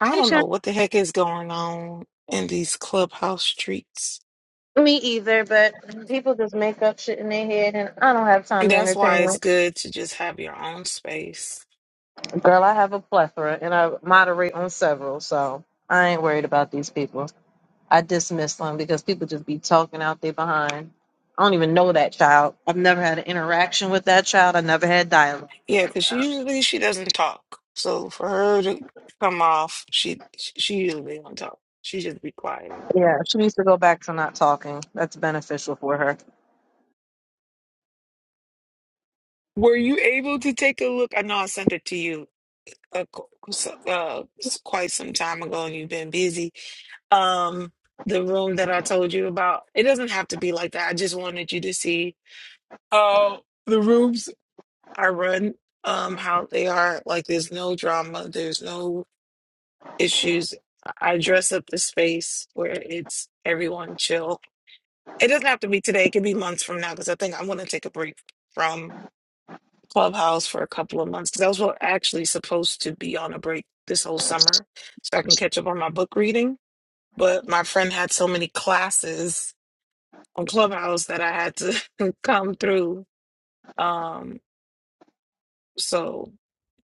I don't Sure. know what the heck is going on in these clubhouse streets. Me either, but people just make up shit in their head, and I don't have time to That's why entertain it's it. good to just have your own space. Girl, I have a plethora, and I moderate on several, so I ain't worried about these people. I dismiss them because people just be talking out there behind. I don't even know that child. I've never had an interaction with that child. I never had dialogue. Yeah, because usually she doesn't talk. So for her to come off, she she usually don't talk. She just be quiet in the Yeah, room. she needs to go back to not talking. That's beneficial for her. Were you able to take a look? I know I sent it to you a qu- s- uh, s- quite some time ago and you've been busy. Um, the room that I told you about, it doesn't have to be like that. I just wanted you to see how the rooms I run, um, how they are. Like there's no drama, there's no issues. I I dress up the space where it's everyone chill. It doesn't have to be today. It could be months from now because I think I'm going to take a break from Clubhouse for a couple of months because I was wel- actually supposed to be on a break this whole summer so I can catch up on my book reading. But my friend had so many classes on Clubhouse that I had to come through. Um, so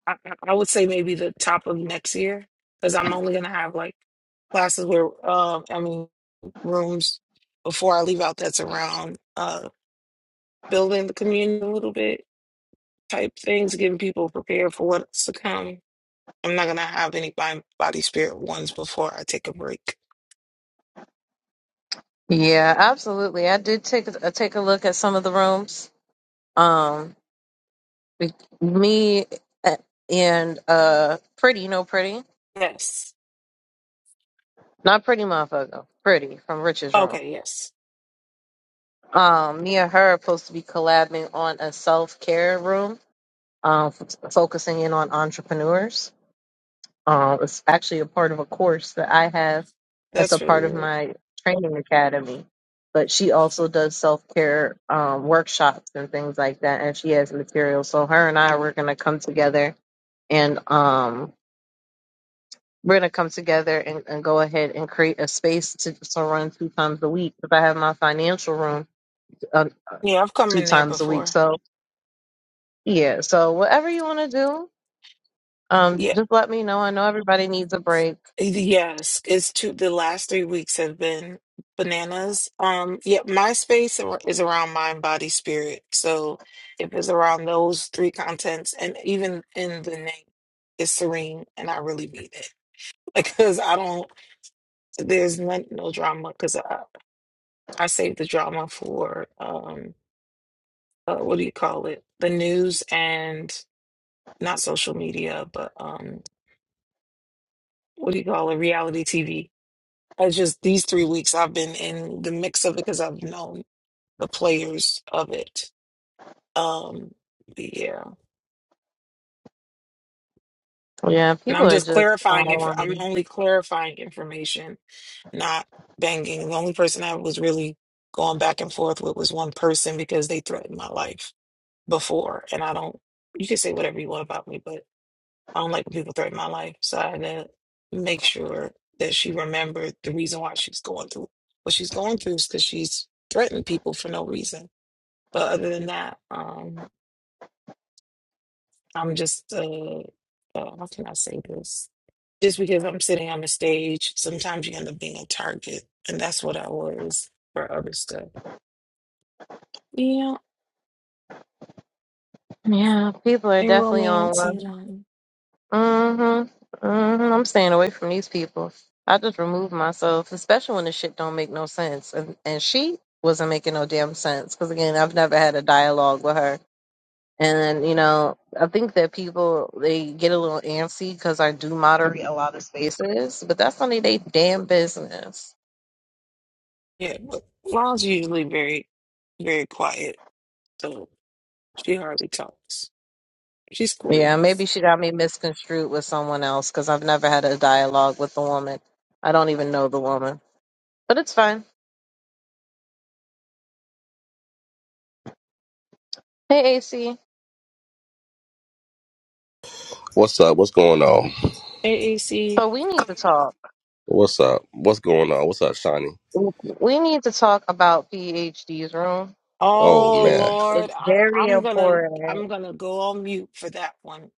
I, I I would say maybe the top of next year because I'm only going to have like classes where, um, I mean, rooms before I leave out that's around uh, building the community a little bit type things, getting people prepared for what's to come. I'm not gonna have any mind, body, spirit ones before I take a break. Yeah, absolutely. I did take a, take a look at some of the rooms. Um, Be- Me uh, and uh, Pretty, no Pretty, Yes. not Pretty motherfucker, Pretty from Rich's room. Okay, yes. Um, me and her are supposed to be collabing on a self care room, um, f- focusing in on entrepreneurs. Um, it's actually a part of a course that I have. That's a That's really part of good. my training academy. But she also does self care um, workshops and things like that, and she has materials. So her and I were gonna come together and um We're gonna come together and, and go ahead and create a space to, to run two times a week. If I have my financial room uh, uh, Yeah, I've come two in there times a week, before. so yeah. So whatever you want to do, um, Yeah. just let me know. I know everybody needs a break. Yes. It's two the last three weeks have been bananas. Um, yeah, my space ar- is around mind, body, spirit. So if it's around those three contents and even in the name, it's serene and I really mean it. because I don't. There's no, no drama because I I save the drama for um uh, what do you call it? The news and not social media, but um what do you call it? Reality TV. It's just these three weeks I've been in the mix of it because I've known the players of it. Um, yeah, Yeah, and people I'm are just just clarifying. If I'm on. only clarifying information, not banging. The only person I was really going back and forth with was one person because they threatened my life before, and I don't. You can say whatever you want about me, but I don't like when people threaten my life. So I had to make sure that she remembered the reason why she's going through what she's going through is because she's threatened people for no reason. But other than that, um, I'm just uh, uh, how can I say this? Just because I'm sitting on the stage, sometimes you end up being a target, and that's what I was for other stuff. Yeah, Yeah, people are in definitely on romance and um, Mm-hmm. Mm-hmm. I'm staying away from these people. I just remove myself, especially when the shit don't make no sense. And and she wasn't making no damn sense because again, I've never had a dialogue with her And, you know, I think that people, they get a little antsy because I do moderate a lot of spaces, but that's only they damn business. yeah, but Ron's usually very very quiet So she hardly talks. She's cool. Yeah, maybe she got me misconstrued with someone else because I've never had a dialogue with the woman. I don't even know the woman, but it's fine. Hey, AC. What's up? What's going on? AAC. So we need to talk. What's up? What's going on? What's up, Shawnee? We need to talk about PhD's room. Oh Oh It's man, Lord, it's I, very I'm gonna important. I'm gonna go on mute for that one.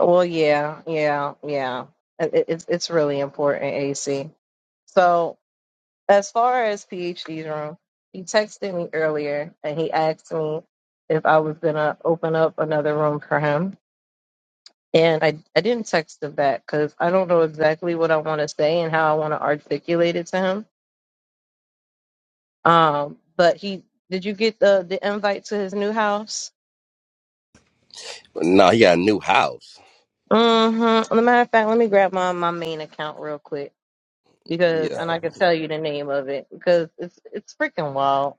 Well, yeah, yeah, yeah. It, it- it's it's really important, AC. So As far as PhD's room, he texted me earlier and he asked me if I was gonna open up another room for him. And I, I didn't text him back because I don't know exactly what I want to say and how I want to articulate it to him. Um, but he did you get the the invite to his new house? no, he got a new house. Mm-hmm. As a matter of fact, let me grab my my main account real quick because Yeah, and I can tell you the name of it because it's it's freaking wild.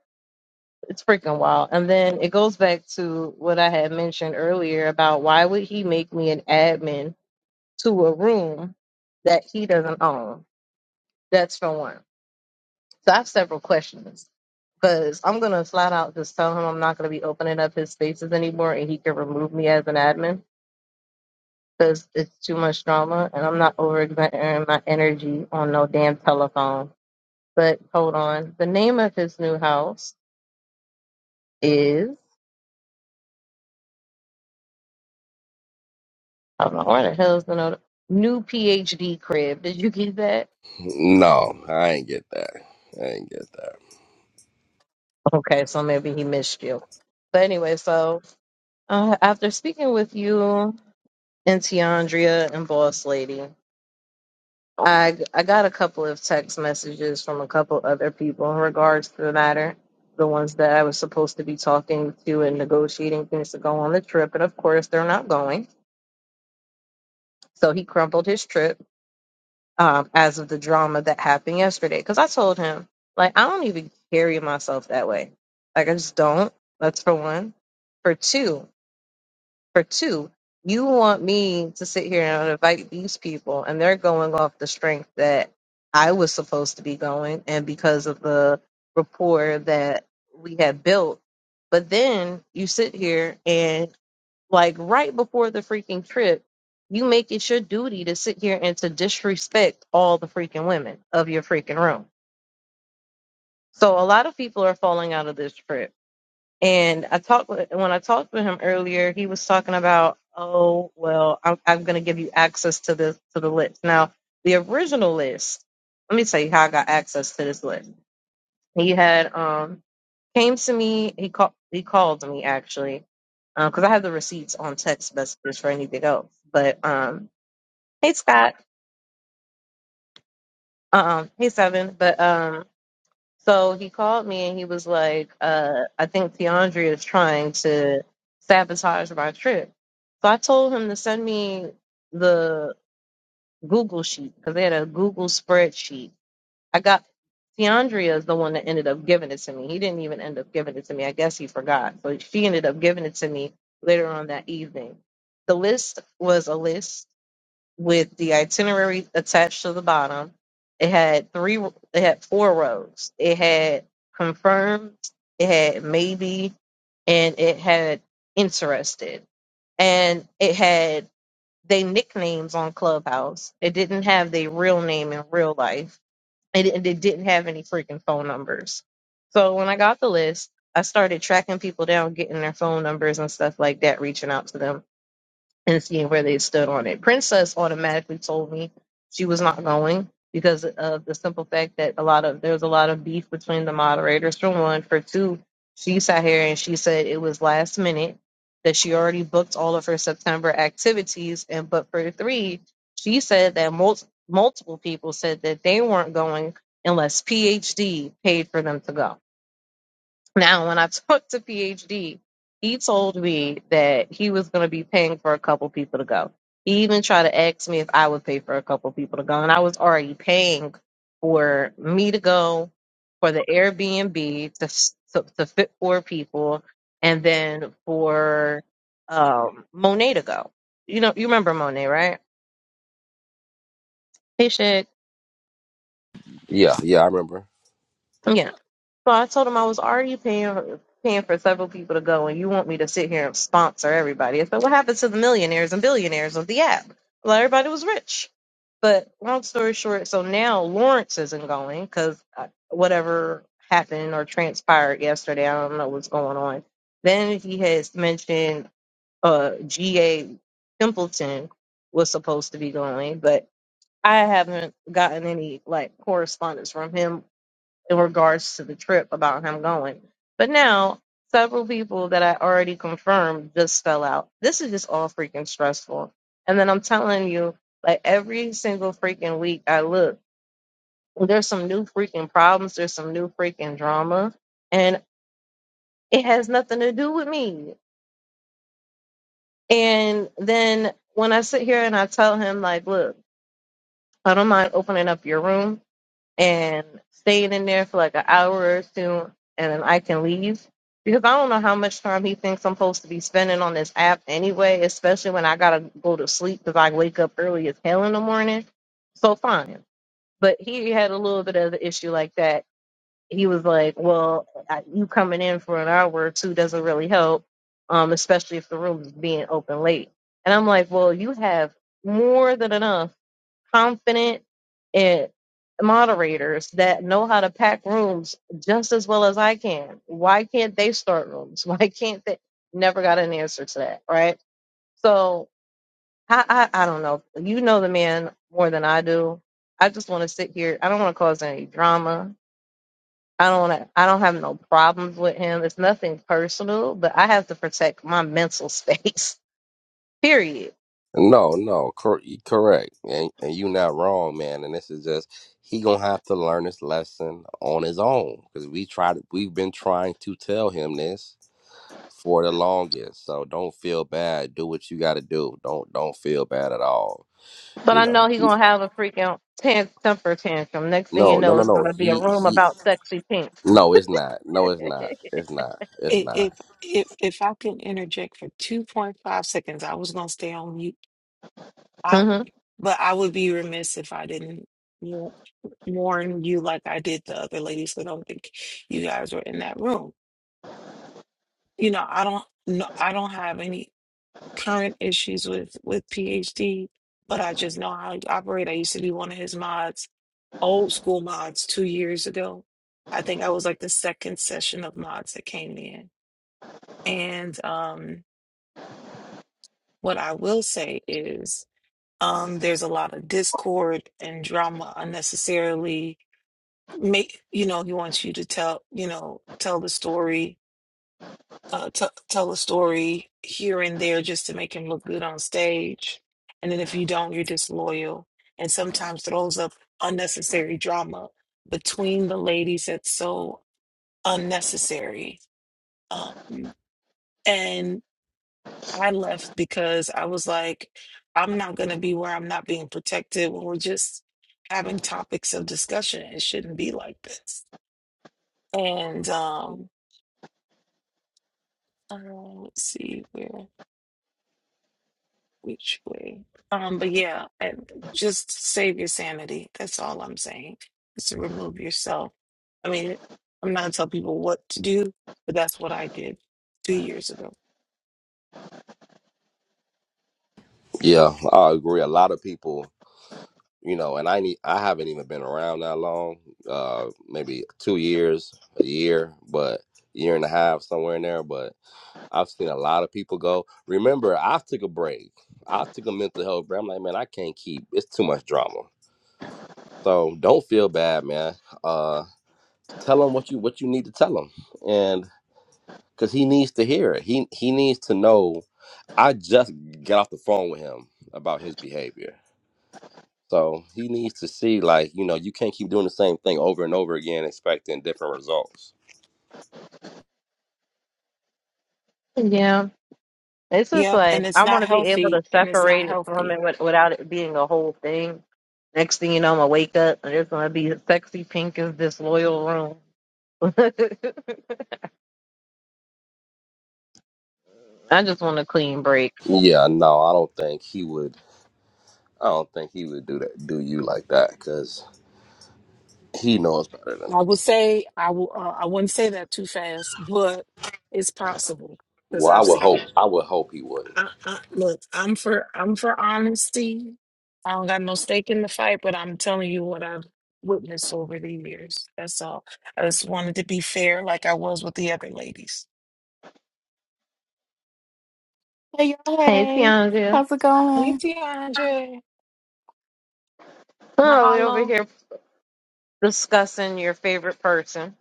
it's freaking wild. And then it goes back to what I had mentioned earlier about why would he make me an admin to a room that he doesn't own? That's for one. So I have several questions because I'm gonna flat out just tell him I'm not gonna be opening up his spaces anymore, and he can remove me as an admin because it's too much drama, and I'm not overexerting my energy on no damn telephone. But hold on, the name of his new house is. I don't know why the hell's the note. New PhD crib. Did you get that? no, I ain't get that. I ain't get that. Okay, so maybe he missed you. But anyway, so uh, after speaking with you and Tiandria and Boss Lady, I I got a couple of text messages from a couple other people in regards to the matter. The ones that I was supposed to be talking to and negotiating things to go on the trip, and of course they're not going. So he crumpled his trip um, as of the drama that happened yesterday. Because I told him, like, I don't even carry myself that way. Like, I just don't. That's for one. For two, for two, you want me to sit here and invite these people, and they're going off the strength that I was supposed to be going, and because of the rapport that we had built. But then you sit here and like right before the freaking trip, you make it your duty to sit here and to disrespect all the freaking women of your freaking room. So a lot of people are falling out of this trip. And I talked with, when I talked with him earlier, he was talking about, oh well, I'm, I'm going to give you access to the to the list. Now the original list. Let me tell you how I got access to this list. He had um Came to me. He called. He called me actually, because I have the receipts on text messages for anything else. But um, hey Scott. Um, hey Seven. But um, so he called me and he was like, uh, I think Keandre is trying to sabotage my trip. So I told him to send me the Google sheet because they had a Google spreadsheet I got DeAndrea is the one that ended up giving it to me. He didn't even end up giving it to me. I guess he forgot. So she ended up giving it to me later on that evening. The list was a list with the itinerary attached to the bottom. It had three it had four rows. It had confirmed, it had maybe, and it had interested. And it had they nicknames on Clubhouse. It didn't have their real name in real life and it, it didn't have any freaking phone numbers. So when I got the list, I started tracking people down, getting their phone numbers and stuff like that, reaching out to them and seeing where they stood on it. Princess automatically told me she was not going because of the simple fact that a lot of there was a lot of beef between the moderators for one. For two, she sat here and she said it was last minute that she already booked all of her September activities and but for three, she said that mul- multiple people said that they weren't going unless PhD paid for them to go. Now, when I talked to PhD, he told me that he was going to be paying for a couple people to go. He even tried to ask me if I would pay for a couple people to go, and I was already paying for me to go, for the Airbnb to s- to, to fit four people, and then for um, Monet to go. You know, you remember Monet, right? Hey, shit. Yeah, yeah, I remember. Yeah. So I told him I was already paying paying for several people to go, and you want me to sit here and sponsor everybody. I said, what happened to the millionaires and billionaires of the app? Well, everybody was rich. But long story short, so now Lawrence isn't going because whatever happened or transpired yesterday, I don't know what's going on. Then he has mentioned uh, G.A. Templeton was supposed to be going, but I haven't gotten any like correspondence from him in regards to the trip about him going. But now, several people that I already confirmed just fell out. This is just all freaking stressful. And then I'm telling you, like every single freaking week I look, there's some new freaking problems, there's some new freaking drama, and it has nothing to do with me. And then when I sit here and I tell him, like, look, I don't mind opening up your room and staying in there for like an hour or two and then I can leave. Because I don't know how much time he thinks I'm supposed to be spending on this app anyway, especially when I gotta go to sleep because I wake up early as hell in the morning. So fine. But he had a little bit of an issue like that. He was like, well, I- you coming in for an hour or two doesn't really help, um, especially if the room is being open late. And I'm like, well, you have more than enough confident and moderators that know how to pack rooms just as well as I can. Why can't they start rooms? Why can't they? Never got an answer to that, right? So I, I, I don't know. You know the man more than I do. I just want to sit here. I don't want to cause any drama. I don't want to. I don't have no problems with him. It's nothing personal, but I have to protect my mental space. Period No, no, cor- correct, and, and you not wrong, man. And this is just he gonna have to learn this lesson on his own because we tried, we've been trying to tell him this for the longest. So don't feel bad. Do what you got to do. Don't don't feel bad at all. But You I know know. he gonna have a freaking tan- temper tantrum. Next thing you No, no, know, no, it's no. gonna be a He room he. about sexy pink. No, it's not. No, it's not. It's not. It's I- If not. if if I can interject for 2.5 seconds, I was gonna stay on mute out, hmm but I would be remiss if I didn't wa- warn you like I did the other ladies. I don't think you guys were in that room. You know, I don't no, I don't have any. current issues with with PhD, but I just know how he operates. I used to be one of his mods, old school mods, two years ago. I think I was like the second session of mods that came in. And um, what I will say is um, there's a lot of discord and drama unnecessarily. Make you know he wants you to tell you know tell the story uh, t- tell a story here and there just to make him look good on stage. And then if you don't, you're disloyal and sometimes throws up unnecessary drama between the ladies that's so unnecessary. Um, and I left because I was like, I'm not going to be where I'm not being protected when we're just having topics of discussion. It shouldn't be like this. And um, uh, let's see where. which way. Um, but yeah, and just save your sanity. That's all I'm saying. Is to remove yourself. I mean, I'm not telling people what to do, but that's what I did two years ago. Yeah, I agree. A lot of people, you know, and I need. I haven't even been around that long. Uh, maybe two years, a year, but year and a half somewhere in there. But I've seen a lot of people go. Remember, I took a break. I took a mental health break. I'm like, man, I can't keep. It's too much drama. So don't feel bad, man. Uh, tell him what you what you need to tell him, and because he needs to hear it. He he needs to know I just got off the phone with him about his behavior. So he needs to see, like, you know, you can't keep doing the same thing over and over again, expecting different results. Yeah, it's just Yep, like and it's I not want to be able healthy, to and it's not separate it from healthy. it with, without it being a whole thing. Next thing you know, I'm gonna wake up and it's gonna be sexy pink is disloyal room. I just want a clean break. Yeah, no, I don't think he would. I don't think he would do that, do you like that, because he knows better than. I would say I will. Uh, I wouldn't say that too fast, but it's possible because Well, I I've would seen hope. it. I would hope he wouldn't. I, I, look, I'm for I'm for honesty. I don't got no stake in the fight, but I'm telling you what I've witnessed over the years. That's all. I just wanted to be fair, like I was with the other ladies. Hey, you Hey, hey, Tiandra. how's it Hey, going? DeAndre, Oh, we are over mahalo. here discussing your favorite person,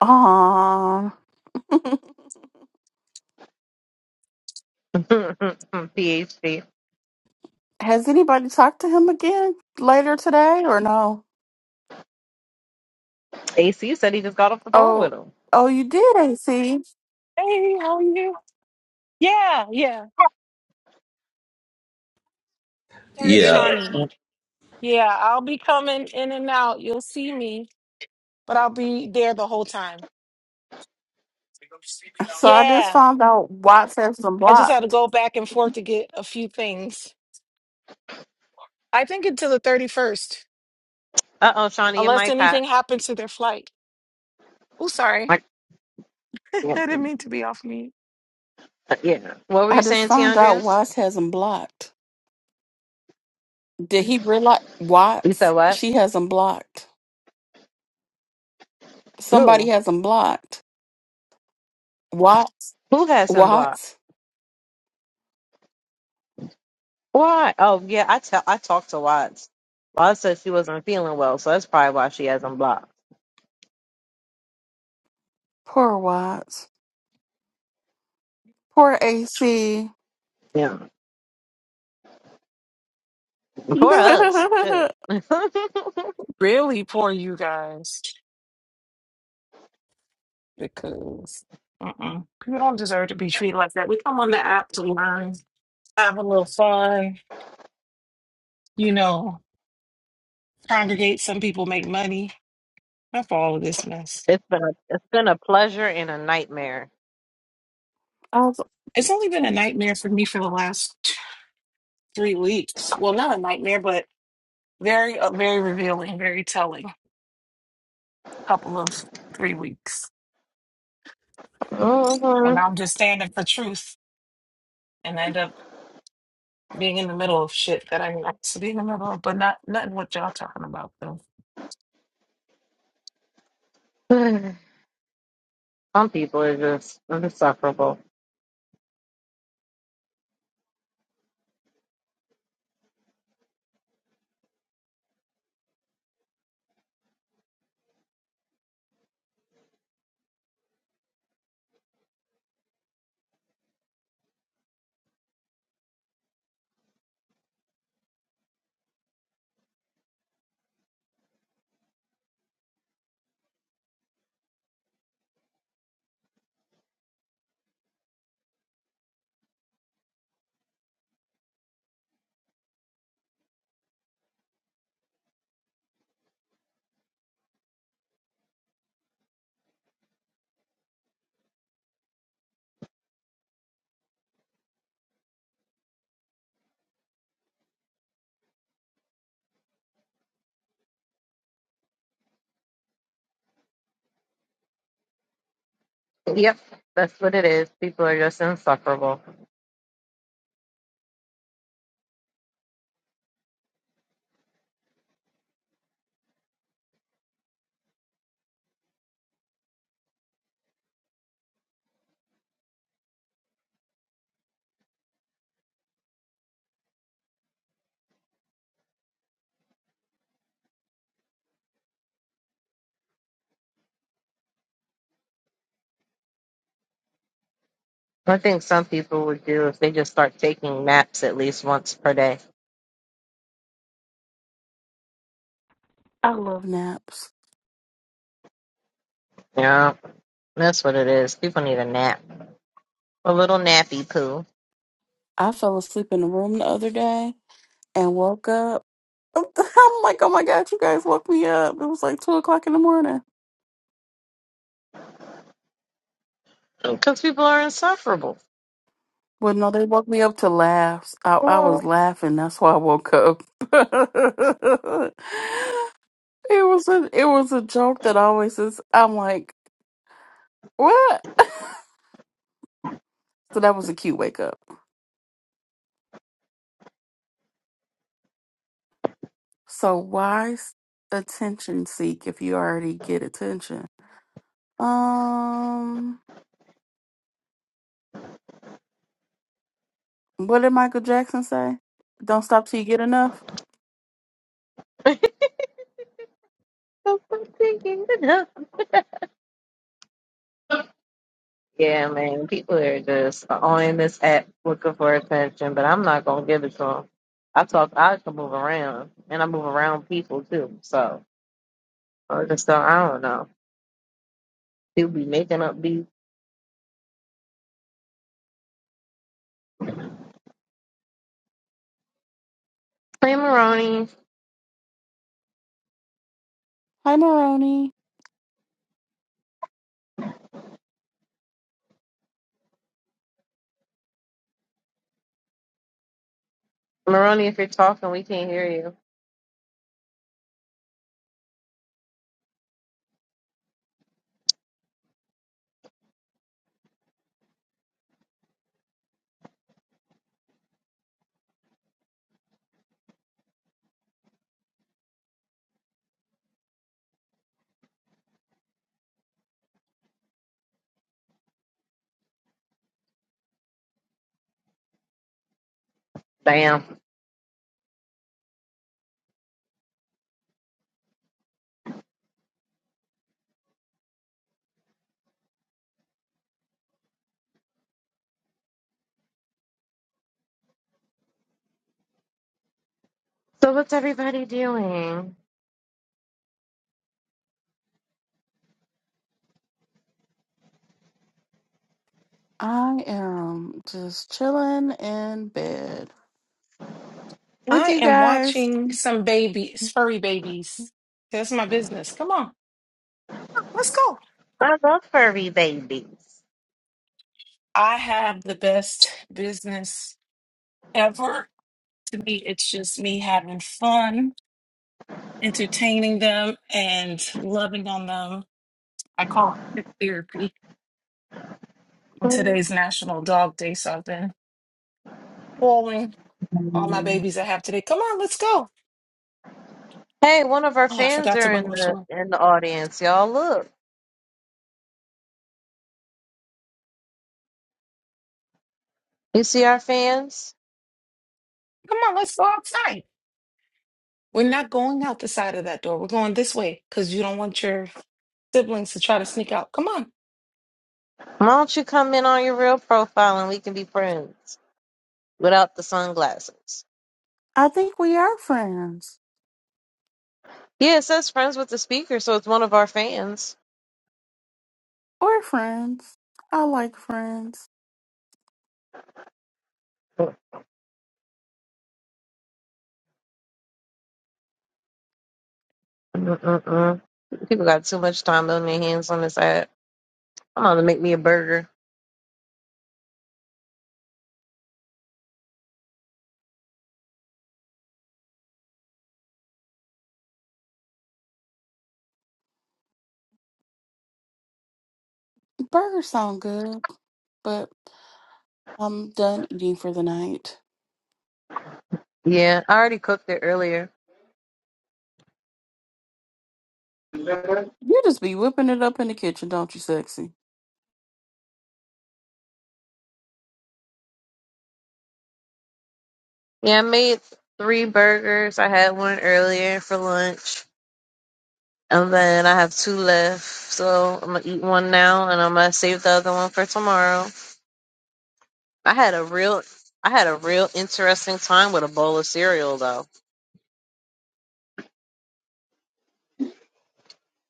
Um, PhD. has anybody talked to him again later today or no? AC said he just got off the phone Oh, with him. oh, you did, AC. Hey, how are you? Yeah, yeah. That's Yeah, Shawnee. Yeah, I'll be coming in and out. You'll see me, but I'll be there the whole time. So I just Yeah, found out Watts has him I just had to blocked. go back and forth to get a few things. I think until the 31st. Uh oh, Shawnee, your unless mic anything hot. happens to their flight. Oh, sorry. Yeah. I didn't mean to be off mute. yeah. What were I you just saying, found out Tiandria? Watts has him blocked. Did he realize You said Watts? what? She has him blocked. Somebody Who? has him blocked. Watts, Who has him blocked? Watts, Why? Oh yeah, I tell I talked to Watts. Watts said she wasn't feeling well, so that's probably why she has him blocked. poor Watts, poor AC. Yeah. Poor us. Shit. I, it's been Really poor you guys because uh-uh. people don't deserve to be treated like that. We come on the app to learn, have a little fun, you know, congregate. Some people make money. Enough of all of this mess. a it's been a pleasure and a nightmare. was- It's only been a nightmare for me for the last t- three weeks. Well, not a nightmare, but very, uh, very revealing, very telling. Couple of three weeks hmm when I'm just standing for truth and end up. being in the middle of shit that I like to be in the middle of, but not nothing what y'all talking about though. Some people are just insufferable. Yep. That's what it is. People are just insufferable. I think some people would do if they just start taking naps at least once per day. I love naps. Yeah. That's what it is. People need a nap, a little nappy poo, I fell asleep in the room the other day and woke up. I'm like, oh my God, you guys woke me up. It was like two o'clock in the morning. because people are insufferable. Well, no, they woke me up to laughs. I, I Oh, was laughing. That's why I woke up. it was a it was a joke that always is. I'm like, what? So that was a cute wake up. So why s- attention seek if you already get attention? Um, what did Michael Jackson say? Don't stop till you get enough. I'm thinking enough. Yeah, man, people are just on this app looking for attention, but I'm not gonna give it to them. I talk, I can move around, and I move around people too. So I just don't, I don't know. People be making up beats. Hey, Maroni, Hi, Maroni. Maroni, if you're talking, we can't hear you. Damn. So what's everybody doing? I am just chilling in bed with I you am guys. watching some babies, furry babies. That's my business. Come on, let's go. I love furry babies. I have the best business ever. To me, it's just me having fun, entertaining them, and loving on them. I call it therapy. On today's National Dog Day, so I've been calling all my babies I have today. Come on, let's go. Hey, one of our Oh, I fans forgot to are bring in my the toy. in the audience, y'all. Look, you see our fans? Come on, let's go outside. We're not going out the side of that door. We're going this way because you don't want your siblings to try to sneak out. Come on. Why don't you come in on your real profile and we can be friends without the sunglasses? I think we are friends. Yeah, it says friends with the speaker, so it's one of our fans. We're friends. I like friends. Mm-mm-mm. People got too much time on their hands on this app. I'm gonna make me a burger. Burgers sound good, but I'm done eating for the night. Yeah, I already cooked it earlier. You just be whipping it up in the kitchen, don't you, sexy? Yeah, I made three burgers. I had one earlier for lunch. And then I have two left. So I'm gonna eat one now and I'm gonna save the other one for tomorrow. I had a real I had a real interesting time with a bowl of cereal though.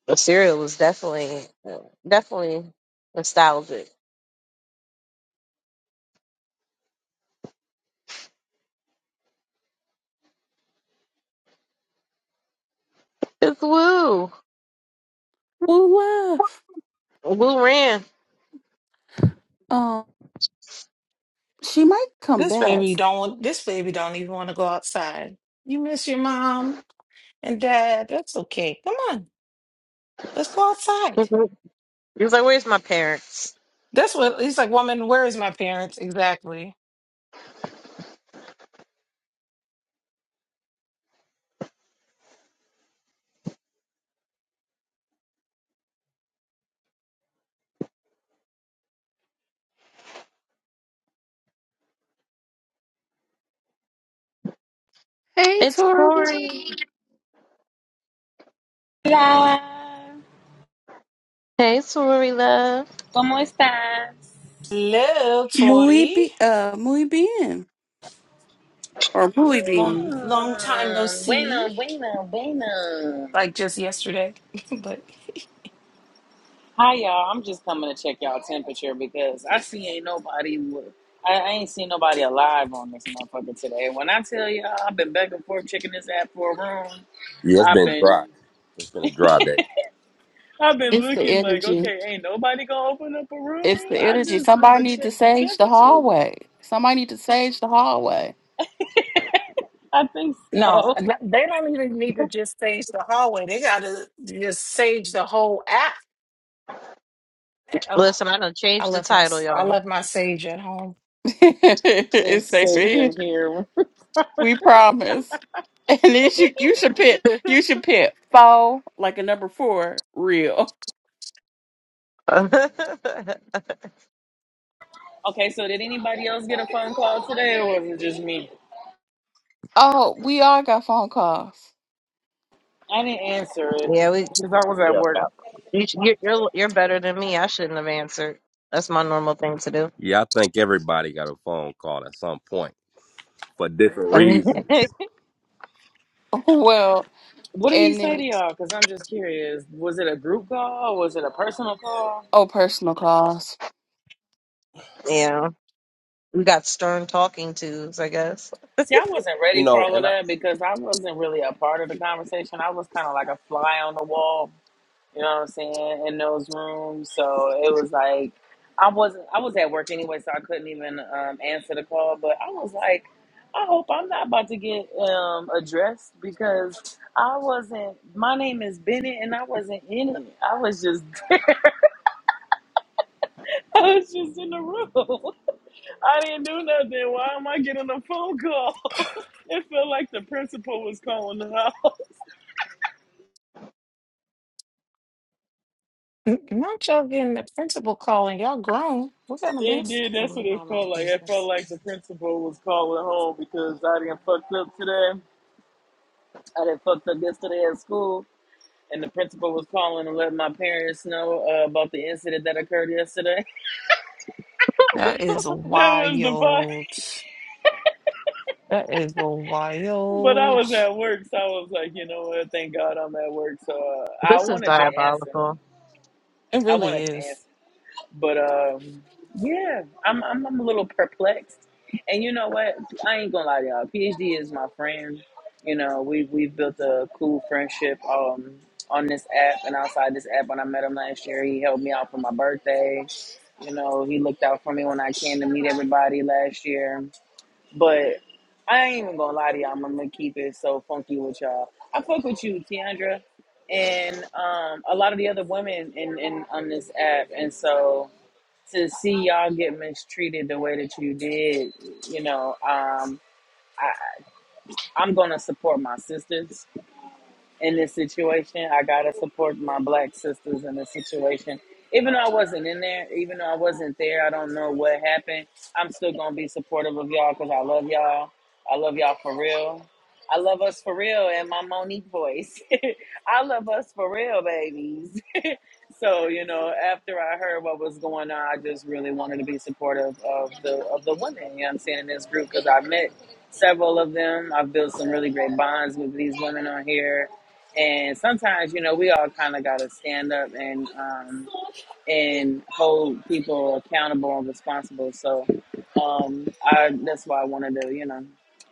The cereal was definitely definitely nostalgic. It's Woo. Woo love. Woo ran. Um, she might come This back. baby don't want this baby don't even want to go outside. You miss your mom and dad. That's okay. Come on. Let's go outside. he was like, Where's my parents? That's what he's like, woman, where is my parents? Exactly. Hey, It's Tori. Tori. Hola, Hey Tori love. ¿cómo estás? Hello, Muy, Tori. be- uh, muy bien. Or muy Long bien. long time no Mm, see. bueno, bueno, bueno. Like just yesterday. but Hi y'all, I'm just coming to check y'all temperature because I see ain't nobody with, I, I ain't seen nobody alive on this motherfucker today. When I tell y'all I've been back and forth checking this app for a room, yeah, it's I've been been dry. It's been a dry day. I've been It's the looking like energy. okay, ain't nobody gonna open up a room. It's the I energy. just Somebody wanna need to check the sage the temperature. hallway. Somebody need to sage the hallway. I think No, so. n- they don't even need to just sage the hallway. They gotta just sage the whole app. Eh, Oh, Listen, I done I changed the left my title, s- I y'all. left my sage at home. it's It's safe for safe here. in here. We promise. And then you, you should pit you should pit four like a number four real. Okay, so did anybody else get a phone call today, or was it just me? Oh, we all got phone calls. I didn't answer it yeah, we because I was at Yeah. yeah. work. You, sh- you're, you're you're better than me. I shouldn't have answered. That's my normal thing to do. Yeah, I think everybody got a phone call at some point for different reasons. Well, What did he and say to then y'all? Because I'm just curious. Was it a group call? was it a personal call? oh personal calls. yeah, we got stern talking tos, I guess. See, I wasn't You ready for know, all of and that because I wasn't really a part of the conversation. I was kind of like a fly on the wall. You know what I'm saying? In those rooms. So it was like I wasn't I was at work anyway, so I couldn't even um, answer the call. But I was like, I hope I'm not about to get um, addressed because I wasn't my name is Bennett and I wasn't in it. I was just there. I was just in the room. I didn't do nothing. Why am I getting a phone call? it felt like the principal was calling the house. N- Not y'all getting the principal calling. Y'all grown. We're gonna It miss. did. Oh, That's what it mind my felt like. It felt business. like the principal was calling home because I didn't fucked up today. I didn't fucked up yesterday at school, and the principal was calling and letting my parents know uh, about the incident that occurred yesterday. That is that was the vibe. wild. That is But I wild. was at work, so I was like, you know what? Thank God I'm at work. So uh, I This is wanted to answer. diabolical. It I really wanted to is. answer. But um, yeah, I'm, I'm I'm a little perplexed. And you know what? I ain't gonna lie to y'all. PhD is my friend. You know, we we've built a cool friendship um on this app and outside this app. When I met him last year, he helped me out for my birthday. You know, he looked out for me when I came to meet everybody last year. But I ain't even gonna lie to y'all. I'm gonna keep it so funky with y'all. I fuck with you, Tiandra, and um, a lot of the other women in, in on this app, and so to see y'all get mistreated the way that you did, you know, um, I, I'm gonna support my sisters in this situation. I gotta support my black sisters in this situation. Even though I wasn't in there, even though I wasn't there, I don't know what happened. I'm still gonna be supportive of y'all because I love y'all. I love y'all for real. I love us for real in my Monique voice. I love us for real, babies. so you know, after I heard what was going on, I just really wanted to be supportive of the of the women. You know, what I'm saying in this group because I met several of them. I've built some really great bonds with these women on here and sometimes, you know, we all kind of got to stand up and um, and hold people accountable and responsible. So um, I, that's why I wanted to, you know,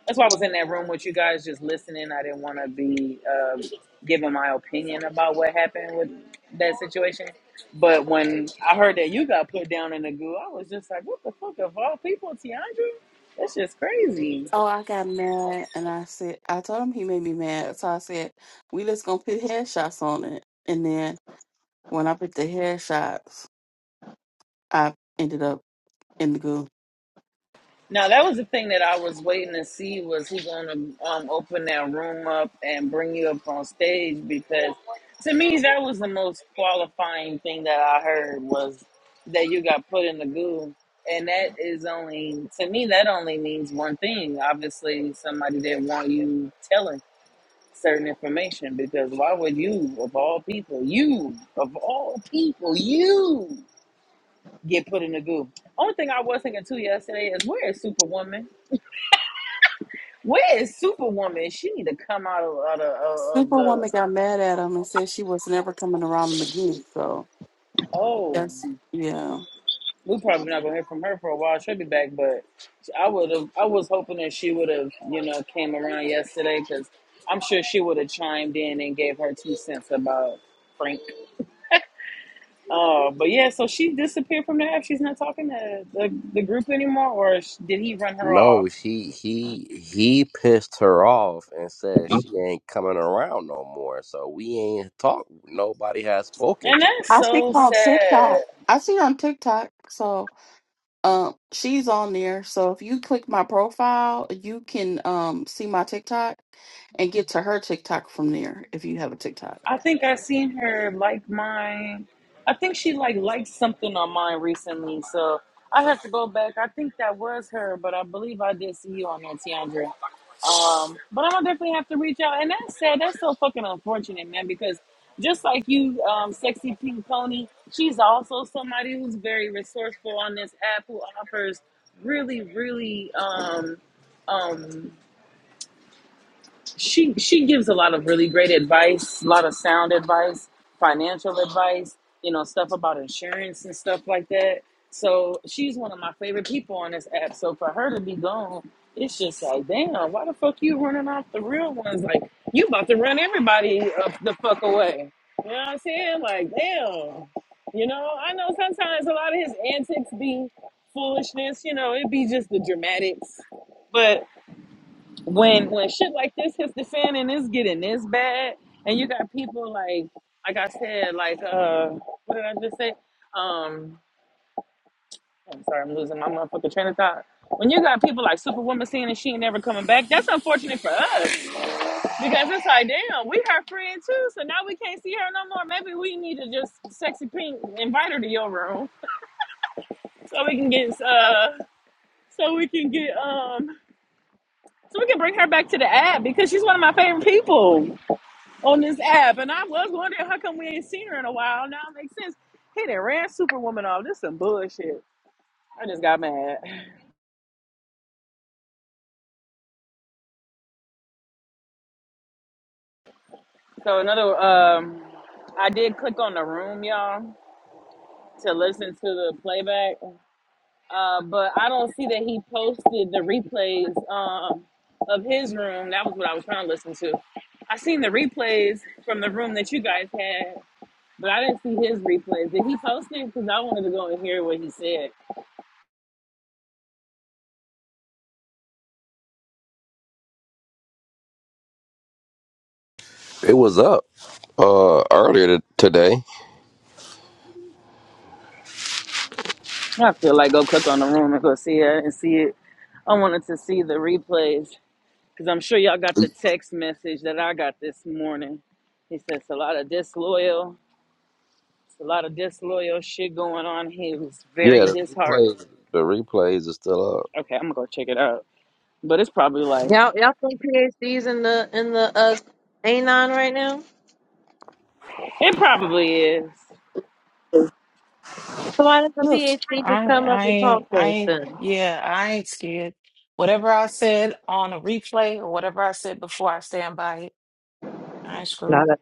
that's why I was in that room with you guys just listening. I didn't want to be uh, giving my opinion about what happened with that situation. But when I heard that you got put down in the goo, I was just like, what the fuck of all people, Tiandra? That's just crazy. Oh, I got mad and I said I told him he made me mad. So I said, We just gonna put headshots on it. And then when I put the headshots, I ended up in the goo. Now that was the thing that I was waiting to see was he going to um, open that room up and bring you up on stage because to me that was the most qualifying thing that I heard was that you got put in the goo, and that is only to me that only means one thing. Obviously, somebody didn't want you telling certain information because why would you, of all people, you of all people, you get put in the goo? Only thing I was thinking too yesterday is where is Superwoman? Where is Superwoman? She need to come out of, out of, of the. Superwoman got mad at him and said she was never coming around him again. So Oh, that's yeah. we probably not gonna hear from her for a while. She'll be back, but I would have. I was hoping that she would have, you know, came around yesterday because I'm sure she would have chimed in and gave her two cents about Frank. Uh, but yeah, so she disappeared from the app. She's not talking to the, the group anymore, or sh- did he run her No, off? she he he pissed her off and said she ain't coming around no more. So we ain't talked. Nobody has spoken And to that's I her. see so her on sad. TikTok. I see her on TikTok. So um, she's on there. So if you click my profile, you can um see my TikTok and get to her TikTok from there if you have a TikTok. I think I seen her like mine. I think she like liked something on mine recently, so I have to go back. I think that was her, but I believe I did see you on there, Tiandra. Um, but I'm gonna definitely have to reach out. And that's sad. That's so fucking unfortunate, man. Because just like you, um, sexy pink pony, she's also somebody who's very resourceful on this app who offers really, really um, um, she she gives a lot of really great advice, a lot of sound advice, financial advice, you know, stuff about insurance and stuff like that. So she's one of my favorite people on this app. So for her to be gone, it's just like, damn, why the fuck you running off the real ones? Like you about to run everybody up the fuck away. You know what I'm saying? Like, damn. You know, I know sometimes a lot of his antics be foolishness, you know, it be just the dramatics. but when when shit like this hits the fan and it's getting this bad, and you got people like like I said, like uh, what did I just say? Um, I'm sorry, I'm losing my motherfucking train of thought. When you got people like Superwoman saying that she ain't never coming back, that's unfortunate for us because it's like, damn, we her friend too, so now we can't see her no more. Maybe we need to just sexy pink invite her to your room so we can get uh, so we can get um, so we can bring her back to the app because she's one of my favorite people. on this app. And I was wondering how come we ain't seen her in a while. Now it makes sense. Hey, they ran Superwoman off. This some bullshit. I just got mad. So another, um, I did click on the room, y'all, to listen to the playback. Uh, but I don't see that he posted the replays um, of his room. That was what I was trying to listen to. I seen the replays from the room that you guys had, but I didn't see his replays. Did he post it? Because I wanted to go and hear what he said. It was up uh earlier t- today. I feel like go click on the room and go see it and see it. I wanted to see the replays because I'm sure y'all got the text message that I got this morning. He says a lot of disloyal, it's a lot of disloyal shit going on. He was Yeah, very the disheartened. replays the replays are still up. Okay, I'm gonna go check it out. But it's probably like Y'all, y'all think PhDs in the in the uh, A9 right now? it probably is. So why doesn't Look, PhD just I come up I and talk ain't I to us ain't then? yeah, I ain't scared. Whatever I said on a replay or whatever I said before, I stand by it. I ain't screwed. Not a,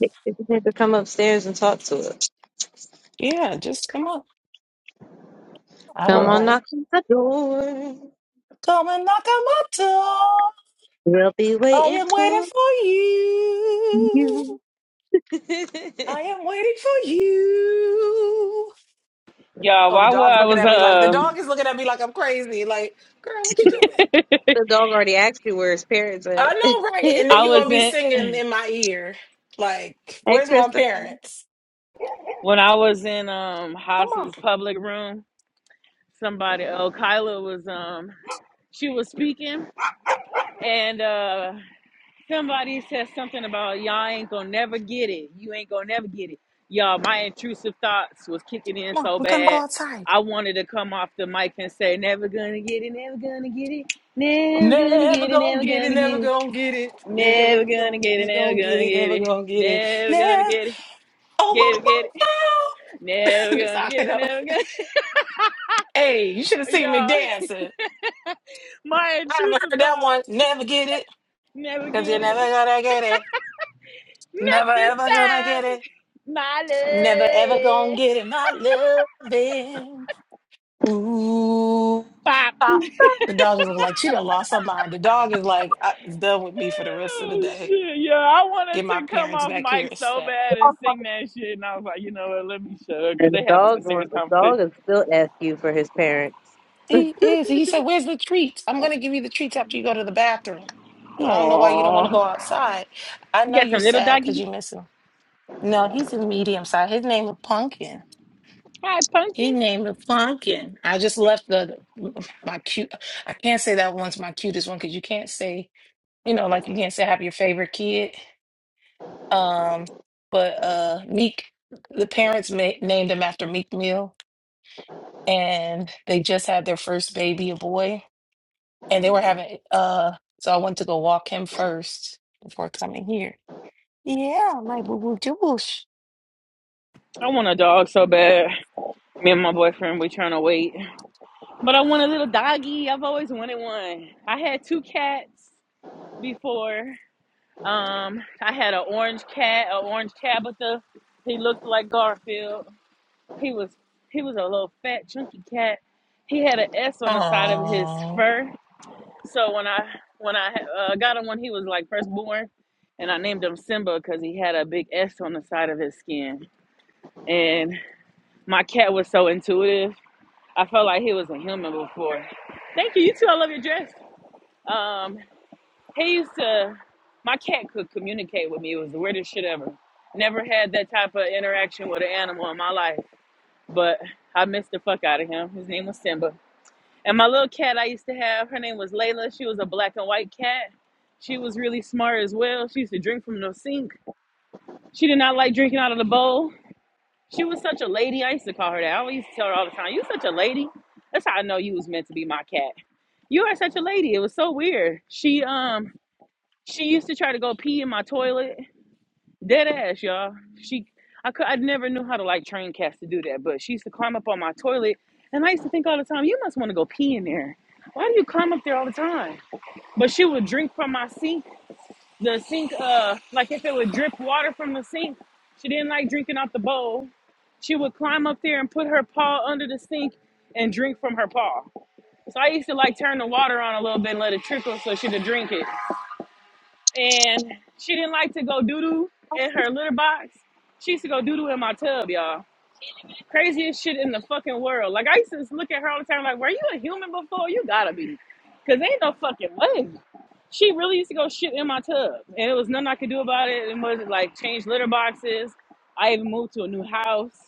they just need to come upstairs and talk to us. Yeah, just come up. I don't Come Well, on, bite. knock on the door. Come and knock on my door. We'll be I waiting am waiting for for you. you. I am waiting for you. Y'all, Oh, the while dog's I looking was at me like the dog um is looking at me like I'm crazy. Like, girl, what you doing? The dog already asked you where his parents I at. know, right? And then I hey, you're was gonna be in singing in my ear. Like, where's my Christopher. parents? when I was in um Come on, Haas's public room, somebody oh Kyla was um she was speaking and uh somebody said something about y'all ain't gonna never get it you ain't gonna never get it y'all my intrusive thoughts was kicking in come on. so We're gonna go bad outside. i wanted to come off the mic and say never gonna get it never gonna get it never gonna Never get it gonna get it. Never gonna get it. never Never gonna gonna get it get, never gonna gonna get it. get Never it gonna get never it. gonna get it never gonna get it Oh, get it whoa, get it whoa, never whoa. Miss gonna get it Akano. never gonna Hey, you should have seen me yeah dancing. my I haven't intrusive heard that one. thoughts Never get it. never Cause you're get it never gonna get it. Not Never this ever gonna time, get it. Never ever gonna Molly. get it. My loving. Ooh. Bop. Ah. The dog is like, she done lost her mind. The dog is like, I- it's done with me for the rest of the Oh, day. shit, yeah, I Get wanted my to come parents off back here mic so instead. bad and sing that shit, and I was like, you know what, let me shut up because And they the having a dog, serious want- the conversation. dog is still asking you for his parents. He is. He said, Where's the treats? I'm going to give you the treats after you go to the bathroom. Because I don't know why you don't want to go Aww, outside. I you know got you're some little sad because doggies? you miss him. No, he's a medium size. His name is Pumpkin. Hi, His pumpkin. name is Pumpkin. I just left the my cute. I can't say that one's my cutest one because you can't say you know like you can't say have your favorite kid. Um, but uh, Meek, the parents ma- named him after Meek Mill, and they just had their first baby, a boy and they were having uh so I went to go walk him first before coming here. Yeah, my boo boo juice. I want a dog so bad. Me and my boyfriend, we trying to wait, but I want a little doggy. I've always wanted one. I had two cats before, Um, I had an orange cat, an orange Tabitha. He looked like Garfield. He was he was a little fat, chunky cat. He had an S on the side of his Oh fur. So when I when I uh, got him when he was like first born, and I named him Simba because he had a big S on the side of his skin. And my cat was so intuitive. I felt like he was a human before. Thank you. You too. I love your dress. Um, He used to, my cat could communicate with me. It was the weirdest shit ever. Never had that type of interaction with an animal in my life, but I missed the fuck out of him. His name was Simba. And my little cat I used to have, her name was Layla. She was a black and white cat. She was really smart as well. She used to drink from the sink. She did not like drinking out of the bowl. She was such a lady. I used to call her that. I always used to tell her all the time, You such a lady. That's how I know you was meant to be my cat. You are such a lady. It was so weird. She um she used to try to go pee in my toilet. Dead ass, y'all. She, I could, I never knew how to like train cats to do that, but she used to climb up on my toilet, and I used to think all the time, you must want to go pee in there. Why do you climb up there all the time? But she would drink from my sink. The sink, uh, like if it would drip water from the sink, she didn't like drinking out the bowl. She would climb up there and put her paw under the sink and drink from her paw. So I used to like turn the water on a little bit and let it trickle so she could drink it and she didn't like to go doo doo in her litter box. She used to go doo doo in my tub, y'all. Craziest shit in the fucking world. Like I used to look at her all the time, like, were you a human before? You gotta be, cause ain't no fucking way. She really used to go shit in my tub, and it was nothing I could do about it. It wasn't like change litter boxes. I even moved to a new house.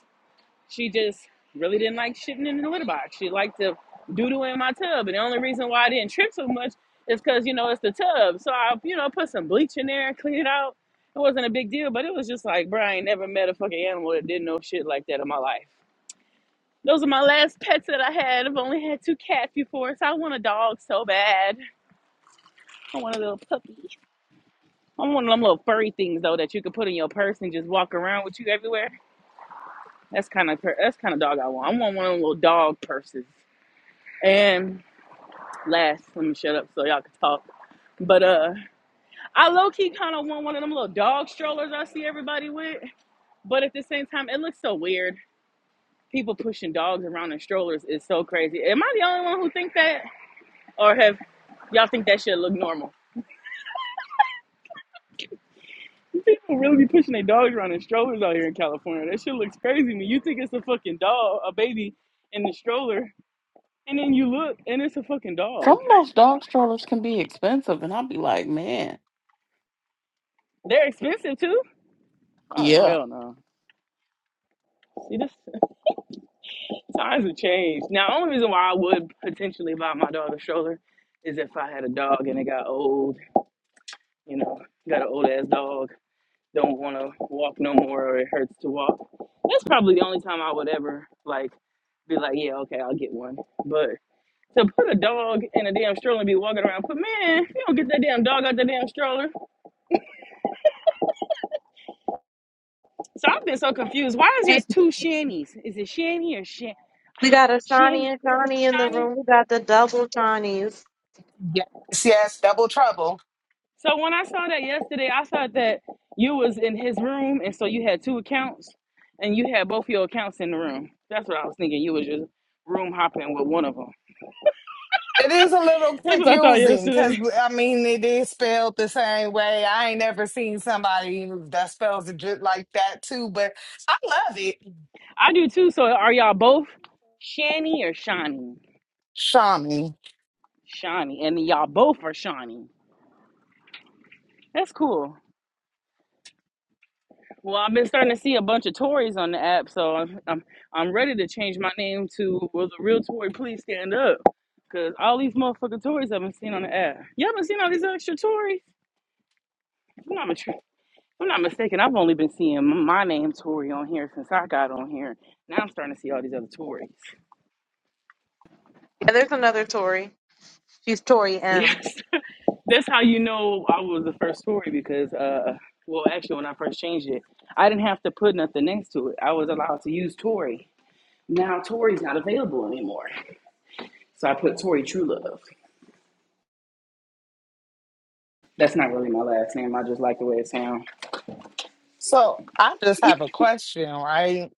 She just really didn't like shitting in the litter box. She liked to doodle in my tub. And the only reason why I didn't trip so much is because, you know, it's the tub. So I, you know, put some bleach in there and clean it out. It wasn't a big deal, but it was just like, bro, I ain't never met a fucking animal that did no shit like that in my life. Those are my last pets that I had. I've only had two cats before, so I want a dog so bad. I want a little puppy. I want one of them little furry things though that you can put in your purse and just walk around with you everywhere. That's kind of that's kind of dog I want. I want one of them little dog purses. And last, let me shut up so y'all can talk. But uh, I low key kind of want one of them little dog strollers I see everybody with. But at the same time, it looks so weird. People pushing dogs around in strollers is so crazy. Am I the only one who think that, or have y'all think that shit look normal? People really be pushing their dogs around in strollers out here in California. That shit looks crazy to me. You think it's a fucking dog, a baby in the stroller, and then you look and it's a fucking Some dog. of those dog strollers can be expensive, and I'll be like, man, They're expensive too. Oh yeah. hell no. See this? Times have changed. Now, only reason why I would potentially buy my dog a stroller is if I had a dog and it got old, you know, got an old ass dog, don't want to walk no more or it hurts to walk. That's probably the only time I would ever, like, be like, yeah, okay, I'll get one. But to put a dog in a damn stroller and be walking around, but man, you don't get that damn dog out the damn stroller. So I've been so confused. Why is there Hey, two shannies? Is it shanny or shan? we got a Shawnee Shan? and Shawnee in the Shani? room. We got the double Shawnees. Yes, yes, double trouble. So when I saw that yesterday, I saw that you was in his room, and so you had two accounts, and you had both your accounts in the room. That's what I was thinking. You was just room hopping with one of them. It is a little That's what I thought confusing because yesterday. I mean it is spelled the same way. I ain't never seen somebody that spells it just like that too, but I love it, I do too. So are y'all both Shani or Shawnee? Shami. Shawnee, and y'all both are Shawnee. That's cool. Well, I've been starting to see a bunch of Tories on the app, so I'm I'm, I'm ready to change my name to Will the Real Tory Please Stand Up? Because all these motherfucking Tories I've been seeing on the app. You haven't seen all these extra Tories? If I'm not, mis- if I'm not mistaken, I've only been seeing m- my name Tory on here since I got on here. Now I'm starting to see all these other Tories. Yeah, there's another Tori. She's Tori M. Yes. That's how you know I was the first Tory because, uh, well, actually, when I first changed it, I didn't have to put nothing next to it. I was allowed to use Tory. Now Tory's not available anymore. So I put Tori True Love. That's not really my last name. I just like the way it sounds. So I just have a question, right?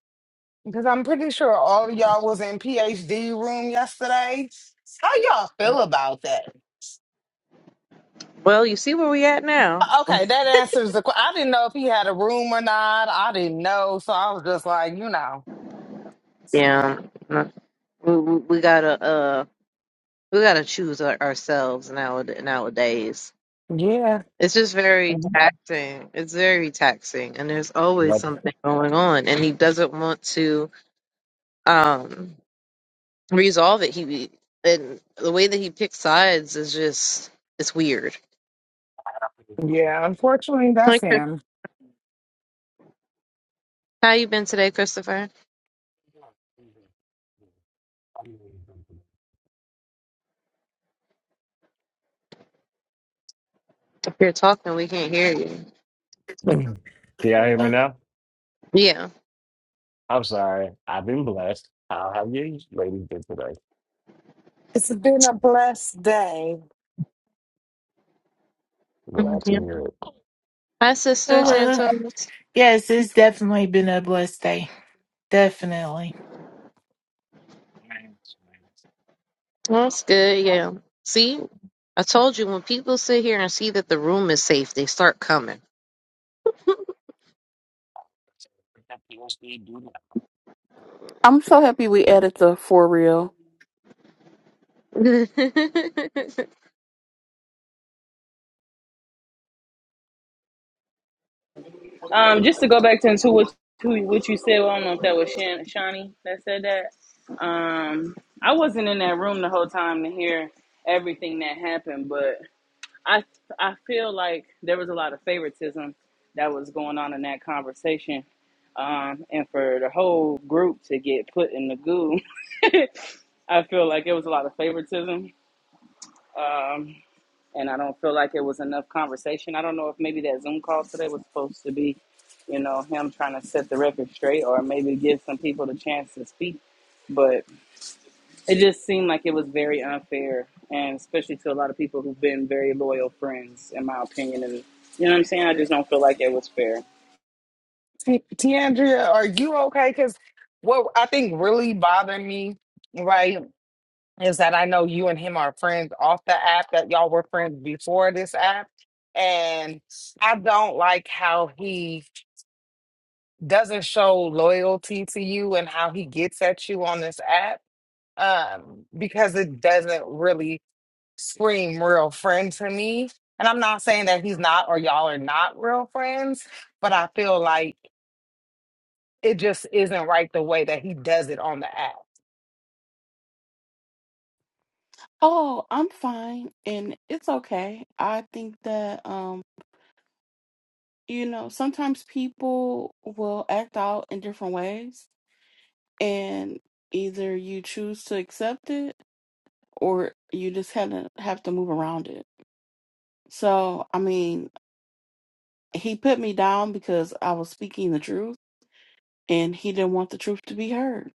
Because I'm pretty sure all of y'all was in PhD room yesterday. How y'all feel about that? Well, you see where we at now. Okay, that answers the question. I didn't know if he had a room or not. I didn't know, so I was just like, you know, yeah, no, we, we we gotta uh, we gotta choose our, ourselves nowad nowadays. yeah. It's just very Mhm. taxing. It's very taxing, and there's always Yep. something going on, and he doesn't want to. um resolve it he and the way that he picks sides is just it's weird Yeah, unfortunately, Hi, that's Chris. him. how you been today christopher if you're talking we can't hear you Can y'all hear me Hello. now? yeah, I'm sorry. I've been blessed. How have you ladies been today? It's been a blessed day. Glad Mhm. to yeah. hear it. hi sister Hello. santos Yes, it's definitely been a blessed day. Definitely. that's good yeah see i told you when people sit here and see that the room is safe they start coming Uh, I'm so happy we added the for real. we can Um, just to go back to into what who, what you said. Well, I don't know if that was Shan, Shawnee that said that. Um, I wasn't in that room the whole time to hear everything that happened, but I I feel like there was a lot of favoritism that was going on in that conversation. Um, and for the whole group to get put in the goo, I feel like it was a lot of favoritism. Um, and I don't feel like it was enough conversation. I don't know if maybe that Zoom call today was supposed to be, you know, him trying to set the record straight or maybe give some people the chance to speak. But it just seemed like it was very unfair, and especially to a lot of people who've been very loyal friends, in my opinion. And you know what I'm saying? I just don't feel like it was fair. T- Tiandria, are you okay? Because what I think really bothered me, right, is that I know you and him are friends off the app, that y'all were friends before this app. And I don't like how he doesn't show loyalty to you and how he gets at you on this app um, because it doesn't really. scream real friend to me. And I'm not saying that he's not or y'all are not real friends, but I feel like it just isn't right the way that he does it on the app. Oh, I'm fine, and it's okay. I think that um. you know, sometimes people will act out in different ways, and either you choose to accept it or you just have to have to move around it. So, I mean, he put me down because I was speaking the truth, and he didn't want the truth to be heard.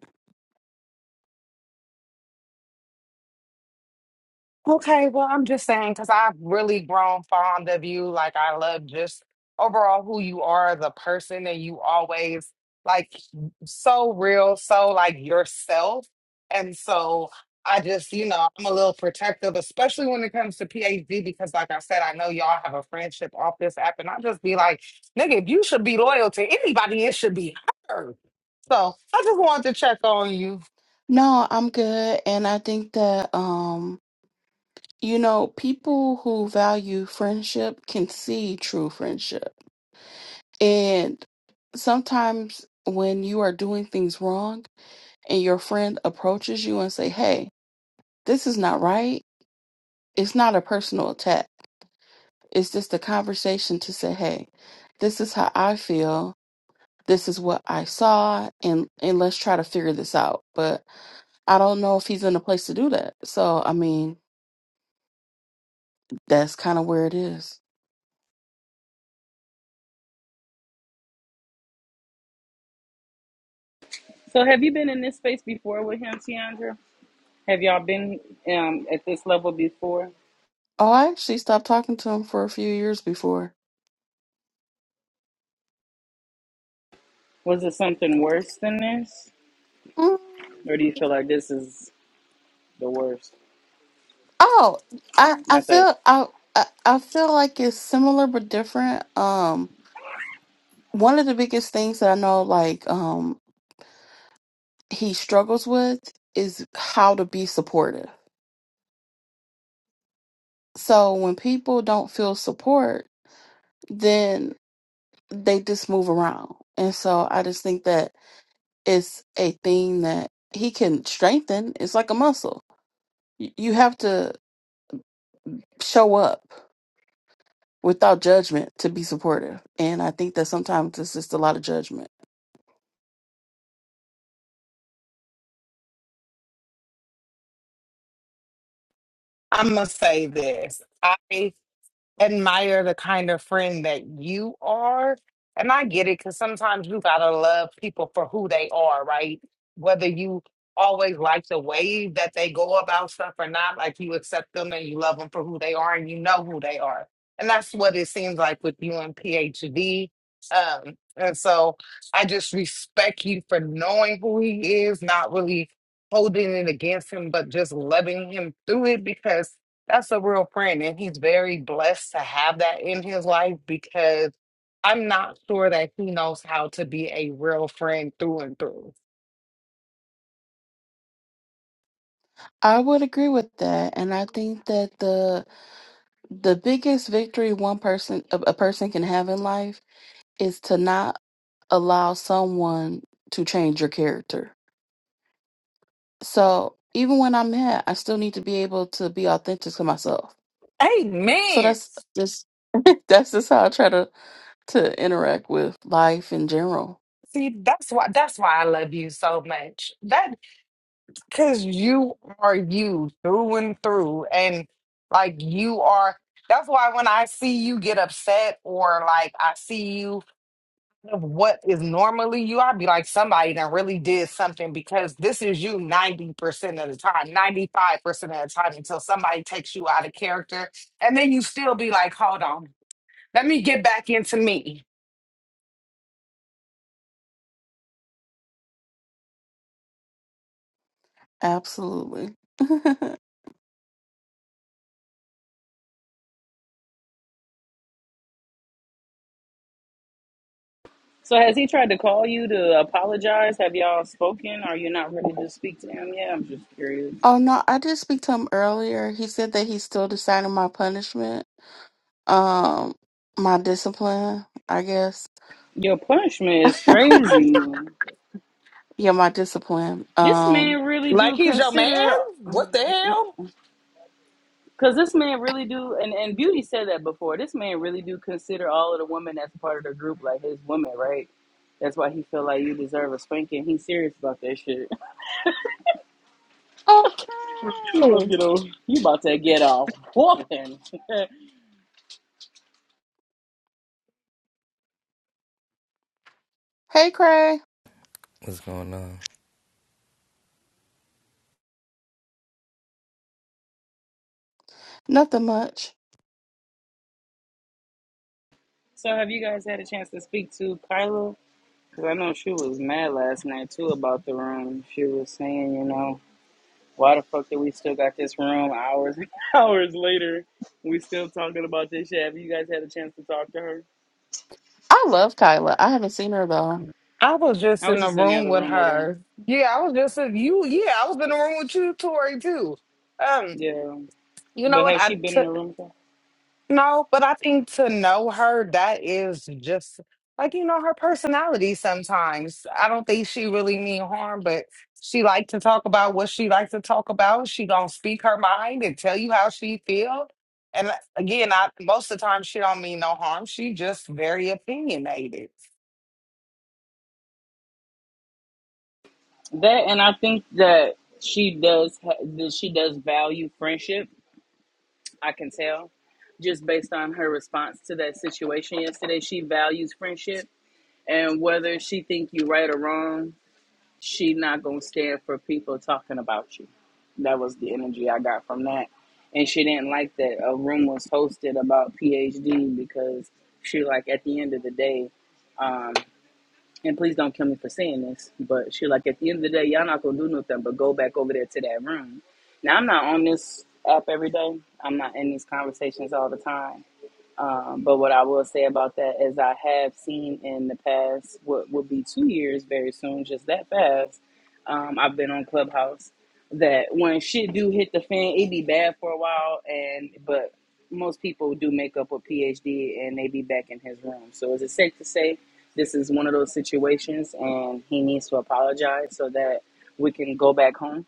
Okay, well, I'm just saying because I've really grown fond of you. Like, I love just overall who you are, the person, and you always like so real, so like yourself. And so I just, you know, I'm a little protective, especially when it comes to PhD, because like I said, I know y'all have a friendship off this app, and I just be like, nigga, if you should be loyal to anybody, it should be her. So I just wanted to check on you. No, I'm good, and I think that um, you know, people who value friendship can see true friendship, and sometimes when you are doing things wrong and your friend approaches you and say, "Hey, this is not right." It's not a personal attack. It's just a conversation to say, "Hey, this is how I feel. This is what I saw, and and let's try to figure this out." But I don't know if he's in a place to do that. So, I mean, that's kind of where it is. So, have you been in this space before with him, Tiandra? Have y'all been um, at this level before? Oh, I actually stopped talking to him for a few years before. Was it something worse than this, Mm, or do you feel like this is the worst? Oh, I I Not that feel I I I feel like it's similar but different. Um, one of the biggest things that I know like um he struggles with is how to be supportive. So when people don't feel support, then they just move around. And so I just think that it's a thing that he can strengthen. It's like a muscle. Y- You have to show up without judgment to be supportive. And I think that sometimes it's just a lot of judgment. I'm gonna say this. I. admire the kind of friend that you are. And I get it because sometimes you gotta love people for who they are, right? Whether you always like the way that they go about stuff or not, like you accept them and you love them for who they are and you know who they are. And that's what it seems like with you and PhD. Um, and so I just respect you for knowing who he is, not really holding it against him, but just loving him through it because that's a real friend and he's very blessed to have that in his life because i'm not sure that he knows how to be a real friend through and through I would agree with that. And I think that the the biggest victory one person a a person can have in life is to not allow someone to change your character. So even when I'm mad, I still need to be able to be authentic to myself. So amen that's just that's just how I try to to interact with life in general. see that's why that's why i love you so much that because you are you through and through and like you are that's why when i see you get upset or like i see you of what is normally you, I'd be like, somebody that really did something because this is you 90% of the time, 95% of the time until somebody takes you out of character. And then you still be like, hold on, let me get back into me. Absolutely. oh So has he tried to call you to apologize? Have y'all spoken? Are you not ready to speak to him yet? I'm just curious. no, I did speak to him earlier. He said that he's still deciding my punishment, um, my discipline, I guess. Your punishment is crazy. Yeah, my discipline. This Um. man really Like do he's your man? consider, What the hell? because this man really do, and, and Beauty said that before. This man really do consider all of the women that's part of the group like his women, right? That's why he feel like you deserve a spanking. He's serious about that shit. Oh, You about to Cray. get off. You about to get off whooping. Hey, Cray. What's going on? Nothing much. so have you guys had a chance to speak to Kyla? Cause I know she was mad last night too about the room. She was saying, you know, why the fuck did we still got this room hours and hours later? We still talking about this shit. Have you guys had a chance to talk to her? I love Kyla. I haven't seen her though. I was just I in was the just in the room other with room with her. her. Yeah, I was just in you. Yeah, I was in the room with you, Tori, too. Um, Yeah, you know but what? has she I been took. in a room with her? No, but I think to know her, that is just like you know her personality. Sometimes I don't think she really mean harm, but she like to talk about what she likes to talk about. She gonna speak her mind and tell you how she feel. And uh, again, I most of the time she don't mean no harm. She just very opinionated. That and I think that she does. ha- That she does value friendship. I can tell, just based on her response to that situation yesterday. She values friendship, and whether she think you right or wrong, she not gonna stand for people talking about you. That was the energy I got from that. And she didn't like that a room was hosted about PhD because she like at the end of the day, um, and please don't kill me for saying this, but she like at the end of the day, y'all not gonna do nothing but go back over there to that room. Now I'm not on this app every day. I'm not in these conversations all the time um, but what I will say about that is I have seen in the past what will be two years very soon, just that fast. Um, I've been on Clubhouse that when shit do hit the fan, it be bad for a while, and but most people do make up a PhD and they be back in his room. So is it safe to say this is one of those situations and he needs to apologize so that we can go back home?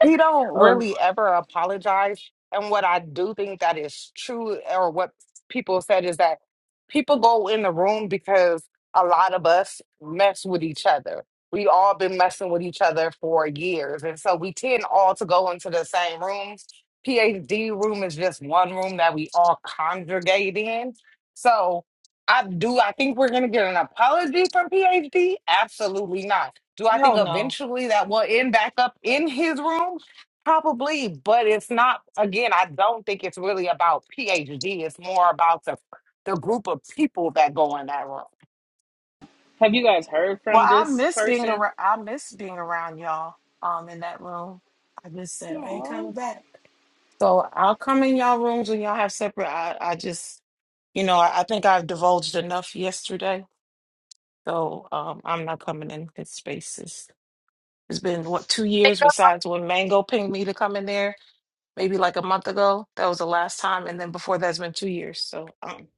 he don't Or really ever apologize. And what I do think that is true, or what people said, is that people go in the room because a lot of us mess with each other. We all been messing with each other for years, and so we tend all to go into the same rooms. PhD room is just one room that we all congregate in. So I do. I think we're gonna get an apology from PhD. Absolutely not do I think hell no. eventually that will end back up in his room? Probably, but it's not. Again, I don't think it's really about PhD. It's more about the the group of people that go in that room. have you guys heard Well from I this miss being person? around I miss being around y'all um in that room. I just said I ain't coming back. So I'll come in y'all rooms when y'all have separate I, I just you know, I, I think I've divulged enough yesterday. So um I'm not coming in his spaces. It's been what two years besides when Mango pinged me to come in there maybe like a month ago. That was the last time, and then before that's been two years. So um,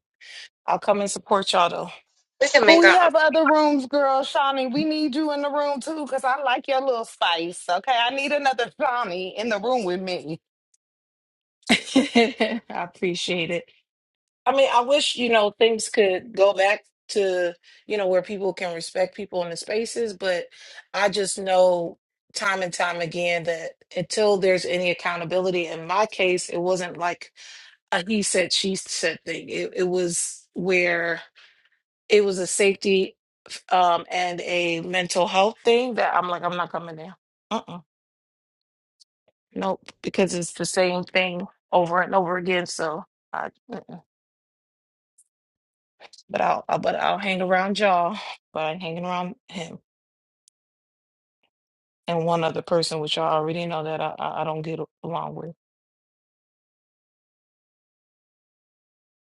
I'll come and support y'all though. Well, make we our own have other rooms, girl, Shawnee. We need you in the room too, cause I like your little spice. Okay, I need another Shawnee in the room with me. I appreciate it. I mean, I wish you know things could go back to you know where people can respect people in the spaces, but I just know time and time again that until there's any accountability in my case it wasn't like a he said she said thing it, it was where it was a safety um and a mental health thing that I'm like, I'm not coming there. Uh-uh. Nope. Because it's the same thing over and over again. So I mm-mm. but I'll, I'll but I'll hang around y'all, but I'm hanging around him and one other person, which y'all already know that I I I don't get along with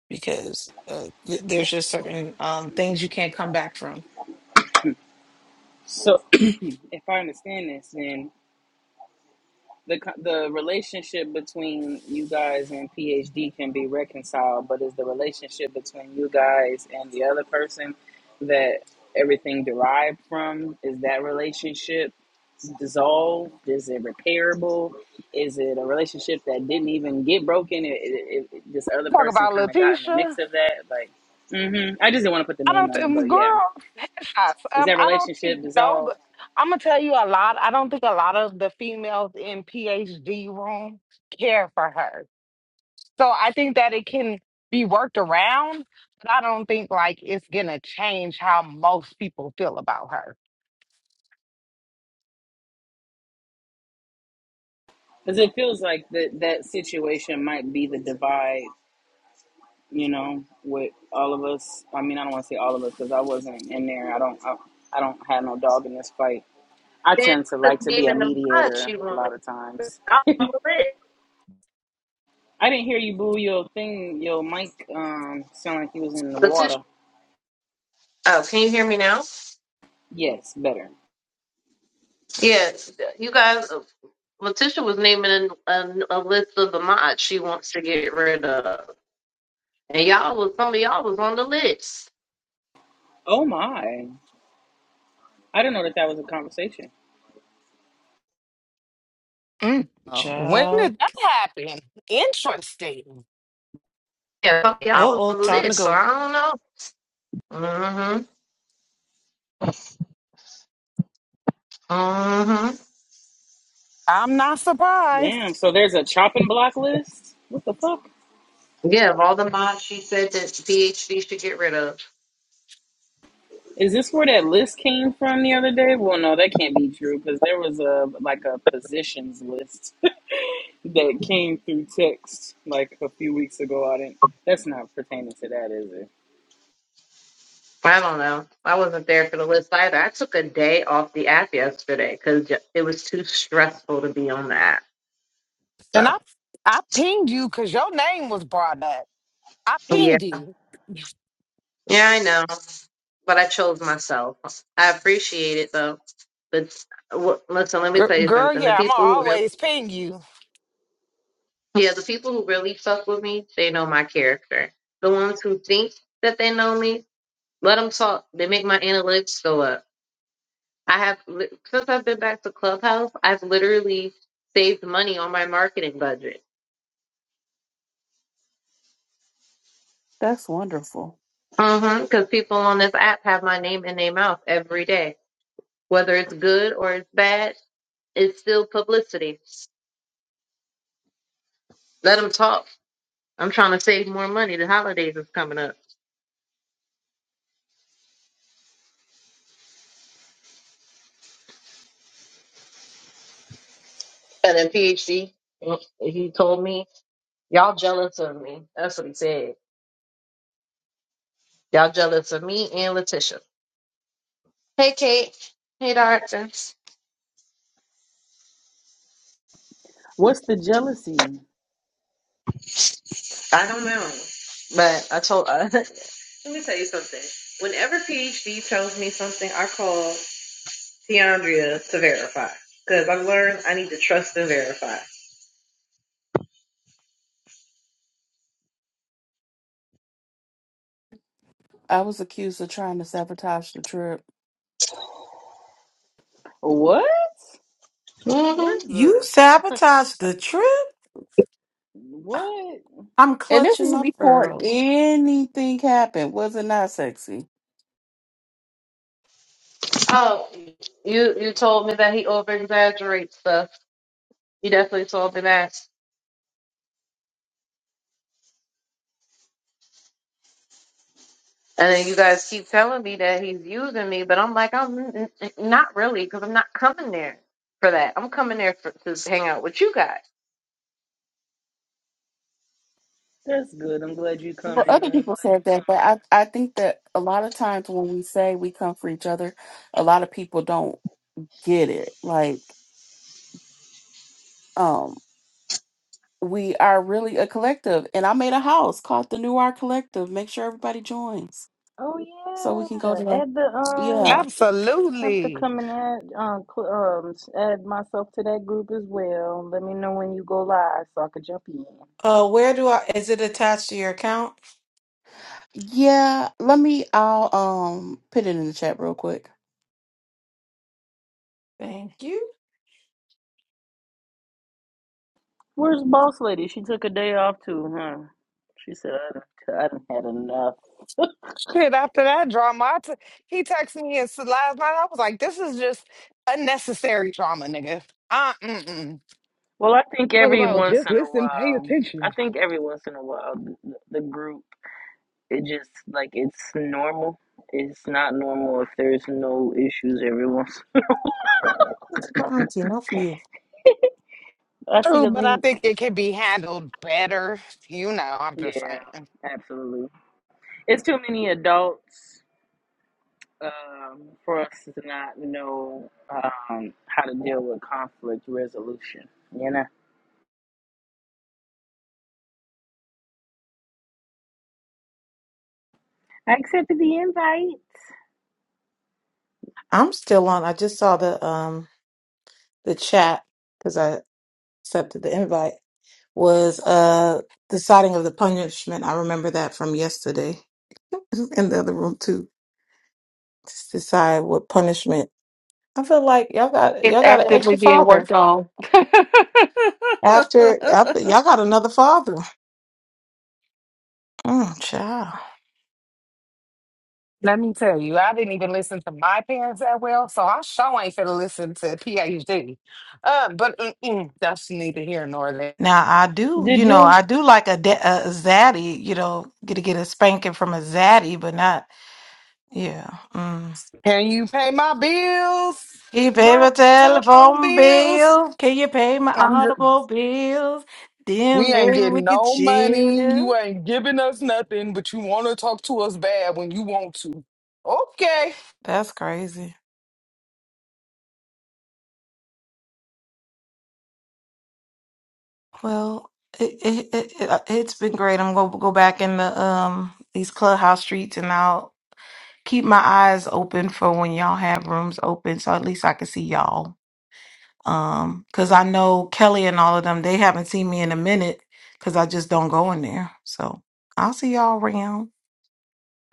because uh, th- there's just certain um things you can't come back from. So if I understand this, then the the relationship between you guys and PhD can be reconciled, but it's the relationship between you guys and the other person that everything derived from. Is that relationship dissolved? Is it repairable? Is it a relationship that didn't even get broken? It, it, it, this other Talk person about kind of got in the Letitia. mix of that. Like, hmm I just didn't want to put the I name don't on it, think, but yeah, girl, headshots. is Um, that I don't think relationship no, dissolved? but I'm gonna tell you a lot. I don't think a lot of the females in PhD room care for her. So I think that it can be worked around, but I don't think like it's gonna change how most people feel about her. Because it feels like that that situation might be the divide you know, with all of us. I mean, I don't want to say all of us because I wasn't in there. I don't. I, I don't have no dog in this fight. I Then tend to put the like to be name a in the pod mediator she a wanted. lot of times. I'll do it. I didn't hear you boo your thing, your mic um sound like you was in the Letitia- water. Oh, can you hear me now? Yes, better. Yeah, you guys, Letitia was naming a, a list of the mods she wants to get rid of, and y'all was some of y'all was on the list. Oh my. I didn't know that that was a conversation. Mm. Uh, when Child. did that happen? Interesting. Yeah, some of y'all was Uh-oh, on the time to list, so go. I don't know. Mm-hmm. Mm-hmm. I'm not surprised. Damn, so there's a chopping block list? What the fuck? Yeah, of all the mods she said that PhD should get rid of. Is this where that list came from the other day? Well, no, that can't be true because there was a like a positions list. that came through text like a few weeks ago. I didn't. That's not pertaining to that, is it? I don't know. I wasn't there for the list either. I took a day off the app yesterday because it was too stressful to be on the app. And I, So I pinged you because your name was brought up. I yeah, pinged you, yeah, I know, but I chose myself. I appreciate it though. But well, listen, let me Gir- tell you girl. something. The Yeah, I'm gonna people who really, always ping you. yeah, the people who really fuck with me, they know my character. The ones who think that they know me, let them talk. They make my analytics go up. I have li- since I've been back to Clubhouse, I've literally saved money on my marketing budget. That's wonderful. Because people on this app have my name in their mouth every day, whether it's good or it's bad, it's still publicity. Let them talk. I'm trying to save more money. The holidays is coming up. And then PhD, he told me, y'all jealous of me. That's what he said. Y'all jealous of me and Letitia. Hey, Kate. Hey, Doctor. What's the jealousy? I don't know. But I told, let me tell you something. Whenever PhD tells me something, I call Tiandria to verify. Because I learned I need to trust and verify. I was accused of trying to sabotage the trip. What? hmm Where's You the sabotaged the trip? what? I'm And this clutching is my before pearls. anything happened. Was it not sexy? Oh, you you told me that he over exaggerates stuff. You definitely told me that. And then you guys keep telling me that he's using me, but I'm like, I'm n- n- not really, because I'm not coming there for that. I'm coming there for, to hang out with you guys. That's good. I'm glad you come Well, in other there. people said that, but I, I think that a lot of times when we say we come for each other, a lot of people don't get it. Like, um, we are really a collective. And I made a house called the New Art Collective. Make sure everybody joins Oh so we can go yeah, to add the um. Yeah. Have to Absolutely. come and add um, cl- um add myself to that group as well. Let me know when you go live so I could jump in. Uh, where do I? Is it attached to your account? Yeah. Let me I'll um put it in the chat real quick. Thank you. Where's boss lady? She took a day off too, huh? She said I done, I done had enough. Shit, after that drama, I t- he texted me and said last night. I was like, this is just unnecessary drama, nigga. Uh, mm-mm. Well, I think Talk every about once just in a listen, pay while, I attention. think every once in a while, the, the group, it just like it's normal. It's not normal if there's no issues every once. It's for auntie, not for you. I see True, the but I link. think it can be handled better. You know, I'm just Yeah, saying. absolutely. It's too many adults um, for us to not know um, how to deal with conflict resolution. You know, I accepted the invite. I'm still on. I just saw the um the chat because I accepted the invite. Was uh deciding of the punishment. I remember that from yesterday in the other room too. Just decide what punishment. I feel like y'all got It's y'all got an actively extra being father worked on. after after- the y'all got another father. Mm, child. Let me tell you, I didn't even listen to my parents that well, so I sure ain't finna listen to PhD. Uh, but mm-mm, that's neither here nor there. Now I do, Did you know, you? I do like a, da- a, a zaddy, you know, get to get a spanking from a zaddy, but not, yeah. Mm. Can you pay my bills? Can you pay My my telephone telephone bills? bills? Can you pay my I'm just, automobiles? Then we ain't maybe we getting could no money. You chill. ain't giving us nothing, but you want to talk to us bad when you want to. Okay. That's crazy. Well, it, it, it, it, uh, it's been great. I'm gonna go back in the um these clubhouse streets, and I'll keep my eyes open for when y'all have rooms open, so at least I can see y'all. Um, cause I know Kelly and all of them, they haven't seen me in a minute because I just don't go in there. So I'll see y'all around.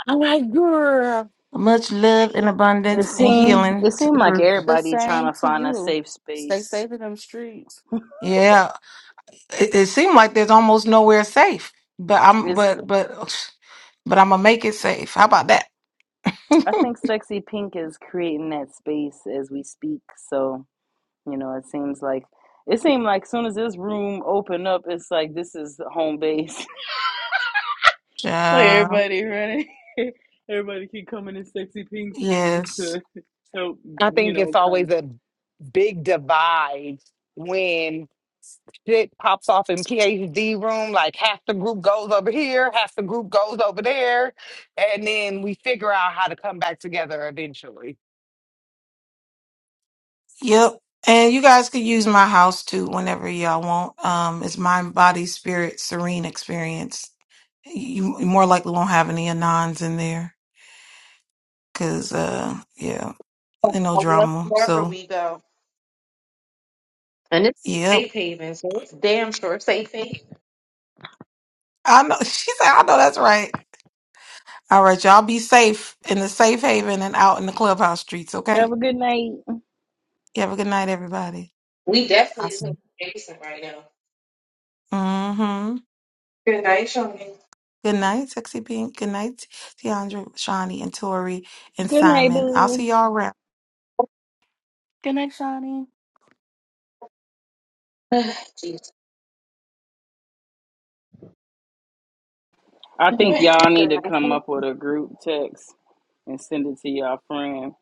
I'm like, girl. Much love and It abundance and seemed healing it to seemed the like group. everybody same trying to to find a you. safe Stay space. safe in them streets. Yeah. It, it seemed like there's almost nowhere safe, but I'm, It's but, but, but I'm gonna make it safe. How about that? I think Sexy Pink is creating that space as we speak. So, you know, it seems like it seemed like as soon as this room opened up, it's like this is the home base. like Child, everybody running, everybody can come in Sexy Pink's room yes. to help, I you think it's know, kind always of a big divide when shit pops off in PhD room. Like half the group goes over here, half the group goes over there, and then we figure out how to come back together eventually. Yep. And you guys could use my house too whenever y'all want. Um, it's mind, body, spirit, serene experience. You you more likely won't have any anons in there because, uh, yeah, and no But drama. Wherever So, we go, and it's yep. safe haven, so it's damn sure safe haven. I know. She said, I know that's right. All right, y'all be safe in the safe haven and out in the clubhouse streets, have okay? a good night. You have a good night, everybody. We definitely is in Awesome. Jason right now. Mm-hmm. Good night, Shawnee. Good night, Sexy Pink. Good night, Tiandra, Shawnee, and Tori, and Good night, Simon. I'll see boo. y'all around. Good night, Shawnee. Jeez. I think y'all need Good to night. come up with a group text and send it to y'all friend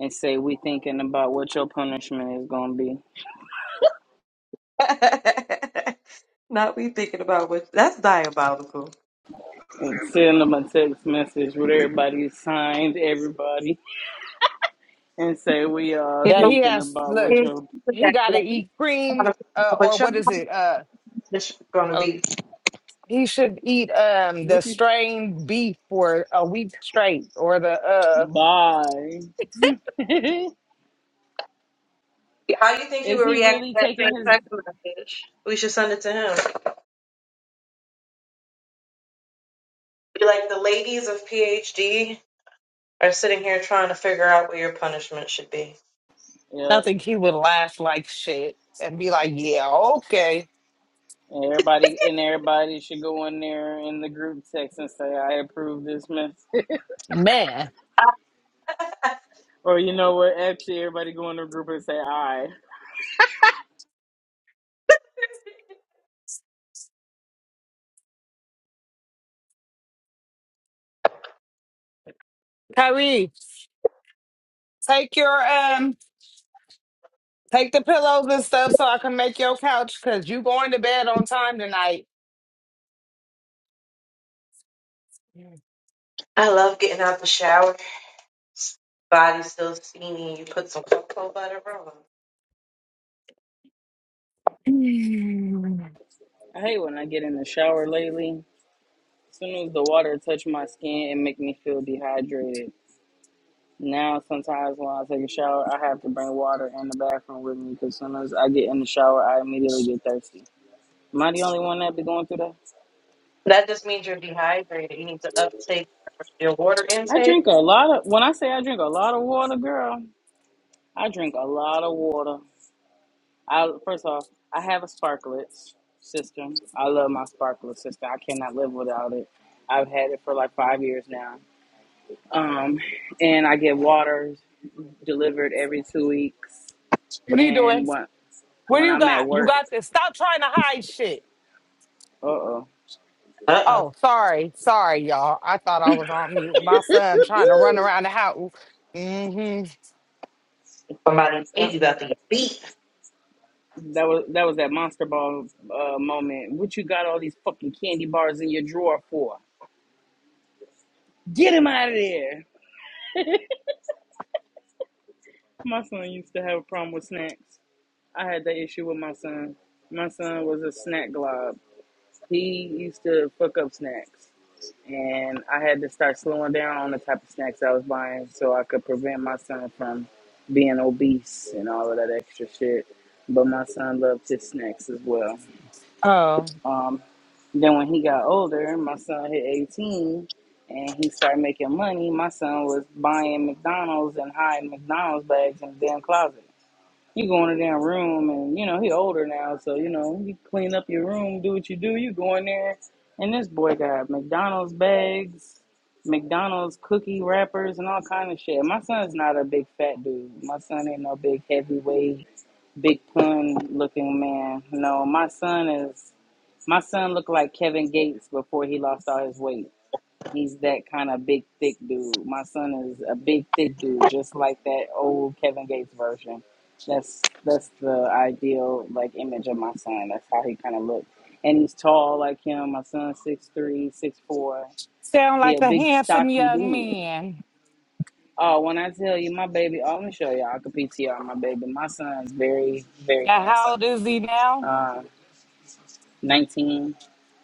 and say we thinking about what your punishment is gonna be. not we thinking about what that's diabolical. and send them a text message with everybody signed, everybody, and say we are You That know, he thinking has, about look, what kids, your but he that's got to what you're eat cream, uh, or what is it? Uh, not going to be. He should eat um the what you strained beef for a week straight, or the uh. buy. How do you think he Is would he react to really that same taking his? text message? We should send it to him. Be like the ladies of PhD are sitting here trying to figure out what your punishment should be. I Yep. think he would laugh like shit and be like, "Yeah, okay, And everybody and everybody should go in there in the group text and say I approve this message. man, or you know what? Actually, everybody go in the group and say I. Kyrie, take your um, take the pillows and stuff so I can make your couch because you going to bed on time tonight." I love getting out the shower. Body still steamy. You put some cocoa butter on. Mm. I hate when I get in the shower lately. As soon as the water touch my skin, it make me feel dehydrated. Now, sometimes when I take a shower, I have to bring water in the bathroom with me because as soon as I get in the shower, I immediately get thirsty. Am I the only one that be going through that? That just means you're dehydrated. You need to uptake your water I intake. drink a lot of. When I say I drink a lot of water, girl, I drink a lot of water. I first off, I have a sparklet system. I love my sparklet system. I cannot live without it. I've had it for like five years now. Um, and I get water delivered every two weeks. What are you And doing? when What do when you I'm at got? You work, got this. Stop trying to hide shit. uh oh. Uh uh Oh, sorry, sorry, y'all. I thought I was on mute. My son trying to run around the house. Mm-hmm. Somebody maybe about to get beat. That was that was that monster ball uh, moment. What you got all these fucking candy bars in your drawer for? Get him out of there. My son used to have a problem with snacks. I had that issue with my son. My son was a snack glob. He used to fuck up snacks, and I had to start slowing down on the type of snacks I was buying so I could prevent my son from being obese and all of that extra shit. But my son loved his snacks as well. Oh, Um, then when he got older, my son hit 18 and he started making money. My son was buying McDonald's and hiding McDonald's bags in the damn closet. You go in the damn room, and you know he older now, so you know you clean up your room, do what you do. You go in there, and this boy got McDonald's bags, McDonald's cookie wrappers, and all kind of shit. My son's not a big fat dude. My son ain't no big heavyweight, big pun looking man. No, my son is. My son looked like Kevin Gates before he lost all his weight. He's that kind of big, thick dude. My son is a big, thick dude, just like that old Kevin Gates version. That's that's the ideal like image of my son. That's how he kind of looks, and he's tall like him. My son's six three, six four. sound He like a a big, handsome stocky young dude. man. Oh, when I tell you my baby, oh, let me show y'all. I can PTR my baby. My son's very, very Now, how handsome. old is he now? Uh, nineteen.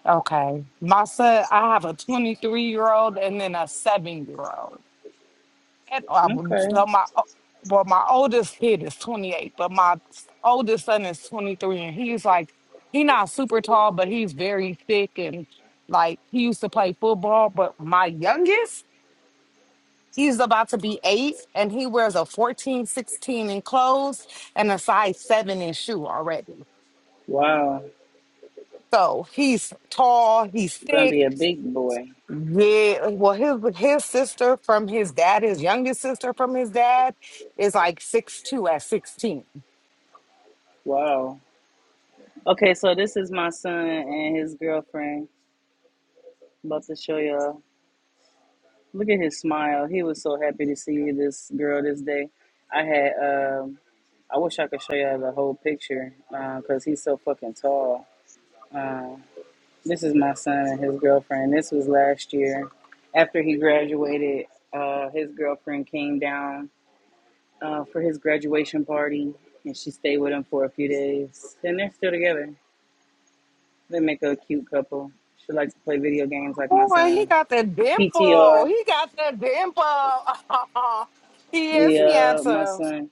Okay. My son, I have a 23 year old and then a seven year old. And I would- Okay. so my, o- well, my oldest kid is 28, but my s- oldest son is 23 and he's like, he's not super tall, but he's very thick and like he used to play football. But my youngest, he's about to be eight and he wears a 14, 16 in clothes and a size seven in shoe already. Wow. So he's tall, he's Gonna be thick. a big boy. Yeah, well, his his sister from his dad, his youngest sister from his dad, is like six two at sixteen. Wow. Okay, so this is my son and his girlfriend. About to show y'all. Look at his smile. He was so happy to see this girl this day. I had. Um, I wish I could show y'all the whole picture because he's so fucking tall. Uh, this is my son and his girlfriend. This was last year. After he graduated, uh, his girlfriend came down uh, for his graduation party, and she stayed with him for a few days. And they're still together. They make a cute couple. She likes to play video games like my Boy, he son. got that dimple. PTR. He got that dimple. he is Yeah, my handsome. son.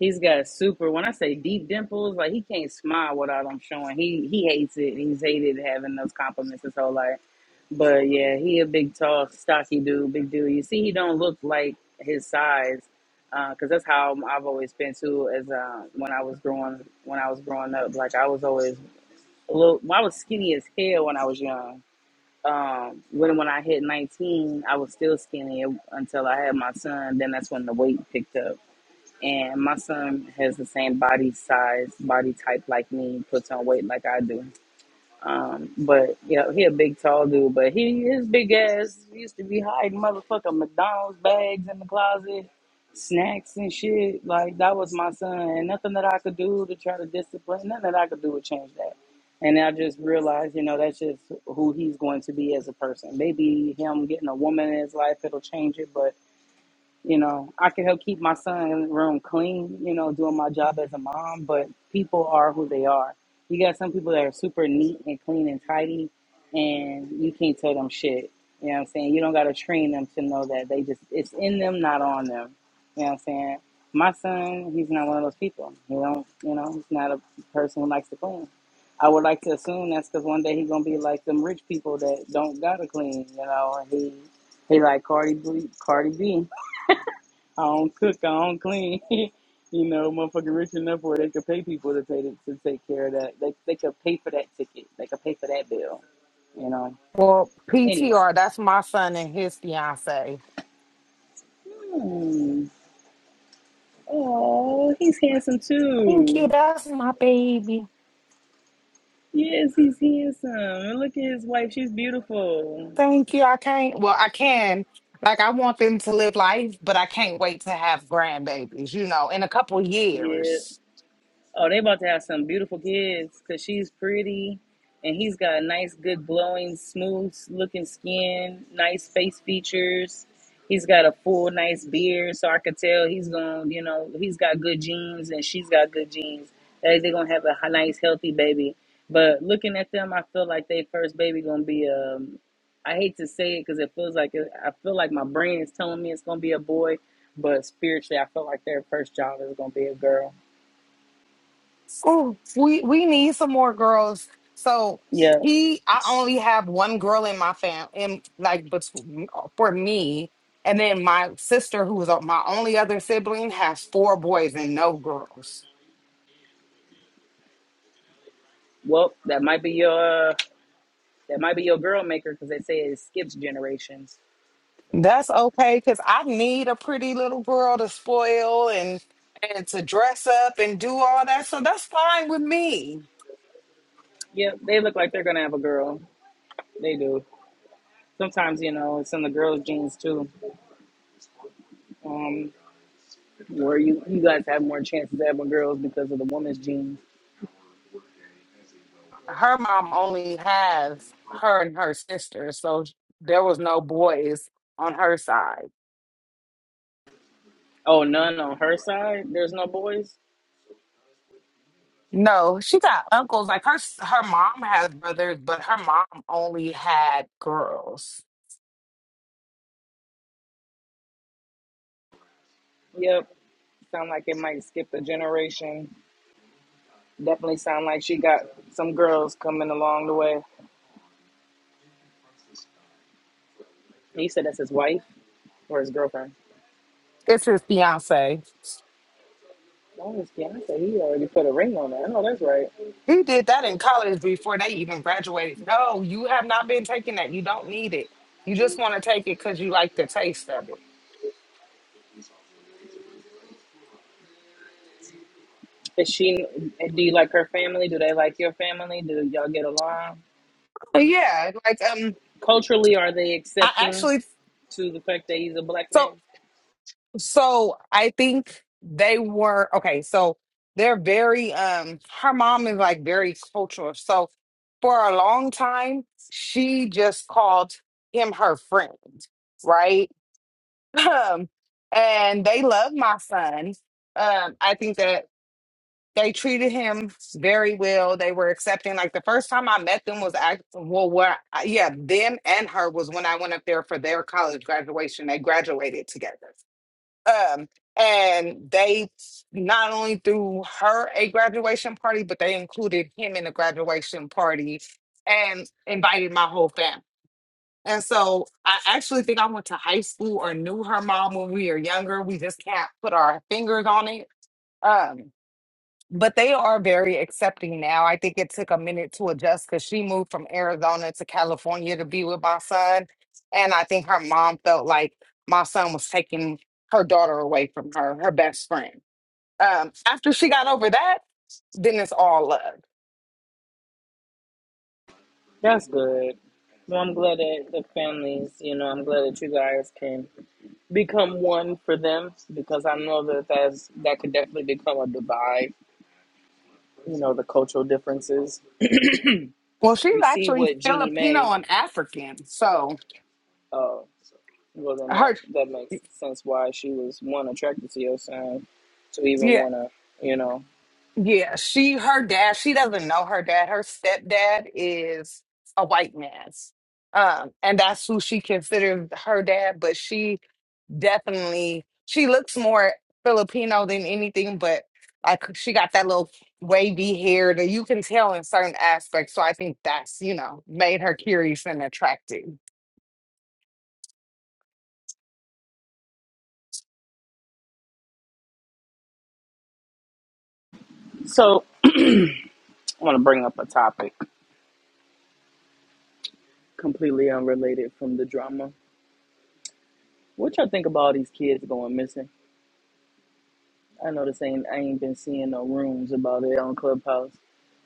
He's got super. When I say deep dimples, like he can't smile without them showing. He he hates it. He's hated having those compliments his whole life. But yeah, he a big, tall, stocky dude. Big dude. You see, he don't look like his size, because that's how I've always been too. As uh, when I was growing, when I was growing up, like I was always a little. I was skinny as hell when I was young um when when I hit 19, I was still skinny until I had my son. Then that's when the weight picked up. And my son has the same body size, body type like me, puts on weight like I do. Um, but yeah, he a big tall dude, but he his big ass used to be hiding motherfucking McDonald's bags in the closet, snacks and shit. Like that was my son, and nothing that I could do to try to discipline, nothing that I could do would change that. And I just realized, you know, that's just who he's going to be as a person. Maybe him getting a woman in his life it'll change it, but you know, I can help keep my son's room clean, you know, doing my job as a mom, but people are who they are. You got some people that are super neat and clean and tidy, and you can't tell them shit. You know what I'm saying? You don't got to train them to know that they just, it's in them, not on them. You know what I'm saying? My son, he's not one of those people. He don't, you know, he's not a person who likes to clean. I would like to assume that's because one day he's gonna be like them rich people that don't gotta clean, you know. And he he like Cardi B, Cardi B. I don't cook, I don't clean. you know, motherfucker, rich enough where they could pay people to pay to, to take care of that. They they could pay for that ticket. They could pay for that bill. You know. Well, Anyway. PTR, that's my son and his fiance. Hmm. Oh, he's handsome Thank you. too. That's my baby. Yes, he's handsome. And look at his wife. She's beautiful. Thank you. I can't. Well, I can. Like, I want them to live life, but I can't wait to have grandbabies. You know, in a couple Yeah. years. Oh, they about to have some beautiful kids because she's pretty and he's got a nice, good, glowing, smooth looking skin, nice face features. He's got a full, nice beard. So I could tell he's going, to you know, he's got good genes and she's got good genes. They- They're going to have a h- nice, healthy baby. But looking at them, I feel like their first baby going to be um, I hate to say it because it feels like, it, I feel like my brain is telling me it's going to be a boy. But spiritually, I feel like their first child is going to be a girl. Ooh, we we need some more girls. So Yeah. he, I only have one girl in my fam, in like, but for me, and then my sister, who is my only other sibling, has four boys and no girls. Well, that might be your that might be your girl maker because they say it skips generations. That's okay, because I need a pretty little girl to spoil and and to dress up and do all that. So that's fine with me. Yeah, they look like they're gonna have a girl. They do. Sometimes you know it's in the girls' genes too, um, where you you guys have more chances of having girls because of the woman's genes. Her mom only has her and her sister, so there was no boys on her side. Oh, none on her side. There's no boys. No, she got uncles. Like her s- her mom has brothers, but her mom only had girls. Yep. Sound like it might skip a generation. Definitely sound like she got some girls coming along the way. He said that's his wife or his girlfriend. It's his fiance. Oh, his fiance. He already put a ring on that. I know that's right. He did that in college before they even graduated. No, you have not been taking that. You don't need it. You just want to take it because you like the taste of it. Is she? Do you like her family? Do they like your family? Do y'all get along? But yeah, like um, Culturally, are they I accepting actually to the fact that he's a black so man? so I think they were okay. So they're very um, her mom is like very cultural. So for a long time, she just called him her friend, right? Um, and they love my son. Um, I think that. they treated him very well. They were accepting. Like the first time I met them was act well, where I- yeah, them and her was when I went up there for their college graduation. They graduated together. Um, and they not only threw her a graduation party, but they included him in the graduation party and invited my whole family. And so I actually think I went to high school or knew her mom when we were younger. We just can't put our fingers on it. Um, but they are very accepting now. I think it took a minute to adjust because she moved from Arizona to California to be with my son. And I think her mom felt like my son was taking her daughter away from her, her best friend. Um, after she got over that, then it's all love. That's good. Well, I'm glad that the families, you know, I'm glad that you guys can become one for them because I know that that's, that could definitely become a divide, you know, the cultural differences. Well, she's You see actually what Jeannie Filipino Mae, and African. So uh, well, then that, her, that makes sense why she was one attracted to your son to even yeah. want to, you know. Yeah, she, her dad, she doesn't know her dad. Her stepdad is a white man. Um, and that's who she considers her dad, but she definitely, she looks more Filipino than anything, but like she got that little wavy hair that you can tell in certain aspects. So I think that's, you know, made her curious and attractive. So I want to bring up a topic completely unrelated from the drama. What y'all think about all these kids going missing? I know this ain't, I ain't been seeing no rooms about it on Clubhouse.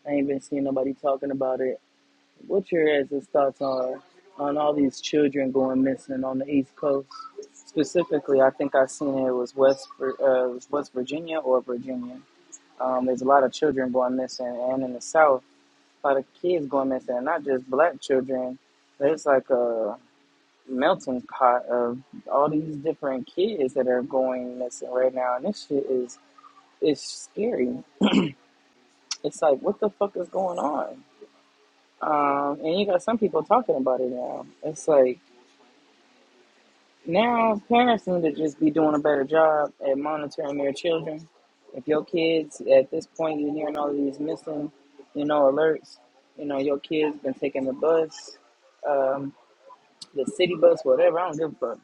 I ain't been seeing nobody talking about it. What's your guys' thoughts on on all these children going missing on the East Coast? Specifically, I think I seen it was West Vir- uh, it was West Virginia or Virginia. Um, there's a lot of children going missing, and in the South, a lot of kids going missing, not just black children. There's like a melting pot of all these different kids that are going missing right now, and this shit is is scary. It's like, what the fuck is going on? Um, and you got some people talking about it now. It's like now parents need to just be doing a better job at monitoring their children. If your kids at this point you're hearing all of these missing, you know, alerts. You know, your kids been taking the bus, um, the city bus, whatever. I don't give a fuck.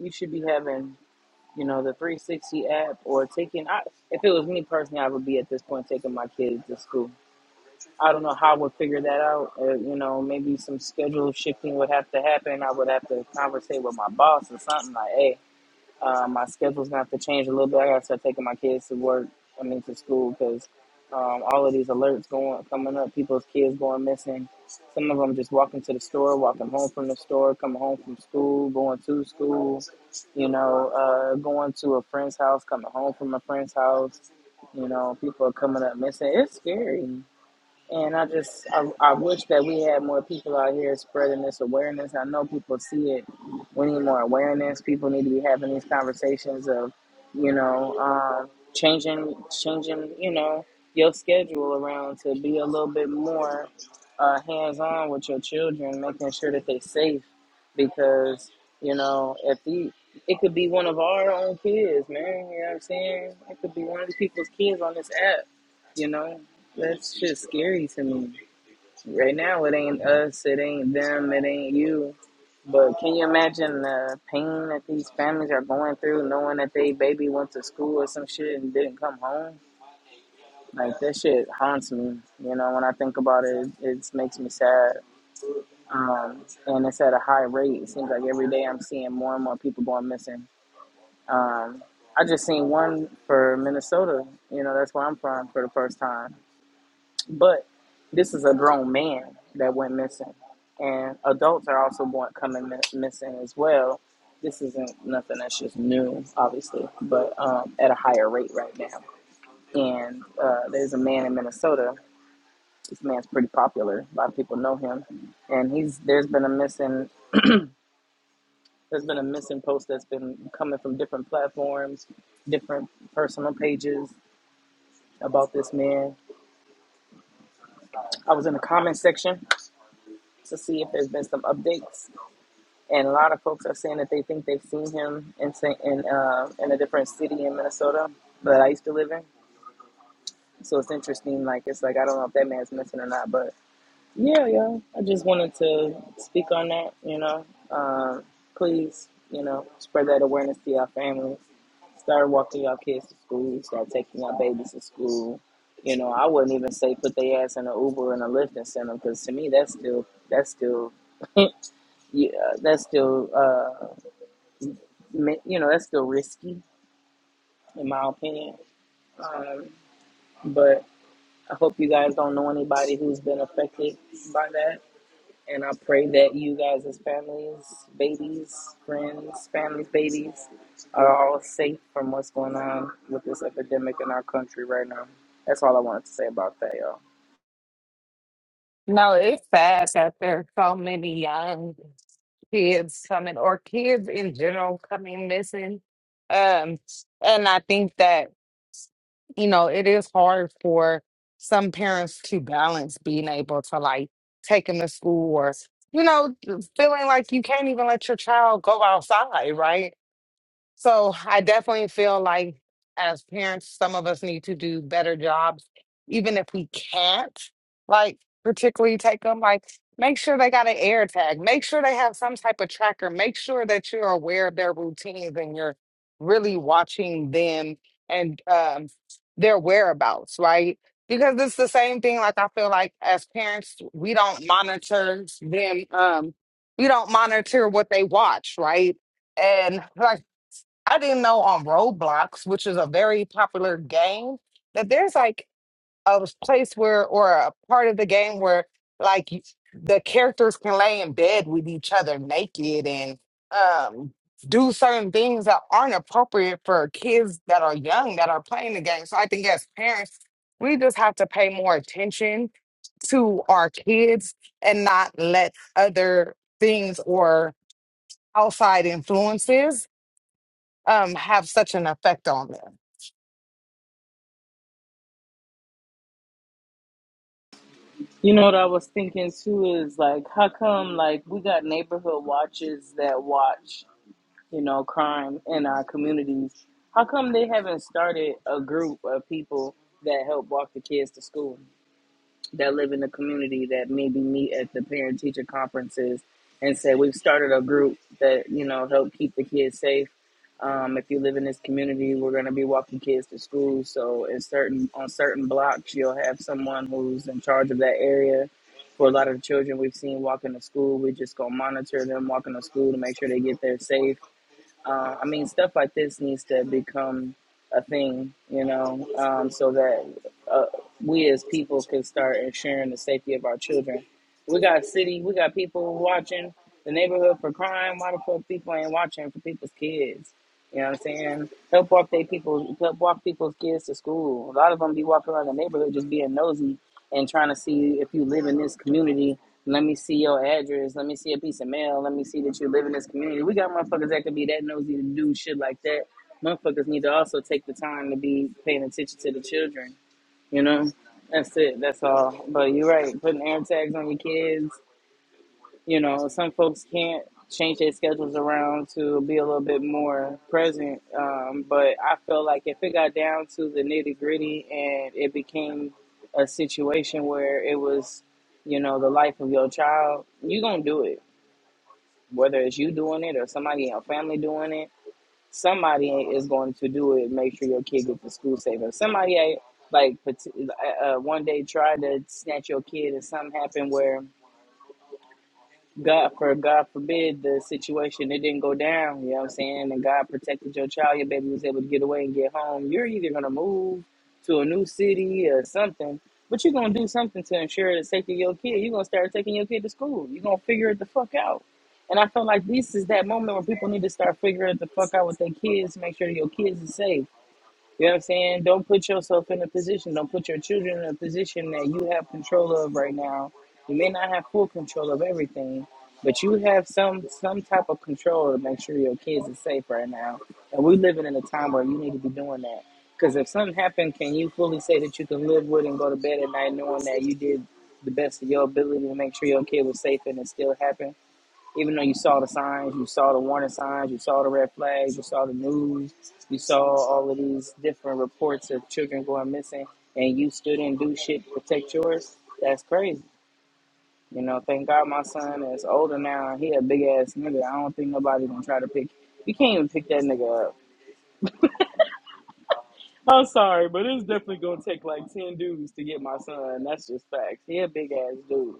You should be having you know, the 360 app or taking, I, if it was me personally, I would be at this point taking my kids to school. I don't know how I would figure that out. Uh, you know, maybe some schedule shifting would have to happen. I would have to conversate with my boss or something like, hey, uh, my schedule's gonna have to change a little bit. I gotta start taking my kids to work. I mean to school because um, all of these alerts going coming up. People's kids going missing. Some of them just walking to the store, walking home from the store, coming home from school, going to school. You know, uh, going to a friend's house, coming home from a friend's house. You know, people are coming up missing. It's scary. And I just, I, I wish that we had more people out here spreading this awareness. I know people see it. We need more awareness. People need to be having these conversations of, you know, um, changing, changing, you know, your schedule around to be a little bit more uh, hands on with your children, making sure that they're safe. Because, you know, if the, it could be one of our own kids, man, you know what I'm saying? It could be one of the people's kids on this app, you know? That's just scary to me. Right now, it ain't us, it ain't them, it ain't you. But can you imagine the pain that these families are going through, knowing that they baby went to school or some shit and didn't come home? Like that shit haunts me. You know, when I think about it, it, it makes me sad. Um, and it's at a high rate. It seems like every day I'm seeing more and more people going missing. Um, I just seen one for Minnesota. You know, that's where I'm from for the first time But this is a grown man that went missing, and adults are also going coming mi- missing as well. This isn't nothing that's just new, obviously, but um, at a higher rate right now. And uh, there's a man in Minnesota. This man's pretty popular. A lot of people know him, and he's there's been a missing there's been a missing post that's been coming from different platforms, different personal pages about this man. I was in the comment section to see if there's been some updates and a lot of folks are saying that they think they've seen him in Sa- in uh, in a different city in Minnesota that I used to live in. So it's interesting. Like it's like I don't know if that man's missing or not, but yeah, yeah. I just wanted to speak on that. You know, uh, please, you know, spread that awareness to y'all families. Start walking y'all kids to school. Start taking y'all babies to school. You know, I wouldn't even say put their ass in an Uber and a Lyft and send them because to me that's still that's still yeah, that's still. uh, you know, that's still risky, in my opinion. Um, but I hope you guys don't know anybody who's been affected by that. And I pray that you guys, as families, babies, friends, families, babies, are all safe from what's going on with this epidemic in our country right now. That's all I wanted to say about that, y'all. No, it's sad that there are so many young kids coming or kids in general coming missing. Um, and I think that, you know, it is hard for some parents to balance being able to like take them to school or, you know, feeling like you can't even let your child go outside, right? So I definitely feel like as parents, some of us need to do better jobs, even if we can't, like particularly take them, like make sure they got an air tag, make sure they have some type of tracker, make sure that you're aware of their routines and you're really watching them and um, their whereabouts, right? Because it's the same thing, like I feel like as parents, we don't monitor them, um, we don't monitor what they watch, right? And like I didn't know on Roblox, which is a very popular game, that there's like a place where, or a part of the game where, like, you- the characters can lay in bed with each other naked and um, do certain things that aren't appropriate for kids that are young that are playing the game. So I think as parents, we just have to pay more attention to our kids and not let other things or outside influences um have such an effect on them. You know what I was thinking too is like, how come like we got neighborhood watches that watch you know, crime in our communities. How come they haven't started a group of people that help walk the kids to school that live in the community that maybe meet at the parent teacher conferences and say we've started a group that you know help keep the kids safe. Um, if you live in this community, we're going to be walking kids to school. So, in certain on certain blocks, you'll have someone who's in charge of that area. For a lot of the children we've seen walking to school, we just go monitor them walking to school to make sure they get there safe uh, I mean, stuff like this needs to become a thing, you know, um, so that uh, we as people can start ensuring the safety of our children. We got city, we got people watching the neighborhood for crime. Why the fuck people ain't watching for people's kids? You know what I'm saying? Help walk they people, help walk people's kids to school. A lot of them be walking around the neighborhood just being nosy and trying to see if you live in this community. Let me see your address. Let me see a piece of mail. Let me see that you live in this community. We got motherfuckers that could be that nosy to do shit like that. Motherfuckers need to also take the time to be paying attention to the children. You know, that's it. That's all. But you're right. Putting air tags on your kids you know, some folks can't change their schedules around to be a little bit more present. Um, but I feel like if it got down to the nitty gritty and it became a situation where it was, you know, the life of your child, you're going to do it. Whether it's you doing it or somebody in your family doing it, somebody is going to do it. Make sure your kid gets to school safe. If somebody, like, pat- uh, uh, one day tried to snatch your kid and something happened where God for God forbid the situation it didn't go down, you know what I'm saying? And God protected your child, your baby was able to get away and get home. You're either gonna move to a new city or something, but you're gonna do something to ensure the safety of your kid. You're gonna start taking your kid to school. You're gonna figure it the fuck out. And I feel like this is that moment where people need to start figuring it the fuck out with their kids, make sure that your kids are safe. You know what I'm saying? Don't put yourself in a position, don't put your children in a position that you have control of right now. You may not have full control of everything, but you have some some type of control to make sure your kids are safe right now. And we're living in a time where you need to be doing that. Because if something happened, can you fully say that you can live with and go to bed at night knowing that you did the best of your ability to make sure your kid was safe and it still happened? even though you saw the signs, you saw the warning signs, you saw the red flags, you saw the news, you saw all of these different reports of children going missing, and you still didn't do shit to protect yours. That's crazy. You know, thank God my son is older now. He a big ass nigga. I don't think nobody gonna try to pick. You can't even pick that nigga up. I'm sorry, but it's definitely gonna take like ten dudes to get my son. That's just facts. He a big ass dude.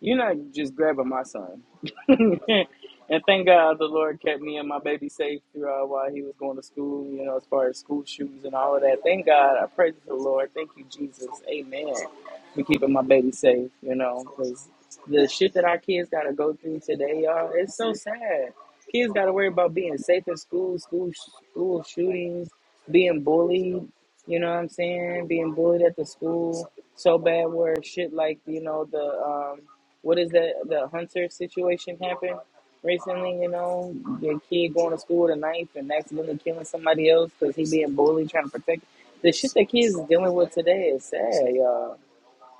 You're not just grabbing my son. and thank God the Lord kept me and my baby safe throughout while he was going to school. You know, as far as school shoes and all of that. Thank God. I praise the Lord. Thank you, Jesus. Amen. For keeping my baby safe. You know, because the shit that our kids gotta go through today, y'all, it's so sad. Kids gotta worry about being safe in school, school, school shootings being bullied, you know what I'm saying? Being bullied at the school so bad where shit like, you know, the um what is that the hunter situation happened recently, you know, the kid going to school with a knife and accidentally killing somebody else cuz he being bullied trying to protect. The shit that kids is dealing with today is sad, y'all.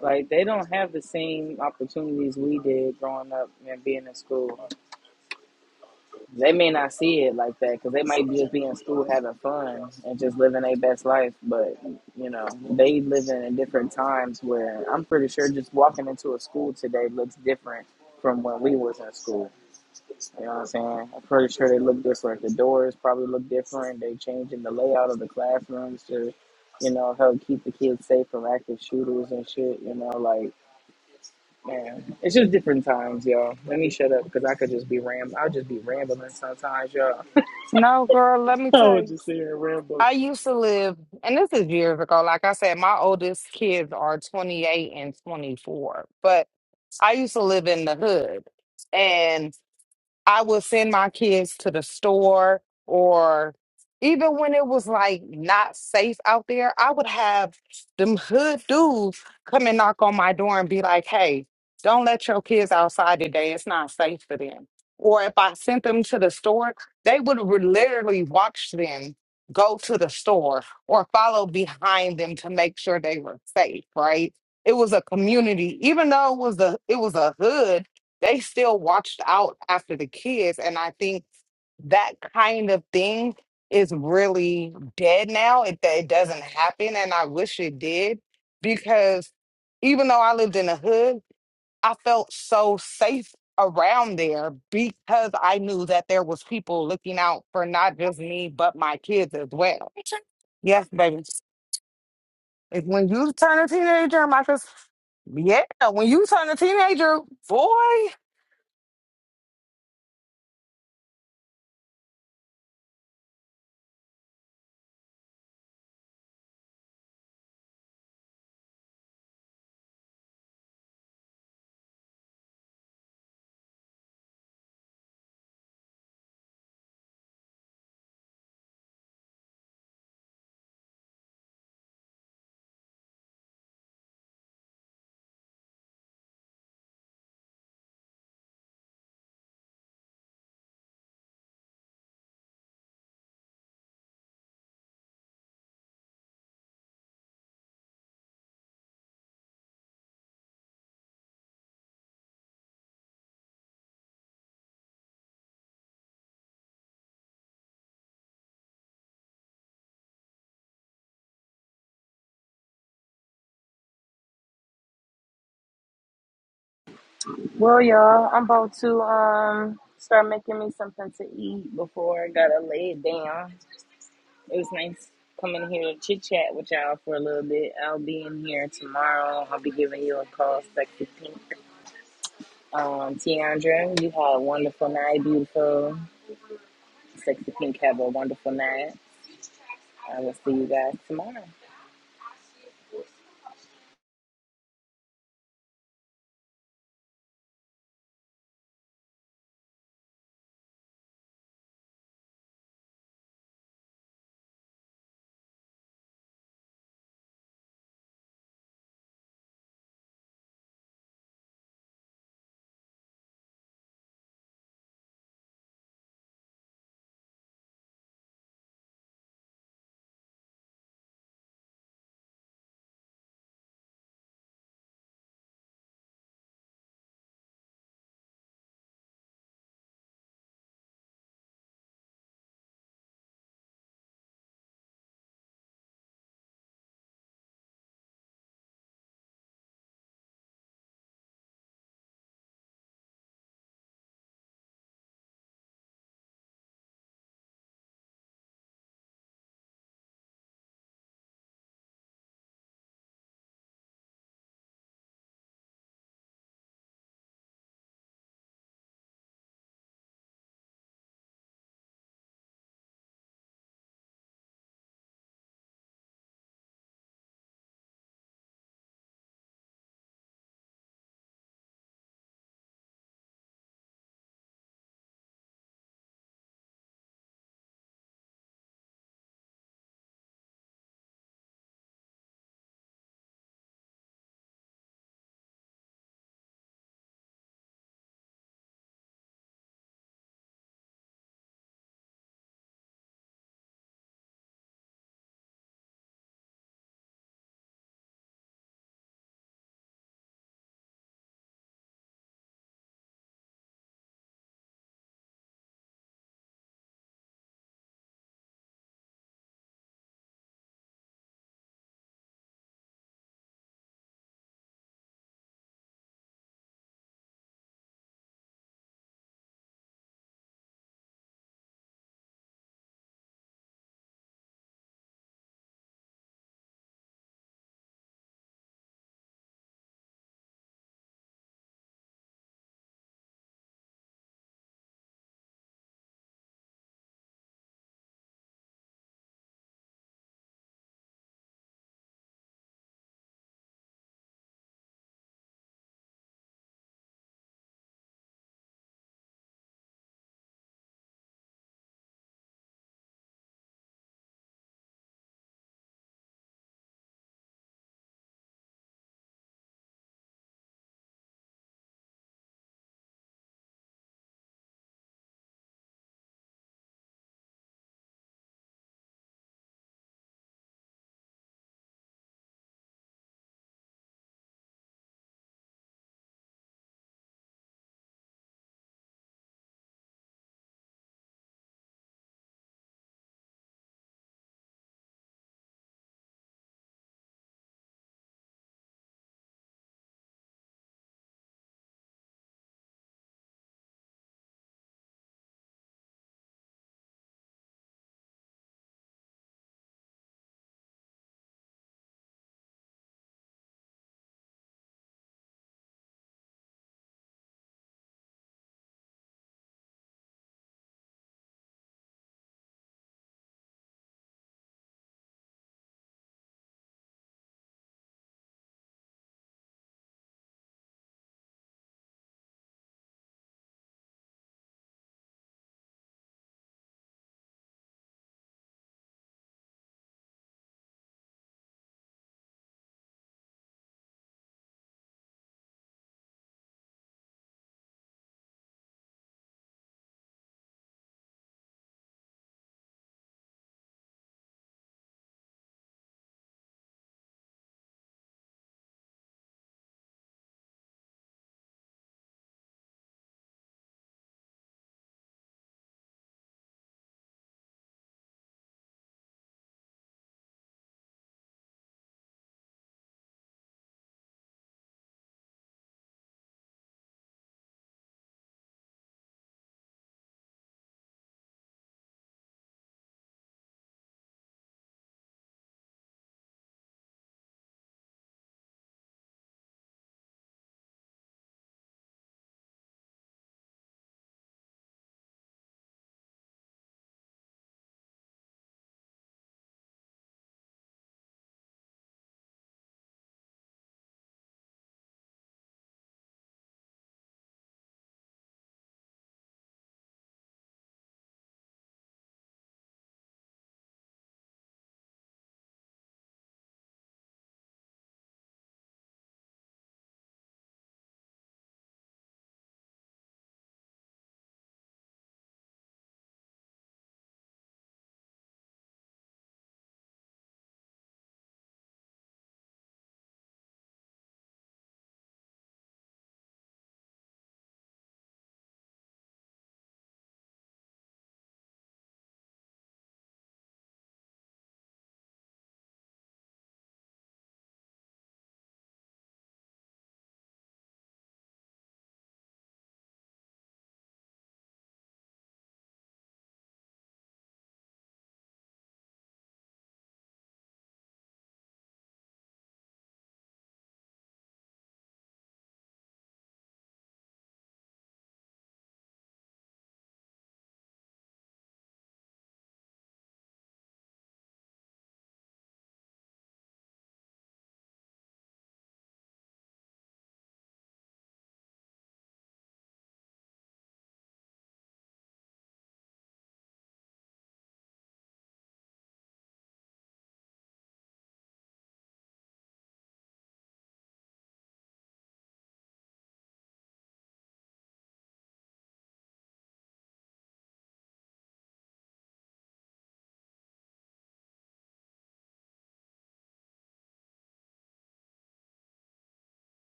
Like they don't have the same opportunities we did growing up and being in school. They may not see it like that because they might just be in school having fun and just living their best life. But you know, they living in different times where I'm pretty sure just walking into a school today looks different from when we was in school. You know what I'm saying? I'm pretty sure they look different. The doors probably look different. They changing the layout of the classrooms to, you know, help keep the kids safe from active shooters and shit. You know, like man, it's just different times, y'all. Let me shut up because I could just be ram. I'll just be rambling sometimes, y'all. No, girl, let me I tell would you. just sit here and ramble. I used to live, and this is years ago. Like I said, my oldest kids are 28 and 24, but I used to live in the hood. and. I would send my kids to the store or even when it was like not safe out there, I would have them hood dudes come and knock on my door and be like, hey, don't let your kids outside today. It's not safe for them. Or if I sent them to the store, they would re- literally watch them go to the store or follow behind them to make sure they were safe, right? It was a community, even though it was a it was a hood they still watched out after the kids. And I think that kind of thing is really dead now. It, it doesn't happen. And I wish it did because even though I lived in the hood, I felt so safe around there because I knew that there was people looking out for not just me, but my kids as well. Yes, baby. If when you turn a teenager, Marcus, yeah, when you turn a teenager, boy. Well, y'all, I'm about to um start making me something to eat before I gotta lay it down. It was nice coming here to chit chat with y'all for a little bit. I'll be in here tomorrow. I'll be giving you a call, sexy pink. Um, Tiandra, you have a wonderful night, beautiful. Sexy pink, have a wonderful night. I will see you guys tomorrow.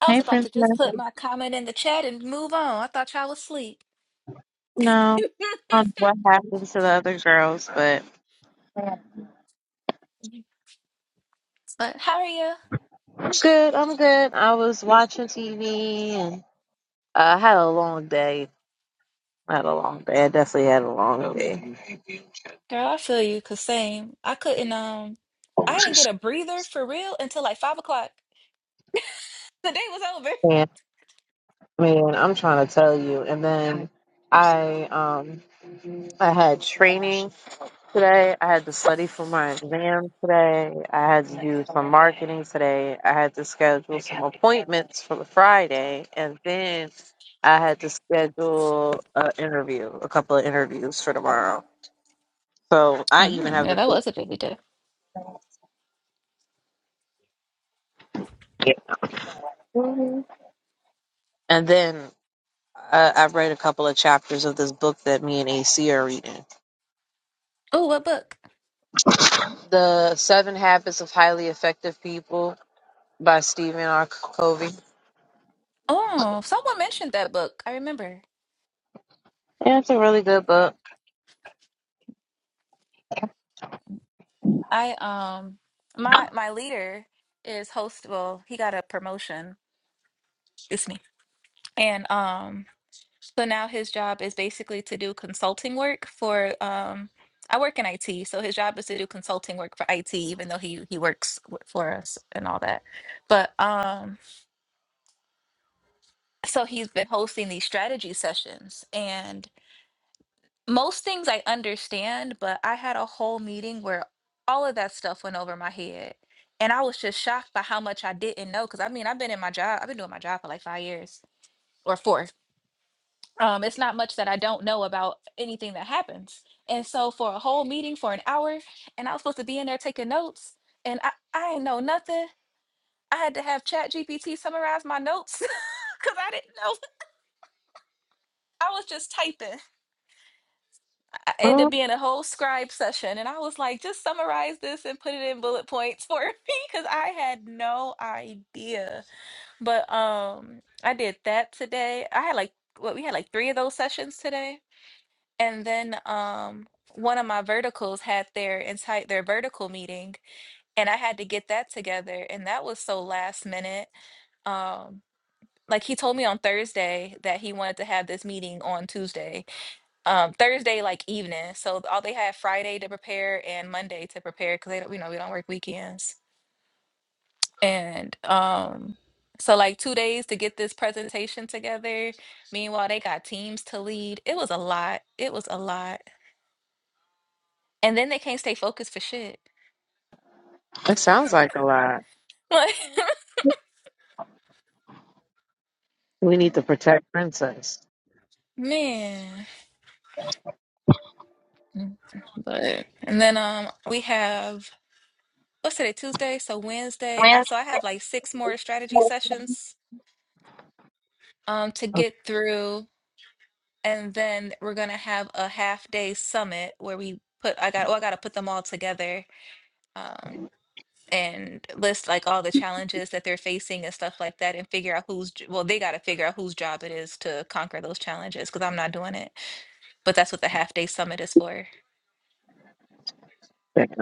I was Hey, about to Princess. just put my comment in the chat and move on. I thought y'all was asleep. No, I don't know what happened to the other girls, but. But how are you? Good, I'm good. I was watching TV and I had a long day. I had a long day. I definitely had a long day. Girl, I feel you, cause same. I couldn't um I didn't get a breather for real until like five o'clock. The day was over. And man, I'm trying to tell you. And then I um I had training today. I had to study for my exam today. I had to do some marketing today. I had to schedule some appointments for the Friday and then I had to schedule an interview, a couple of interviews for tomorrow. So I even Mm, have yeah, a that was a busy day. busy day. And then uh, I read a couple of chapters of this book that me and AC are reading. Oh, what book? The Seven Habits of Highly Effective People by Stephen R. Covey. Oh, someone mentioned that book. I remember. Yeah, it's a really good book. I um my my leader is host well, he got a promotion. Excuse me. And um So now his job is basically to do consulting work for um I work in IT, so his job is to do consulting work for IT, even though he he works w- for us and all that. But um so he's been hosting these strategy sessions and most things I understand, but I had a whole meeting where all of that stuff went over my head. And I was just shocked by how much I didn't know. Cause I mean, I've been in my job, I've been doing my job for like five years or four um, it's not much that I don't know about anything that happens. And so for a whole meeting for an hour, and I was supposed to be in there taking notes, and I, I ain't know nothing. I had to have Chat GPT summarize my notes because I didn't know. I was just typing. I ended up Well, being a whole scribe session, and I was like, just summarize this and put it in bullet points for me because I had no idea. But um, I did that today. I had like what we had like three of those sessions today And then um, one of my verticals had their entire their vertical meeting, and I had to get that together, and that was so last minute. Um, like he told me on Thursday that he wanted to have this meeting on Tuesday, um, Thursday like evening. So all they had Friday to prepare and Monday to prepare because they don't, you know, we don't work weekends. And um, so like two days to get this presentation together. Meanwhile, they got teams to lead. It was a lot. It was a lot And then they can't stay focused for shit. it sounds like a lot. We need to Like, protect Princess. man. Mm-hmm. But and then um we have what's today Tuesday, so Wednesday. I Yeah. so I have like six more strategy sessions um to get through, and then we're gonna have a half day summit where we put I got oh I gotta put them all together um and list like all the challenges that they're facing and stuff like that and figure out who's well they gotta figure out whose job it is to conquer those challenges because I'm not doing it. But that's what the half day summit is for. Okay.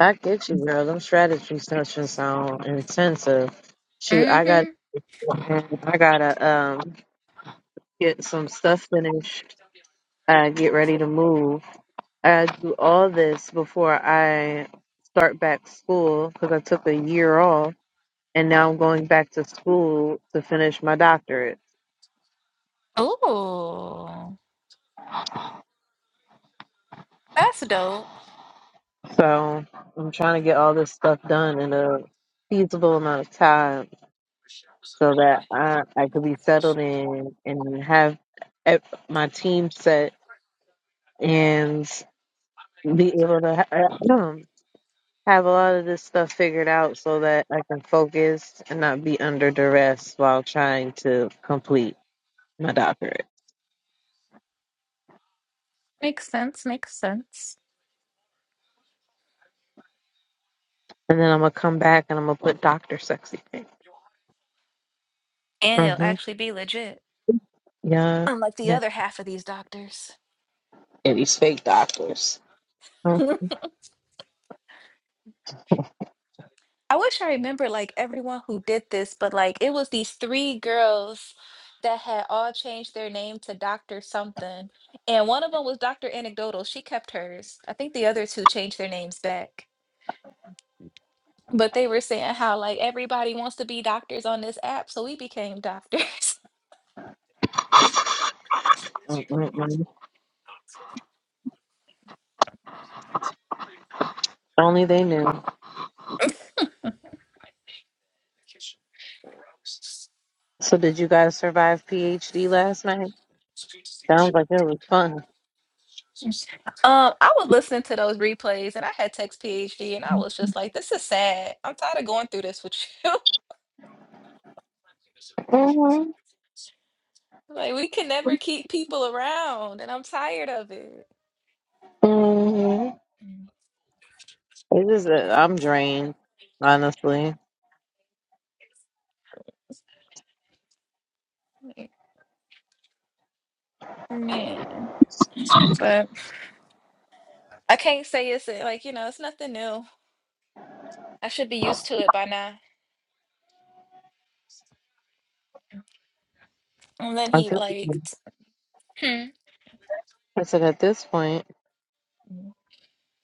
I get you, girl. Them strategy sessions sound intensive. Shoot, I got Mm-hmm. I gotta um get some stuff finished. Uh, get ready to move. I do all this before I start back school because I took a year off and now I'm going back to school to finish my doctorate. Oh, That's dope. So I'm trying to get all this stuff done in a feasible amount of time so that I, I could be settled in and have ev- my team set and be able to ha- have a lot of this stuff figured out so that I can focus and not be under duress while trying to complete. my doctorate. makes sense. Makes sense. And then I'm gonna come back and I'm gonna put Doctor Sexy Pink. And it'll Mm-hmm. actually be legit. Yeah. Unlike the Yeah. other half of these doctors. Yeah, these fake doctors. Mm, I wish I remember like everyone who did this, but like it was these three girls that had all changed their name to Dr. something. And one of them was Dr. Anecdotal. She kept hers. I think the other two changed their names back. But they were saying how like everybody wants to be doctors on this app, so we became doctors. mm, mm, mm. Only they knew. So did you guys survive PhD last night? Sounds like it was fun. Um, I was listening to those replays and I had text PhD and I was just like, this is sad. I'm tired of going through this with you. Mm-hmm. like we can never keep people around and I'm tired of it. Mm-hmm. Mm. It is. A, I'm drained, honestly. Like, Man. But I can't say it's uh, like, you know, it's nothing new. I should be used to it by now. And then I he think like t- hmm. I said at this point.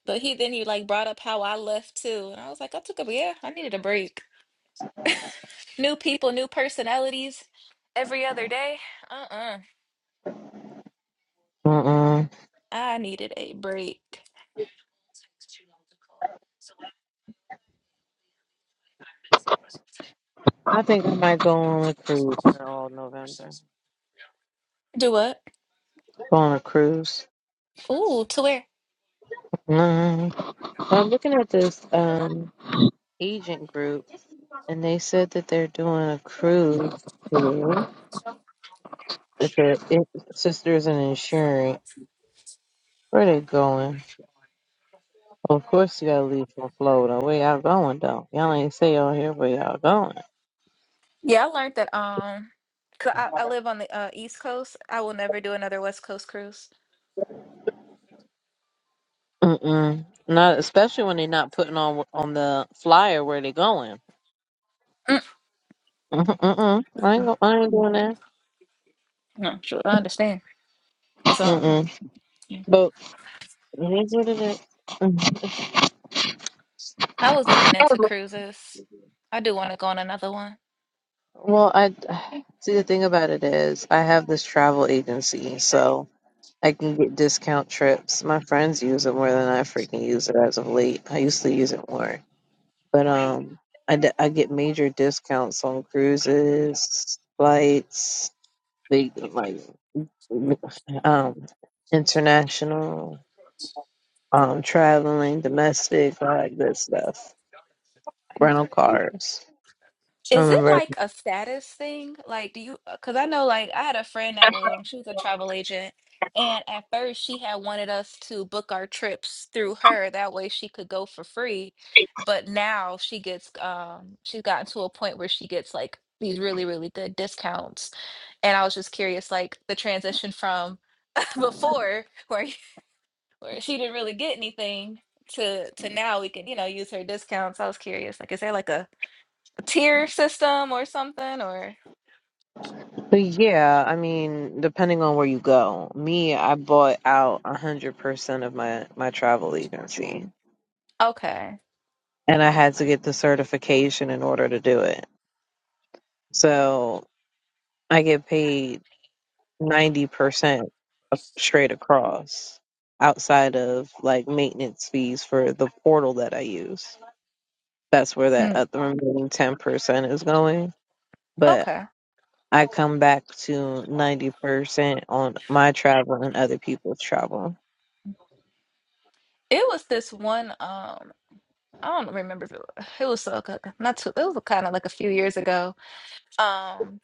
But he then he like brought up how I left too. And I was like, I took a yeah, I needed a break. New people, new personalities every other day. Uh-uh. Mm-mm. I needed a break. I think I might go on a cruise for all November. Do what? Go on a cruise. Ooh, to where? Mm. I'm looking at this. Um, agent group, and they said that they're doing a cruise. tour, That their i- sisters and insurance. Where they going? Well, of course, you gotta leave from Florida. Where y'all going though? Y'all ain't say on here where y'all going. Yeah, I learned that um 'cause I, I live on the uh, East Coast. I will never do another West Coast cruise. Mm-mm. Not especially when they're not putting on on the flyer where they going. Mm, Mm-mm. mm-mm. I ain't go, I ain't doing that. no, sure. I understand. Cause um Mm-mm. yeah. But it is what it is. I was looking into Mm. cruises. I do want to go on another one. Well, I see. The thing about it is, I have this travel agency, so. I can get discount trips. My friends use it more than I freaking use it as of late. I used to use it more, but um, I, d- I get major discounts on cruises, flights, big like um, international, um, traveling, domestic, all that good stuff. Rental cars. I Is it remember, like a status thing? Like, do you? Because I know, like, I had a friend that was, um, she was a travel agent, and at first she had wanted us to book our trips through her. That way she could go for free. But now she gets, um, she's gotten to a point where she gets like these really, really good discounts. And I was just curious, like, the transition from before where where she didn't really get anything to to now we can, you know, use her discounts. I was curious, like, is there like a tier system or something or but yeah, I mean, depending on where you go, me, I bought out a hundred percent of my my travel agency. okay and I had to get the certification in order to do it. So I get paid 90% straight across outside of like maintenance fees for the portal that I use. That's where that Mm, other remaining 10% is going. But okay I come back to 90% on my travel and other people's travel. it was this one um i don't remember if it was, it was so good not too it was kind of like a few years ago um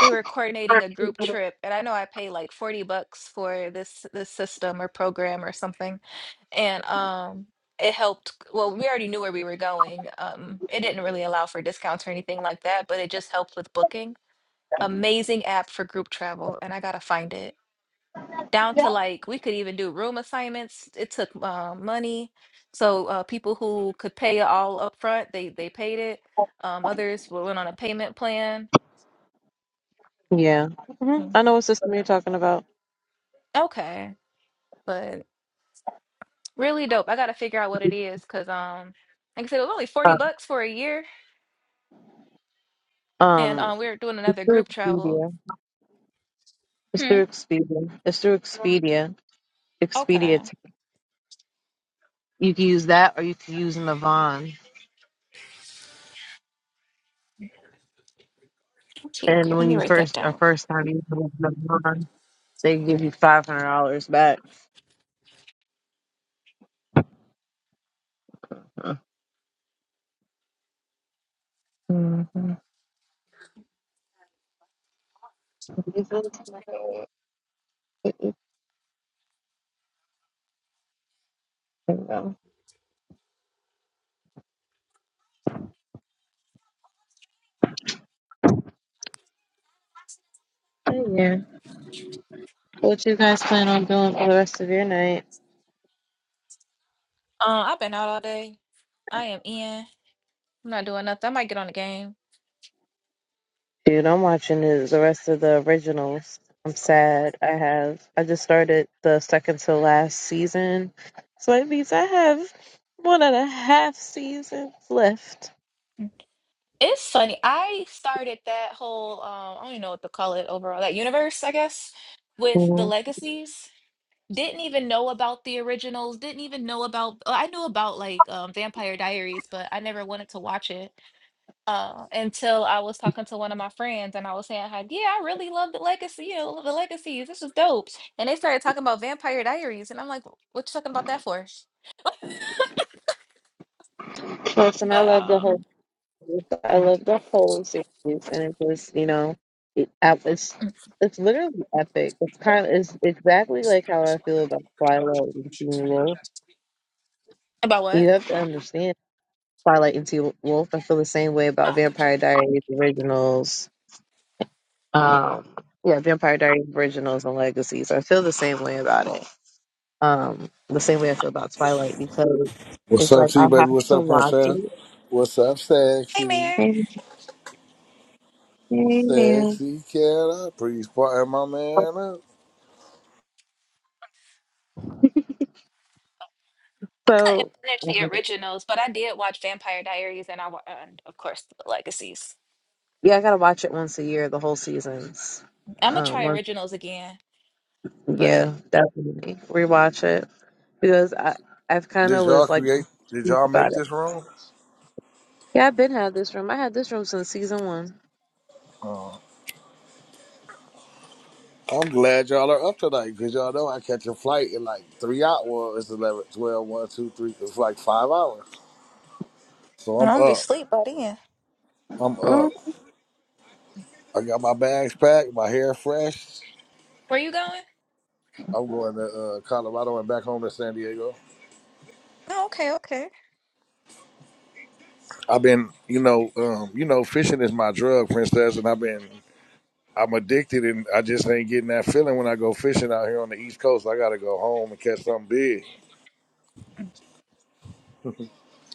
we were coordinating a group trip and i know i paid like 40 bucks for this this system or program or something and um it helped well we already knew where we were going um it didn't really allow for discounts or anything like that but it just helped with booking amazing app for group travel and i gotta find it down to like we could even do room assignments. It took uh, money, so uh, people who could pay it all up front, they they paid it. Um, others wa- went on a payment plan. Yeah. hmm Mm, I know what system you're talking about. Okay, but really dope. I gotta figure out what it is because um, like I said, it was only forty Uh, bucks for a year, and um, um, we were doing it's another through group travel. Expedia. It's Hmm. through Expedia. It's through Expedia. Okay. Expedia. t- You can use that, or you can use Navan. Okay, And let when me you write that first or down. first time you use Navan, they give you five hundred dollars back. Mhm. This is my- There you go. Hey, Yeah. What you guys plan on doing for the rest of your night? Uh, I've been out all day. I am in. I'm not doing nothing. I might get on the game. Dude, I'm watching the the rest of the originals. I'm sad. I have. I just started the second to last season. So it means I have one and a half seasons left. It's funny. I started that whole um, I don't even know what to call it overall, that universe, I guess, with the Mhm. legacies. Didn't even know about the originals, didn't even know about oh, I knew about like um, Vampire Diaries, but I never wanted to watch it uh, until I was talking to one of my friends and I was saying how, yeah, I really love the legacy, you know, the legacies. This is dope. And they started talking about Vampire Diaries and I'm like, what you talking about that for? Listen, I But love the whole. um I love the whole series, and it was, you know, it, I- it's mm, it's literally epic. It's kind of it's exactly like how I feel about Twilight and Teen Wolf. about You what? have to understand Twilight and Teen Wolf. I feel the same way about Oh, gotcha. Vampire Diaries originals Um, yeah, Vampire Diaries originals and legacies. I feel the same way about it. Um, the same way I feel about Twilight because What's it's up, like I T baby? have What's to up, watch princess? it. What's up, Hey, sexy? Mayor. Amen. Amen. Sexy cat up. Please partner my man up. So They're the um, originals, but I did watch Vampire Diaries and I wa- and of course the Legacies. yeah, I gotta watch it once a year, the whole seasons. I'm gonna Um, try once, originals again, but yeah, definitely rewatch it because I I've kind Did of y'all was like deep create did y'all about make it. this room? Yeah, I've been had this room. I had this room since season one. I'm glad y'all are up tonight because y'all know I catch a flight in like three hours. Well, it's eleven, twelve, one, two, three. It's like five hours. So I'm I'm gonna be up. asleep by then. I'm up. Mm, I got my bags packed, my hair fresh. Where you going? I'm going to uh, Colorado and back home to San Diego. Oh, okay, okay. I've been, you know, um, you know, fishing is my drug, princess, and I've been I'm addicted and I just ain't getting that feeling when I go fishing out here on the East Coast. I gotta go home and catch something big.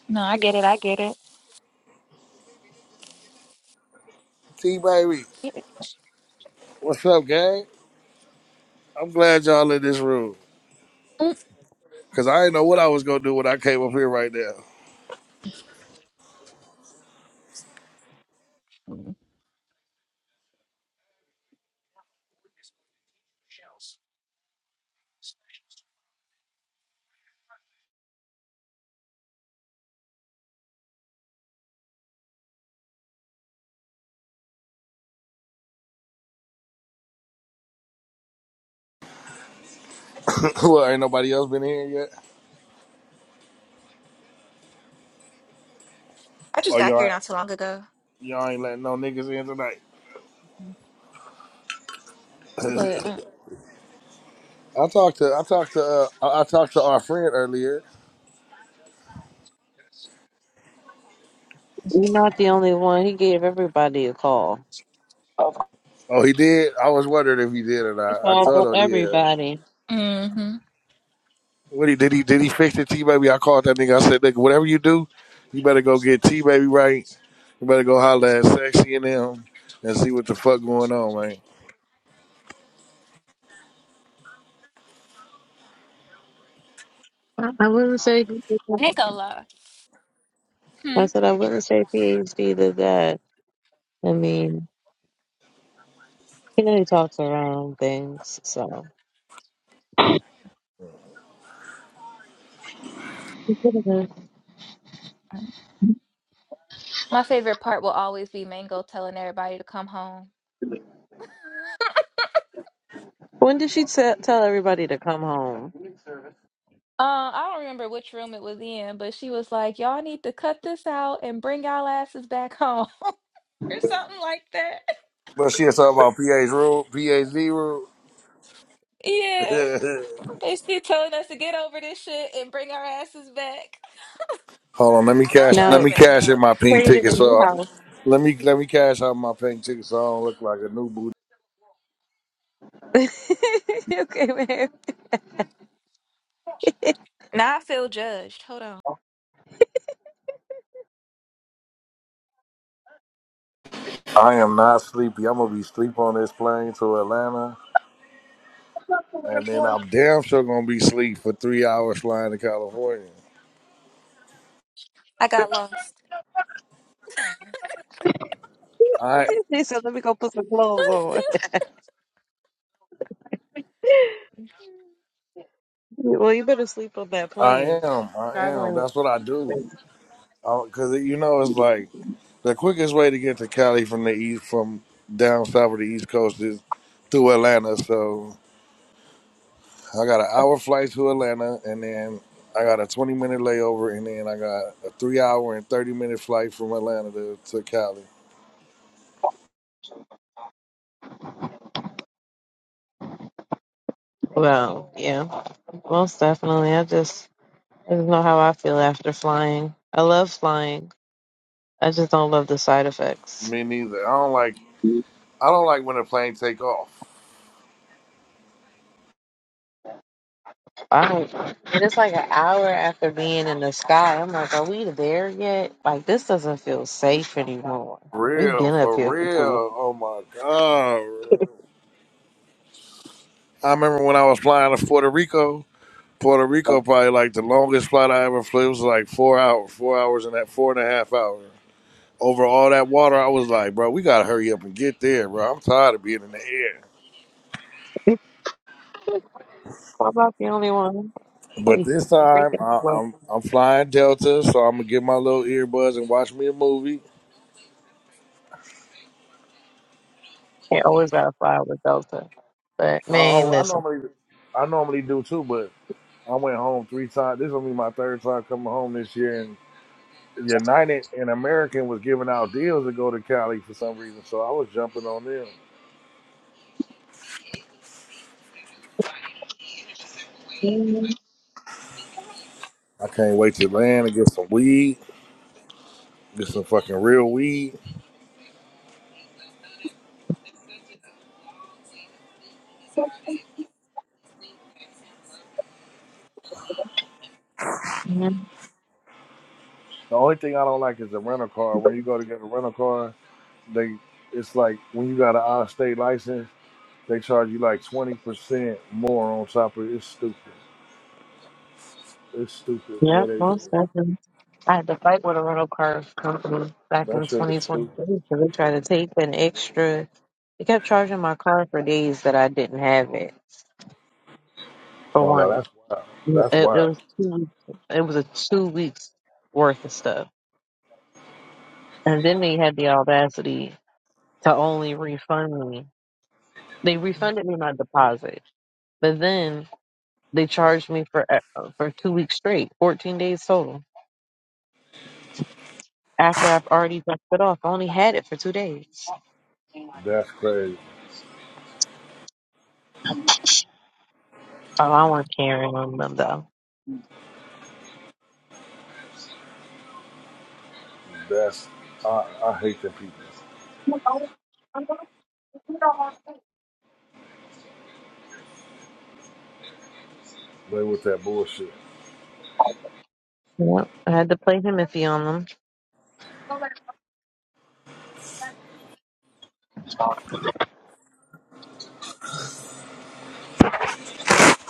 No, I T baby, what's up, gang? I'm glad y'all in this room. Mm. Cause I didn't know what I was gonna do when I came up here right now. well, ain't nobody else been here yet. I just Oh got here y'all not too long ago, y'all ain't letting no niggas in tonight. but uh, I talked to I talked to uh, I I talked to our friend earlier. You're not the only one. He gave everybody a call. Oh he did? I was wondering if he did or He not. I called for told him yeah. everybody. mm-hmm. What he did he did he fix the T baby? I called that nigga. I said, nigga, whatever you do, you better go get T baby right. You better go holler at sexy and them and see what the fuck going on, man. I I wouldn't say. I ain't gonna lie. Hmm. I said I wouldn't say PhD did that. I mean, he only talks around things. So My favorite part will always be Mango telling everybody to come home. when did she te- tell everybody to come home? Uh, I don't remember which room it was in, but she was like, "Y'all need to cut this out and bring y'all asses back home," or something like that. But she was talking about PA's rule, PA's rule. Yeah. Basically telling us to get over this shit and bring our asses back. Hold on, let me I cash let Now love me cash in Mango. my pink created ticket a new so I- house. let me let me cash out my pink ticket so I don't look like a new booty. okay, man. Now I feel judged. Hold on. I am not sleepy. I'm gonna be sleep on this plane to Atlanta and then I'm damn sure gonna be sleep for three hours flying to California. I got lost. I She said, "Let me go put some clothes on." well, you better sleep on that I plane. am. I am. Traveling. That's what I do. Because you know, it's like the quickest way to get to Cali from the east, from down south of the East Coast, is through Atlanta. So I got an hour flight to Atlanta, and then I got a twenty minute layover, and then I got a three hour and thirty minute flight from Atlanta to, to Cali. Well, yeah, most definitely. I just I don't know how I feel after flying. I love flying. I just don't love the side effects. Me neither. I don't like. I don't like when the plane take off. I don't. And it's like an hour after being in the sky. I'm like, are we there yet? Like, this doesn't feel safe anymore. We've Real, been up for here for too real. Oh my god. I remember when I was flying to Puerto Rico. Puerto long. Rico probably like the longest flight I ever flew was like four hours, four hours and that four and a half hours. Over all that water, I was like, bro, we gotta hurry up and get there, bro. I'm tired of being in the air. I'm not the only one. But Like, this time, freaking I, well, I'm I'm flying Delta, so I'm gonna get my little earbuds and watch me a movie. can't always got to fly with Delta. But, I, man, I, I listen. normally I normally do too, but I went home three times. This will be my third time coming home this year, and United and American was giving out deals to go to Cali for some reason, so I was jumping on them. Mm-hmm. I can't wait to land and get some weed, get some fucking real weed. The only thing I don't like is the rental car. When you go to get a rental car, they it's like when you got an out of state license, they charge you like twenty percent more on top of it. It's stupid. It's stupid the Yeah, way they do most it. definitely. I had to fight with a rental car company back in That shit is 2023 stupid. because they tried to take an extra. They kept charging my car for days that I didn't have it. for Oh no, one. that's wild. Yeah, That's It, it wild. was two weeks. It was a two weeks worth of stuff, and then they had the audacity to only refund me. They refunded me my deposit, but then they charged me for uh, for two weeks straight, fourteen days total. After I've already dropped it off, I only had it for two days. That's crazy. Oh, I want Karen on them though. That's I, I hate them people. They with that bullshit. Yep, I had to play him iffy on them.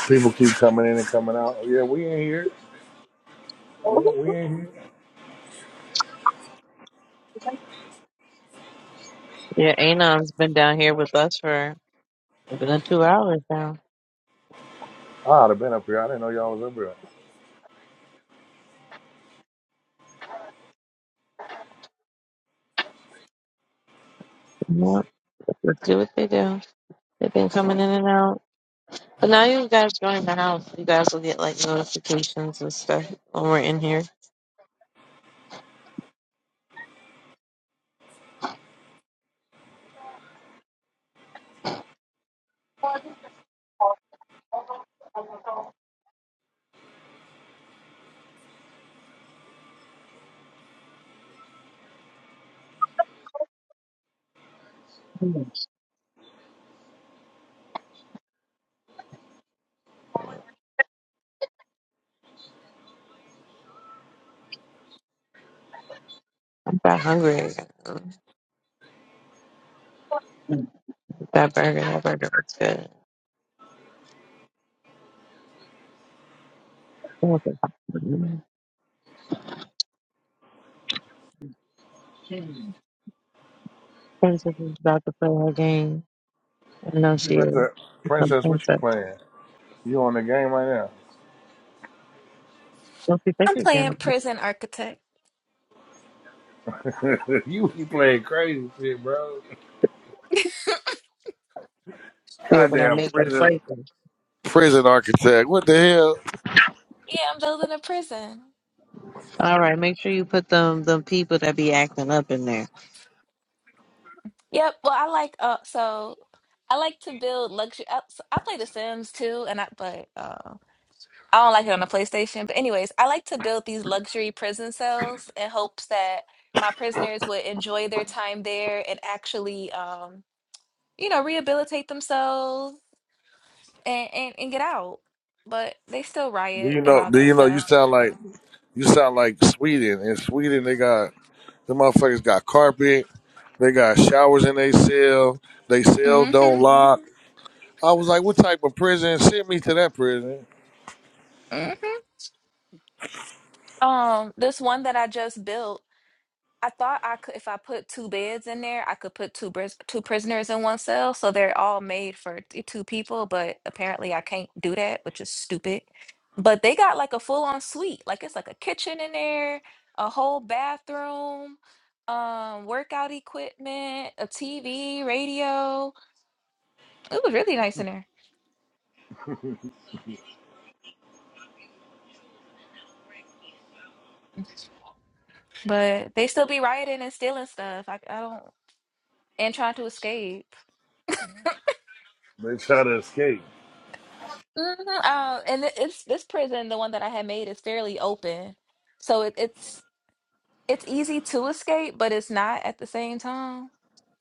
People keep coming in and coming out. "Oh, Yeah, we ain't here. We we ain't here. Yeah, Anon's been down here with us for a good two hours now. I would have been up here. I didn't know y'all was up here. Yep, let's do what they do. They've been coming in and out. But now you guys join the house. You guys will get like notifications and stuff when we're in here. I'm that hungry again. That burger, that burger looks good. Princess is about to play her game. I know she is. Princess, She's a princess, what you princess. playing? You on the game right Don't be think I'm again. playing prison architect. now? you be playing crazy shit, bro. She over there Goddamn make that prison, crazy. prison architect. What the hell? Yeah, I'm building a prison. All right, make sure you put them them people that be acting up in there. Yep. Well, I like uh so I like to build luxury. I, so I play The Sims too, and I but uh, I don't like it on the PlayStation. But anyways, I like to build these luxury prison cells in hopes that my prisoners would enjoy their time there and actually um you know rehabilitate themselves and, and and get out. But they still Do riot you and know? all Do that you know? You stuff. sound like you sound like Sweden. In Sweden, they got the motherfuckers got carpet. They got showers in they cell. They cell hmm don't lock. I was like, what type of prison? Send me to that prison. hmm Um, this one that I just built, I thought I could, if I put two beds in there, I could put two bris- two prisoners in one cell, so they're all made for t- two people. But apparently, I can't do that, which is stupid. But they got like a full on suite, like it's like a kitchen in there, a whole bathroom, um, workout equipment, a TV, radio. It was really nice in there. But they still be rioting and stealing stuff. I, I don't and trying to escape. They try to escape. Mm-hmm. Uh, and it- it's this prison, the one that I had made, is fairly open, so it, it's it's easy to escape, but it's not at the same time.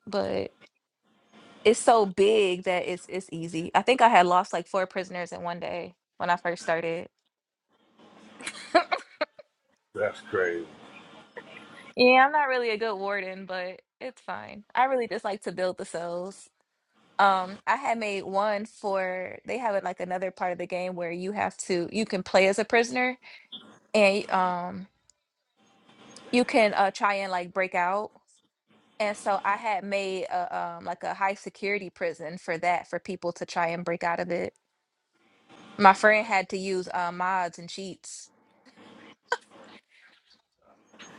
But it's so big that it's it's easy. I think I had lost like four prisoners in one day when I first started. That's crazy. Yeah, I'm not really a good warden, but it's fine. I really just like to build the cells. Um, I had made one for they have it like another part of the game where you have to you can play as a prisoner and um you can uh try and like break out. And so I had made a um like a high security prison for that for people to try and break out of it. My friend had to use uh mods and cheats.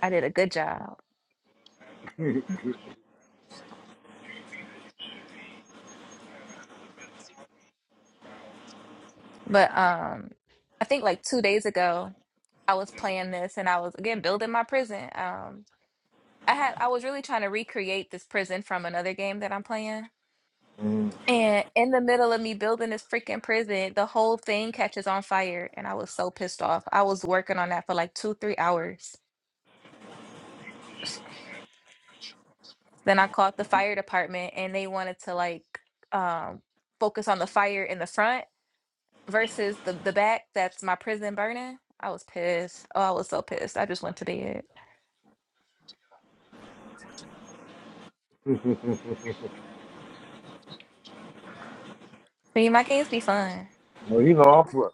I did a good job. But um I think like two days ago I was playing this and I was again building my prison. Um I had I was really trying to recreate this prison from another game that I'm playing Mm. And in the middle of me building this freaking prison, the whole thing catches on fire. And I was so pissed off. I was working on that for like two, three hours. Then I called the fire department and they wanted to like um, focus on the fire in the front versus the, the back. That's my prison burning. I was pissed. Oh, I was so pissed. I just went to bed. See, my games be fun. Well, you know, I'm pl-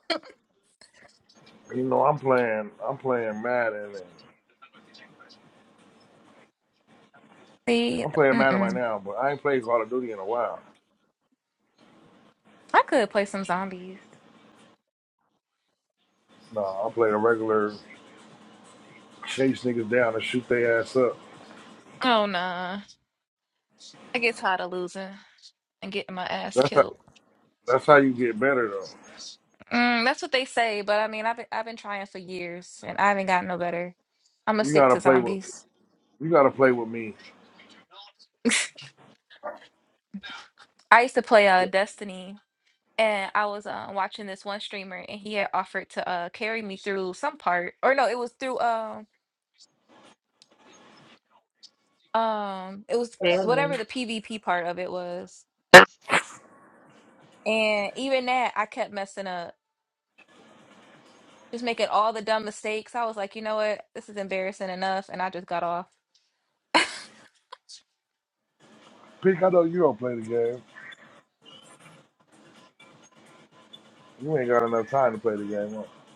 you know, I'm playing. I'm playing Madden. See, I'm playing Madden right mm-mm. now, but I ain't played Call of Duty in a while. I could play some zombies. No, I play the regular chase niggas down and shoot their ass up. Oh, nah. I get tired of losing and getting my ass That's how, killed. that's how you get better though. Mm, that's what they say, but I mean, I've been, I've been trying for years and I haven't gotten no better. I'm gonna You stick gotta to play with zombies. you gotta play with me. I used to play uh Destiny and I was uh, watching this one streamer and he had offered to uh carry me through some part or no, it was through um um it was Yeah, whatever man. the PvP part of it was. And even that I kept messing up, just making all the dumb mistakes. I was like, "You know what? This is embarrassing enough." And I just got off. Pick, I know you don't play the game. You ain't got enough time to play the game. Huh?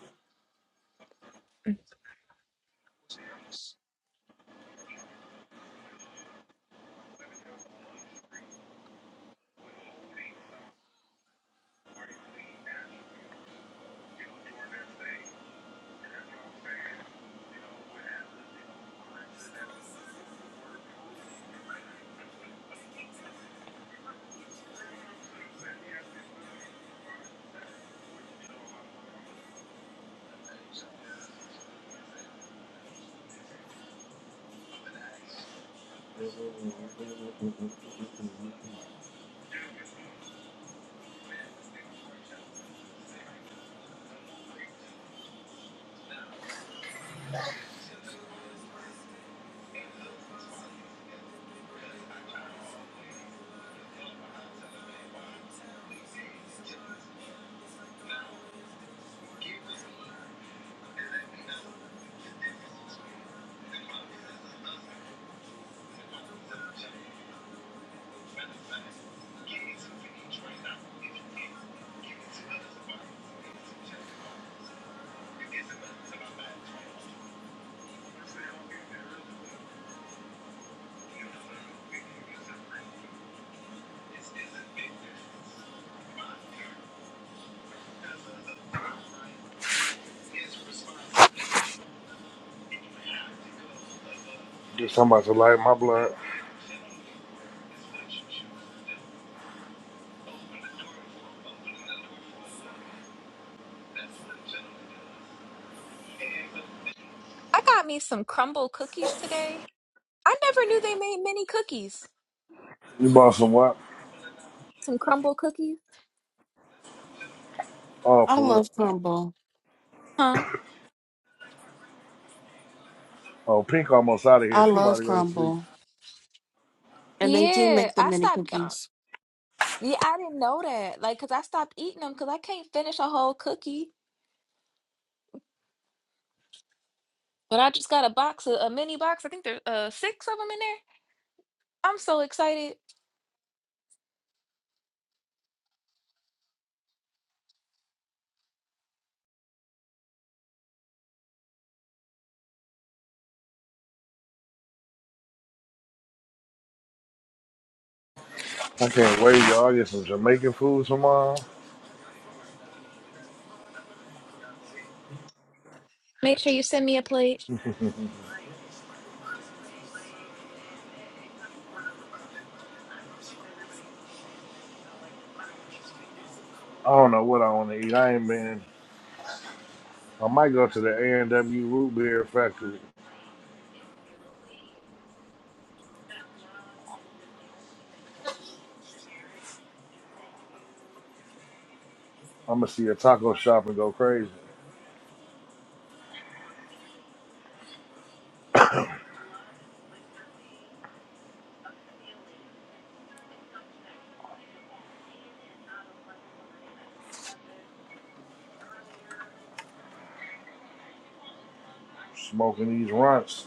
Get somebody to light my blood. I got me some crumble cookies today. I never knew they made mini cookies. You bought some what? Some crumble cookies? Oh, I for real. love Yeah. crumble. Huh? Oh, Pink almost out of here. I She about love to go to sleep. crumble. And they do Yeah, make the I mini stopped. Uh, cookies. yeah, I didn't know that. Like, cause I stopped eating them because I can't finish a whole cookie. But I just got a box, a, a mini box. I think there's uh six of them in there. I'm so excited. I can't wait, y'all. I get some Jamaican food tomorrow. Make sure you send me a plate. I don't know what I want to eat. I ain't been. I might go to the A and W Root Beer Factory. I'm gonna see a taco shop and go crazy, smoking these runts.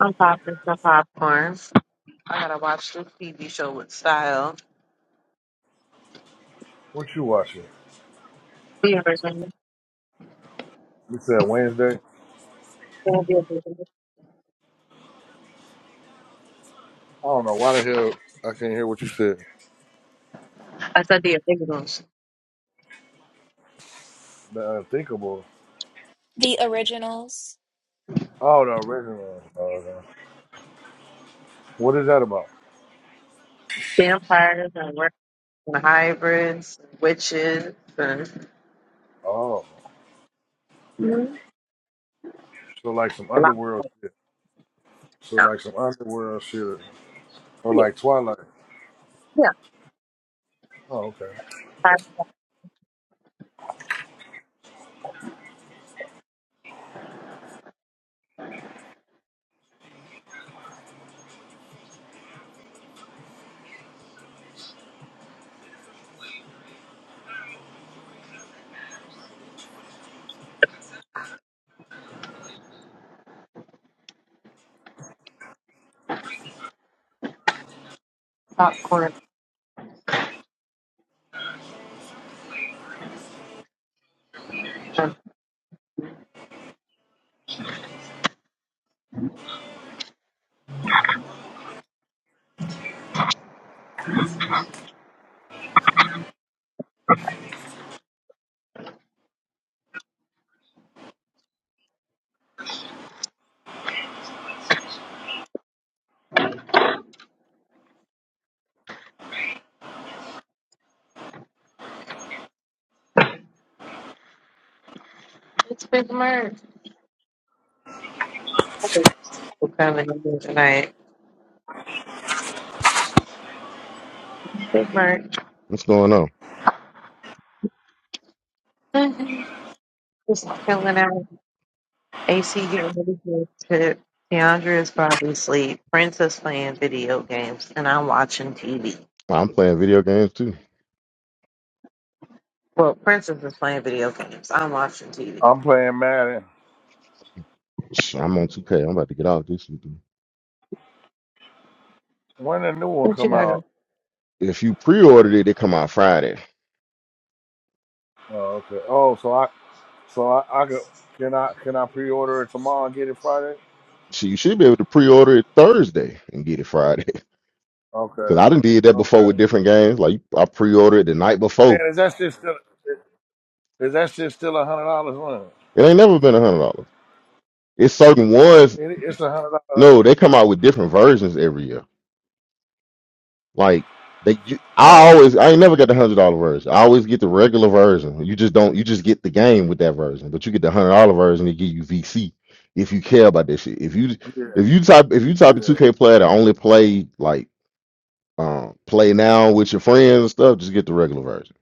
I'm popping some popcorn. I gotta watch this TV show with style. What you watching? You said Wednesday. We'll be able to- I don't know why the hell I can't hear what you said. I said the illegals. The unthinkable. The originals. Oh, the original. Oh, no. What is that about? Vampires and work and hybrids, witches, and Oh, so like some lots underworld of shit. So like some underworld shit, or yeah, like Twilight. yeah, Oh, okay. high popcorn. And it's Big Merc. Okay, we're coming in here tonight. Big Merc. What's going on? Mhm. Just chilling out. AC getting ready for his trip. Deandra is probably asleep. Princess playing video games, and I'm watching TV. I'm playing video games too. Well, Princess is playing video games. I'm watching TV. I'm playing Madden. Sh- I'm on 2K. I'm about to get out this weekend. When the new one What you come got out? If you pre-ordered it, it come out Friday. Oh, okay. Oh, so I, so I, I could, can I, can I pre-order it tomorrow and get it Friday? So you should be able to pre-order it Thursday and get it Friday. Okay. Cause I done did that before Okay. with different games. Like I pre-ordered it the night Man, before. is that shit still is that shit still a hundred dollars one? It ain't never been a hundred dollars. It's certain ones. It, it's a hundred dollars. No, they come out with different versions every year. Like they, you, I always, I ain't never got the hundred dollar version. I always get the regular version. You just don't, you just get the game with that version, but you get the hundred dollar version. They give you VC if you care about that shit. If you, Uh, yeah, if you type, if you type a two yeah. K player to only play like, um, play now with your friends and stuff, just get the regular version.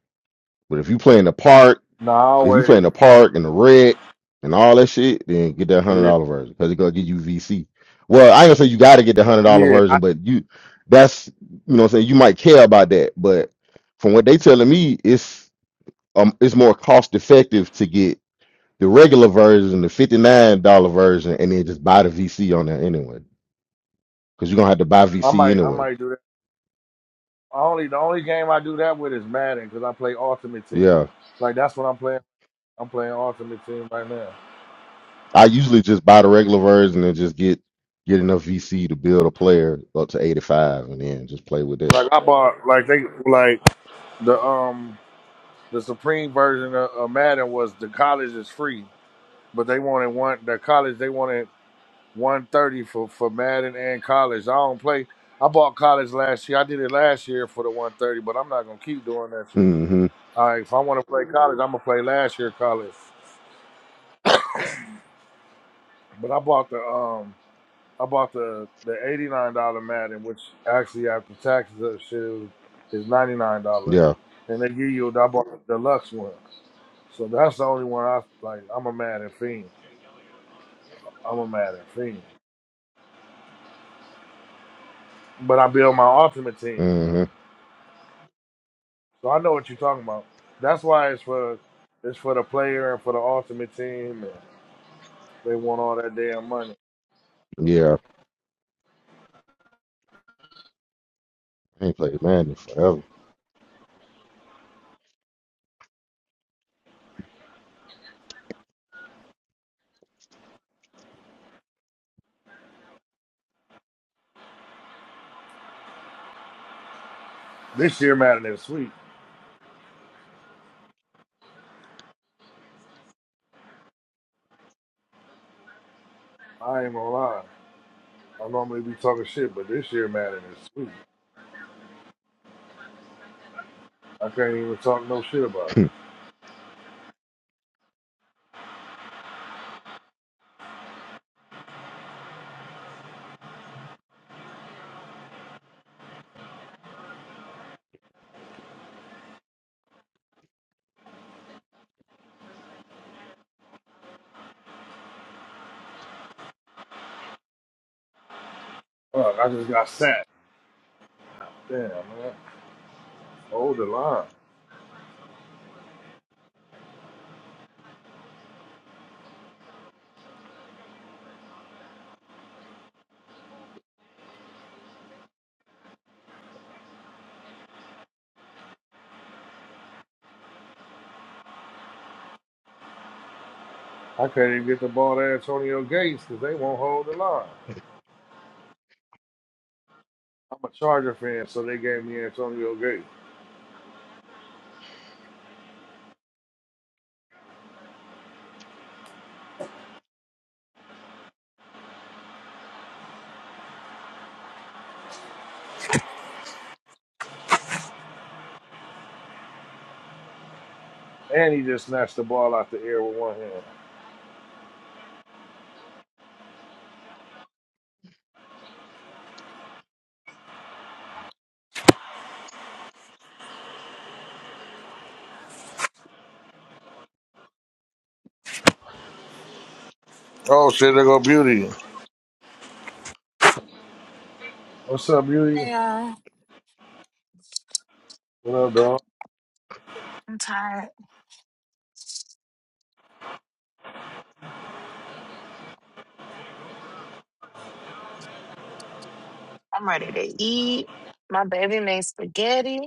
But if you playing the park No, I if you play always. in the park and the red and all that shit, then get that hundred Yeah, dollar version because it's gonna give you VC. Well, I ain't gonna say you gotta get the hundred dollar yeah. I, version, but you that's you know what I'm saying you might care about that, but from what they telling me, it's um it's more cost effective to get the regular version, the fifty nine dollar version, and then just buy the VC on there anyway, because you're gonna have to buy I VC might, I anyway. might do that. I Only the only game I do that with is Madden because I play Ultimate Team. Yeah, Like that's what I'm playing. I'm playing Ultimate Team right now. I usually just buy the regular version and just get get enough VC to build a player up to eighty five, and then just play with that. Like I bought, like they, like the um the Supreme version of, of Madden was the college is free, but they wanted one the college they wanted 130 for, for Madden and college. I don't play. I bought college last year. I did it last year for the 130, but I'm not gonna keep doing that shit. Mm-hmm. All right, if I want to play college, I'm gonna play last year college. But I bought the um, I bought the the 89 dollar Madden, which actually after taxes and shit is 99 dollars, Yeah. and they give you. I bought the deluxe one, so that's the only one I like. I'm a Madden fiend. I'm a Madden fiend. But I build my ultimate team. Mm-hmm. So I know what you're talking about. That's why it's for it's for the player and for the ultimate team. And they want all that damn money. Yeah. I ain't played Madden forever. This year Madden is sweet. I ain't gonna lie. I normally be talking shit, but this year Madden is sweet. I can't even talk no shit about it. Fuck, I just got sacked. Damn man, hold the line. I can't even get the ball to Antonio Gates because they won't hold the line. I'm a Charger fan, so they gave me Antonio Gates. And he just snatched the ball out the air with one hand. Oh shit, there go Beauty. What's up, Beauty? Yeah, What up, I'm dog? I'm tired. I'm ready to eat. My baby made spaghetti.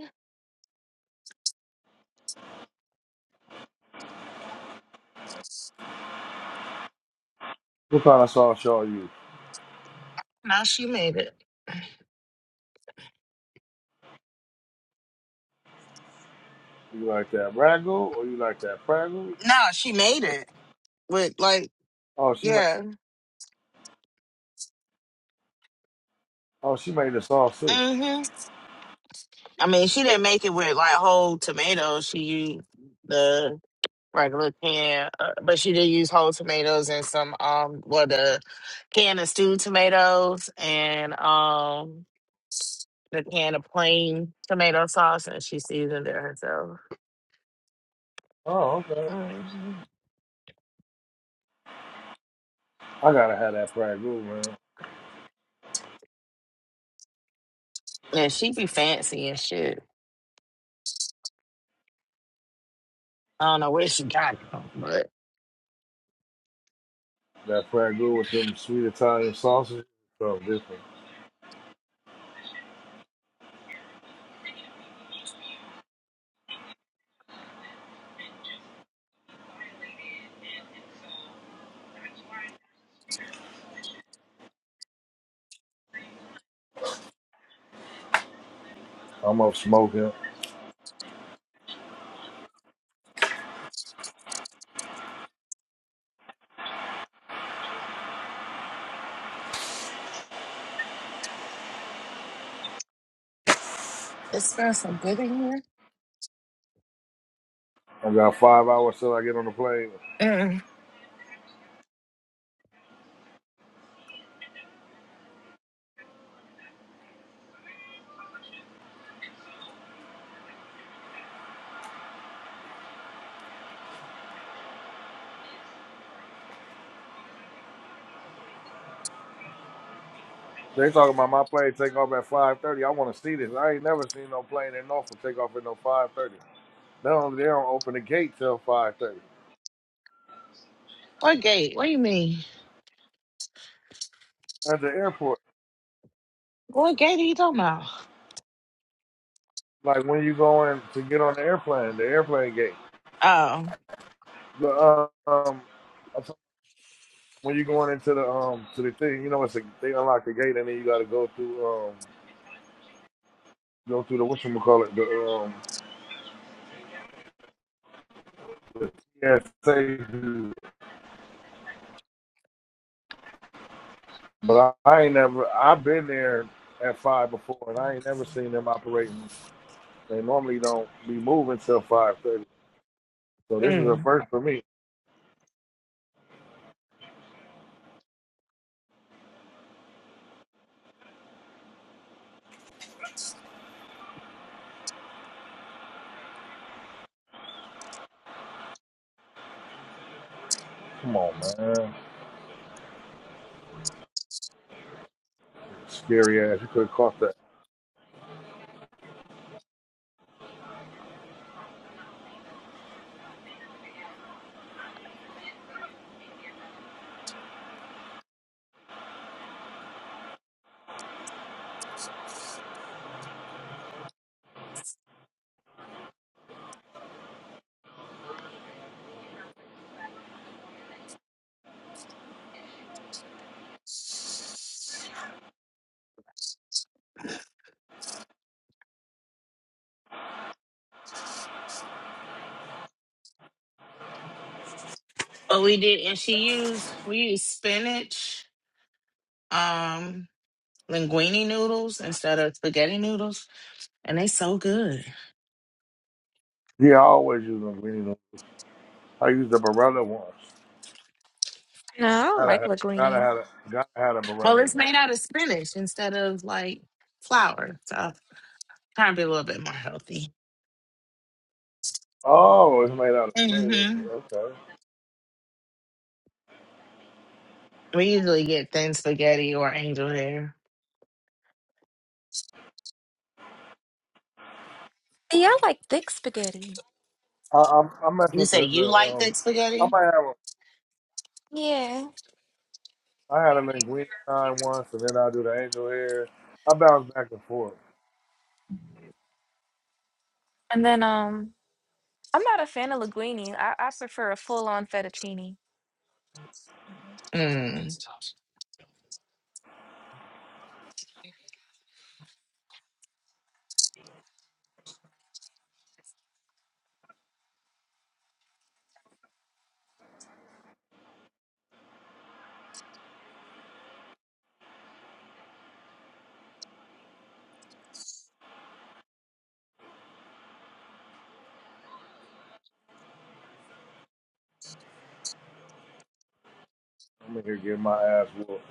What kind of sauce y'all use? Now she made it. You like that ragu or you like that pragu? No, she made it with like, Oh, she made. yeah. Oh, she made the sauce too. hmm I mean, she didn't make it with like whole tomatoes. She used the regular can, uh, but she did use whole tomatoes and some um, well, the can of stewed tomatoes and um, the can of plain tomato sauce, and she seasoned it herself. Oh, okay. hmm I gotta have that pragu, man. And she be fancy and shit. I don't know where she got it from, but That pragu with them sweet Italian sauces. Something different. I'm up smoking. it smells so good in here. I got five hours till I get on the plane. Mm. They talking about my plane take off at five thirty. I want to see this. I ain't never seen no plane in Norfolk take off at no five thirty. They don't. They don't open the gate till five thirty What gate? What do you mean? at the airport. What gate are you talking about? Like when you going to get on the airplane, the airplane gate. Oh, The uh, um, when you going into the um to the thing, you know, it's a, they unlock the gate and then you got to go through um go through the what you call it the um the TSA. But I, I ain't never I've been there at five before and I ain't never seen them operating. They normally don't be moving till five thirty. So this is a mm. first for me. Come on, man, scary ass. You could have caught that. But we did, and she used we used spinach, um, linguine noodles instead of spaghetti noodles, and they so good. Yeah, I always use them. green I used a Barella once. No, I don't Gotta like have, gotta linguine. have, gotta have a Well, it's Barella. made out of spinach instead of like flour, so trying to be a little bit more healthy. Oh, it's made out of shredded. hmm Okay. We usually get thin spaghetti or angel hair. Yeah, I like thick spaghetti. I, I'm I mess You with say the, you the like um. thick I spaghetti? might have a Yeah. I had a linguine time once, and then I do the angel hair. I bounce back and forth. And then um, I'm not a fan of linguine. I, I prefer a full on fettuccine. Mm. I'm in here getting my ass whooped.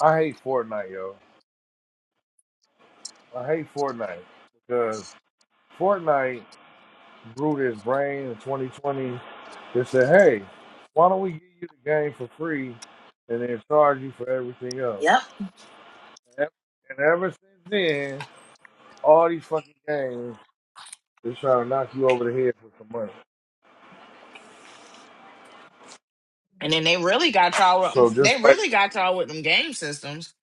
I hate Fortnite, yo. I hate Fortnite because Fortnite grew this brain in 2020. They said, "Hey, why don't we give you the game for free, and then charge you for everything else?" Yep. And ever and ever since then, all these fucking games They're trying to knock you over the head with some money. And then they really got y'all. So with- They just really like got y'all with them game systems.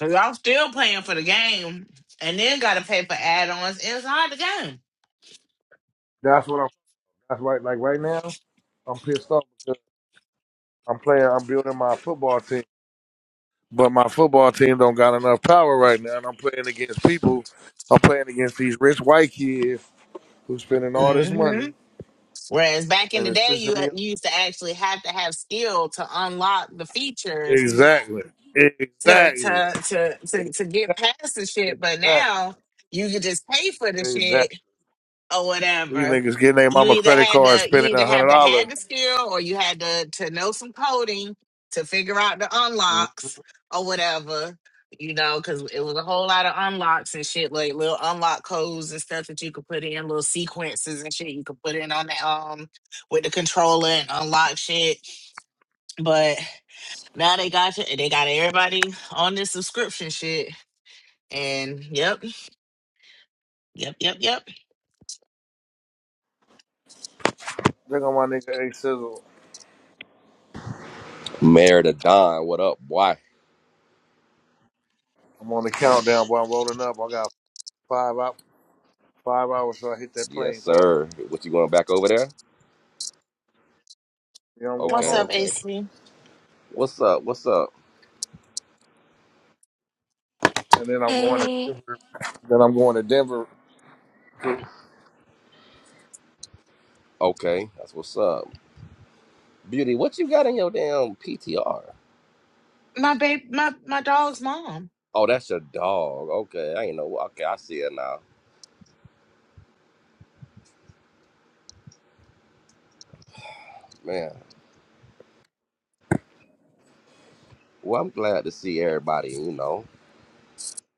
So y'all still paying for the game, and then got to pay for add-ons inside the that's what I'm. That's right. Like right now, I'm pissed off because I'm playing. I'm building my football team, but my football team don't got enough power right now, and I'm playing against people. I'm playing against these rich white kids who spending all this game. money, hmm Whereas back in and the it's day, pissing you, me off. you used to actually have to have skill to unlock the features Exactly. to Exactly. to to to, to get past the shit. But Exactly. now you can just pay for the Exactly. shit or These whatever. niggas getting their You mama either credit had card, to you spending either a have hundred to dollars. had the skill or you had to to know some coding to figure out the Look unlocks or whatever. You know, because it was a whole lot of unlocks and shit, like little unlock codes and stuff that you could put in, little sequences and shit you could put in on the um with the controller and unlock shit. But now they got you, they got everybody on this subscription shit. And yep, yep, yep, yep. on my nigga A Sizzle. Mayor to Don, what up? boy? I'm on the countdown, boy. I'm rolling up. I got five out, five hours till I hit that Yes, plane, boy. sir. What you going back over there? Then I'm going What's Okay, up, home, okay. AC? What's up? What's up? and then I'm going to Hey. then I'm going to Denver to Okay, that's what's up. Beauty, what you got in your damn PTR? My babe, my my dog's mom. Oh, that's your dog. Okay, I ain't know. Okay, I see it now. Man, well, I'm glad to see everybody. You know,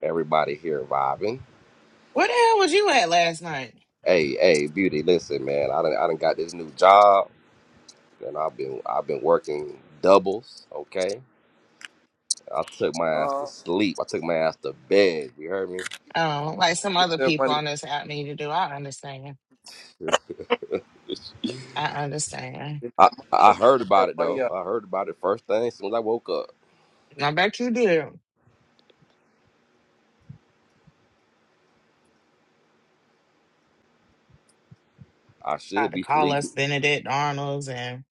everybody here vibing. Where the hell was you at last night? Hey, hey, beauty. Listen, man, I done, I done got this new job, and I've been, I've been working doubles. Okay, I took my ass uh, to sleep. I took my ass to bed. You heard me? Um, like some get other that people money, on this app need to do. I understand. I understand. get I, that money I up, heard get that about it money though. up. I heard about it first thing as soon as I woke up. I bet you did. I Tried should to be call sleeping. us Benedict Arnold's and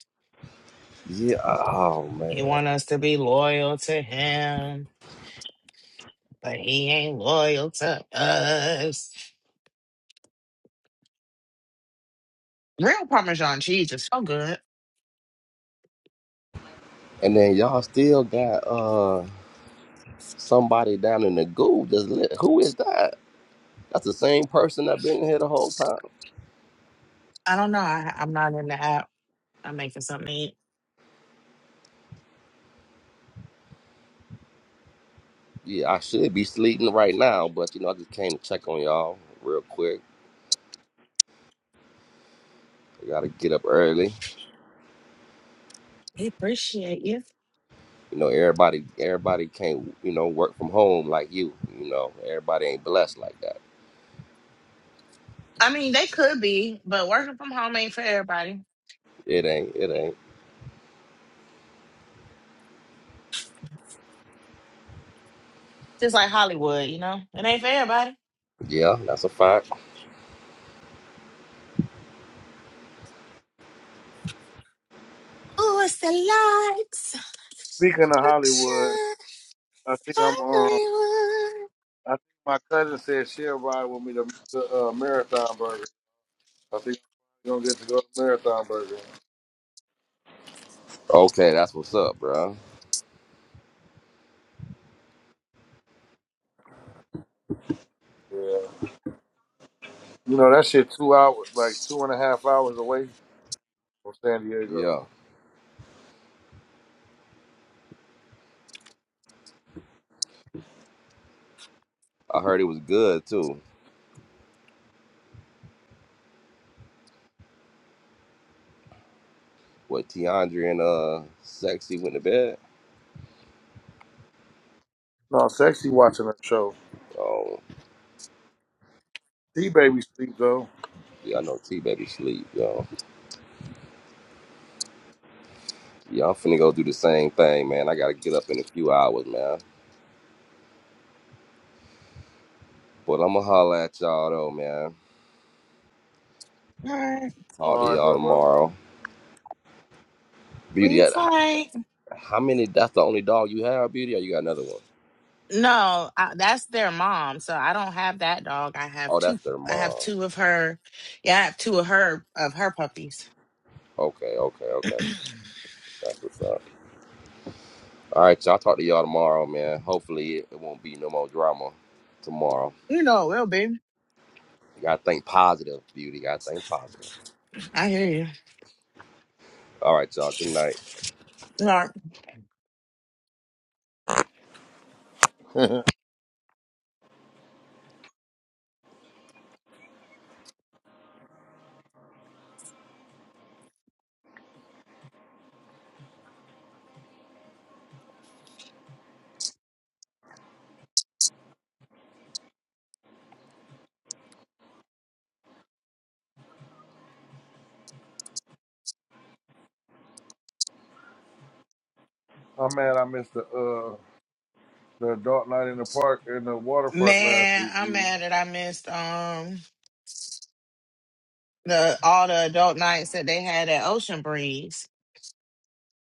Yeah. Oh he man. want us to be loyal to him, but he ain't loyal to us. Real Parmesan cheese is so good. And then y'all still got uh somebody down in the goo. Just lit. who is that? That's the same person that been here the whole time. I don't know. I, I'm not in the app. I'm making something to eat. Yeah, I should be sleeping right now, but you know, I just came to check on y'all real quick. I gotta get up early. They appreciate you. You know, everybody everybody can't, you know, work from home like you. You know, everybody ain't blessed like that. I mean, they could be, but working from home ain't for everybody. It ain't, it ain't. Just like Hollywood, you know? It ain't for everybody. Yeah, that's a fact. Oh, it's the lights. Speaking of Hollywood, Action, I think I'm um, I think my cousin said she'll ride with me to, to uh, Marathon Burger. I think I'm gonna get to go to Marathon Burger. Okay, that's what's up, bro. Yeah, you know that shit two hours, like two and a half hours away from San Diego. Yeah. I heard it was good too. What Tiandre and uh Sexy went to bed. No, sexy watching her show. Oh, D baby sleep though. yeah, I know T baby sleep, yo. Yeah, I'm finna go do the same thing, man. I gotta get up in a few hours, man. But I'ma holler at y'all though, man. Hollywood. Talk to All right, y'all bro, bro. tomorrow. Beauty, We uh, how, fight. how many? That's the only dog you have, Beauty, or you got another one? No, I, that's their mom. So I don't have that dog. I have Oh, two. that's their I have mom. two of her. Yeah, I have two of her of her puppies. Okay, okay, okay. That's what's up. All right, y'all talk to y'all tomorrow, man. Hopefully, it, it won't be no more drama tomorrow. You know, it will be. You gotta think positive, Beauty. You gotta think positive. I hear you. All right, y'all. Good night. All right. I'm mad I missed the uh the adult night in the park in the water park last Man, week, I'm beauty. mad that I missed um the all the adult nights that they had at Ocean Breeze.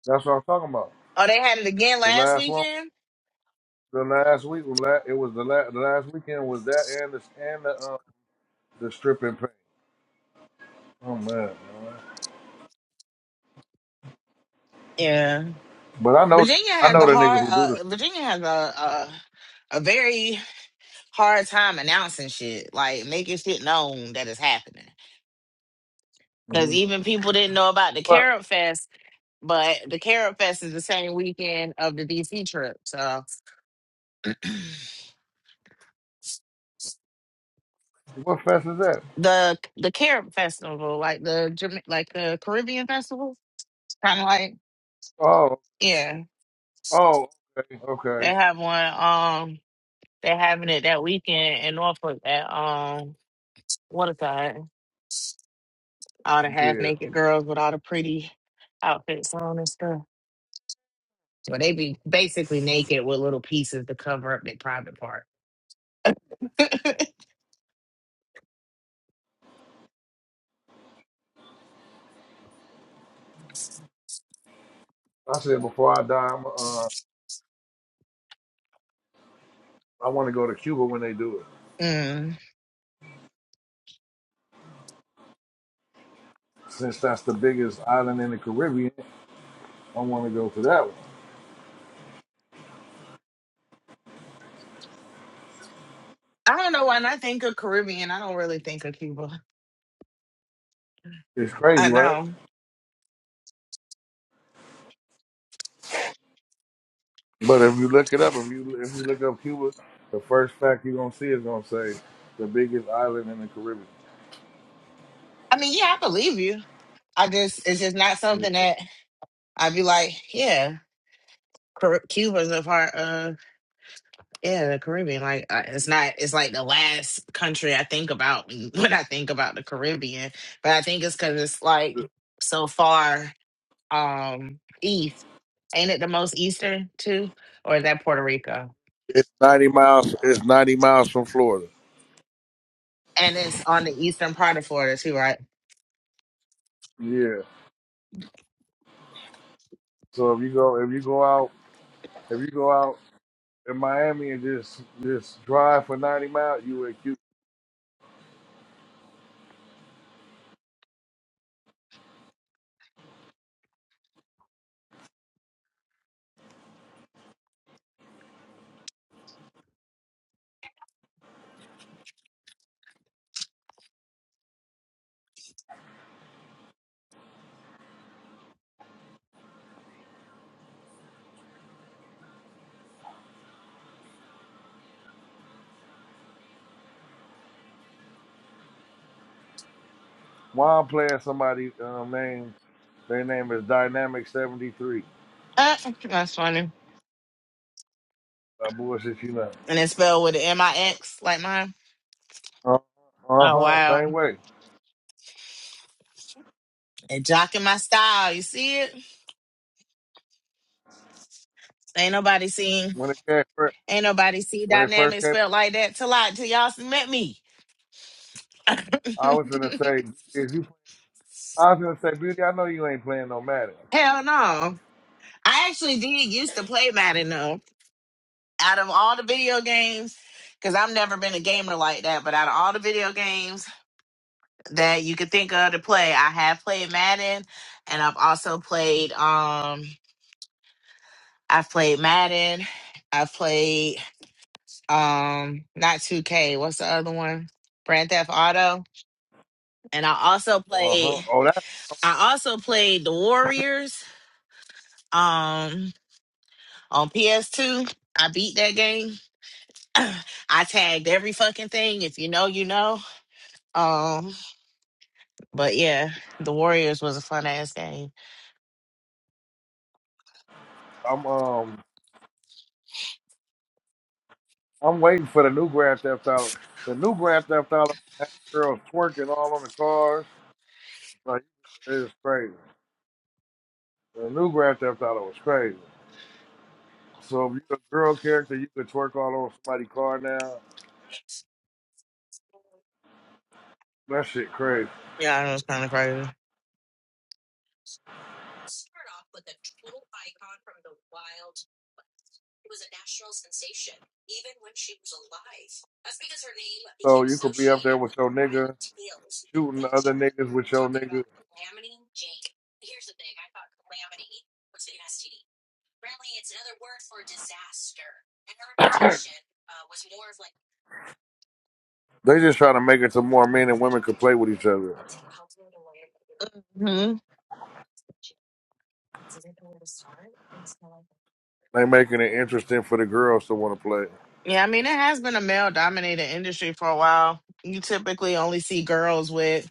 That's what I'm talking about. Oh, they had it again The last last one, weekend. the last week was la- it was the last the last weekend was that and the and the um the stripping paint. Oh man, Yeah. but I know Virginia I has a know the nigga hard. who do the Uh, Virginia has a, a a very hard time announcing shit, like making shit known that is happening. Because stripping. hmm even people didn't know about the But Carrot Fest, but the Carrot Fest is the same weekend of the DC trip. So what fest is that? the the Carrot Festival, like the Jama- like the Caribbean Festival, kind of like Oh yeah, oh okay they okay have one. Um, they're having it that weekend in Norfolk at um what is that? all the half yeah. naked girls with all the pretty outfits on and stuff. So they be basically naked with little pieces to cover up their private part. I said before I die, I'm uh I want to go to Cuba when they do it. Mm. Since that's the biggest island in the Caribbean, I want to go to that one. I don't know why. When I think of Caribbean, I don't really think of Cuba. It's crazy, I right? know. But if you look it up, if you if you look up Cuba, the first fact you're gonna see is gonna say the biggest island in the Caribbean. I mean, yeah, I believe you. I just it's just not something Yeah. that I'd be like, yeah, Car- Cuba's a part of yeah the Caribbean. Like I, it's not. It's like the last country I think about when when I think about the Caribbean. But I think it's because it's like so far. um East. Ain't it the most eastern too? Or is that Puerto Rico? It's ninety miles. It's ninety miles from Florida. And it's on the eastern part of Florida too, right? Yeah. So if you go if you go out if you go out in Miami and just just drive for ninety miles, you at Cuba. Why I'm playing somebody um, name? Their name is Dynamic Seventy Three. Uh, that's funny. Uh, bullshit, you know. And it's spelled with an M-I-X like mine. Uh Oh huh. wow. Same way. And jocking my style. You see it? Ain't nobody seen When it came, fir- ain't nobody see when it first dynamic came. spelled like that till I till y'all met me. I was gonna say if you, I was gonna say, Beauty, I know you ain't playing no Madden. Hell no. I actually did used to play Madden though. Out of all the video games, because I've never been a gamer like that, but out of all the video games, that you could think of to play. I have played Madden, and I've also played. Um, I've played Madden. I've played um not 2K. What's the other one? Grand Theft Auto. And I also Uh huh. played. Oh, that I also played The Warriors. Um, on PS2. I beat that game. I tagged every fucking thing. If you know, you know. Um, but yeah, The Warriors was a fun ass game. I'm um I'm waiting for the new Grand Theft Auto. The new Grand Theft Auto has girls twerking all on the cars. Like it's crazy. The new Grand Theft Auto was crazy. So if you're a girl character, you could twerk all over somebody's car now. That shit crazy. Yeah, it was kind of crazy. So you could be up there with your nigga shooting other niggas with your nigga. They just trying to make it so more men and women could play with each other. hmm They making it interesting for the girls to want to play. Yeah, I mean, it has been a male dominated industry for a while. You typically only see girls with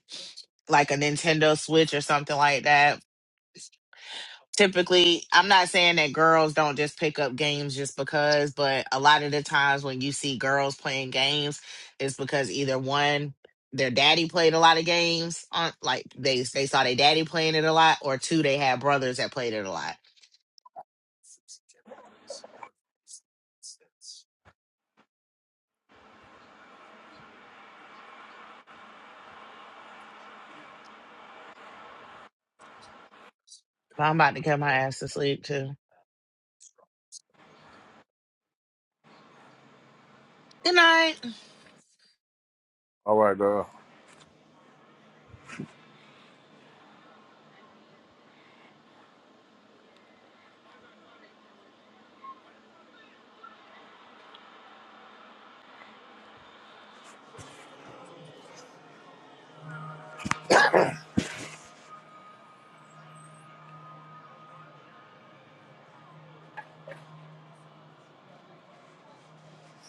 like a Nintendo Switch or something like that. Typically, I'm not saying that girls don't just pick up games just because, but a lot of the times when you see girls playing games, it's because either one, their daddy played a lot of games on like they they saw their daddy playing it a lot, or two, they had brothers that played it a lot. I'm about to get my ass to sleep too. Good night. All right, dog.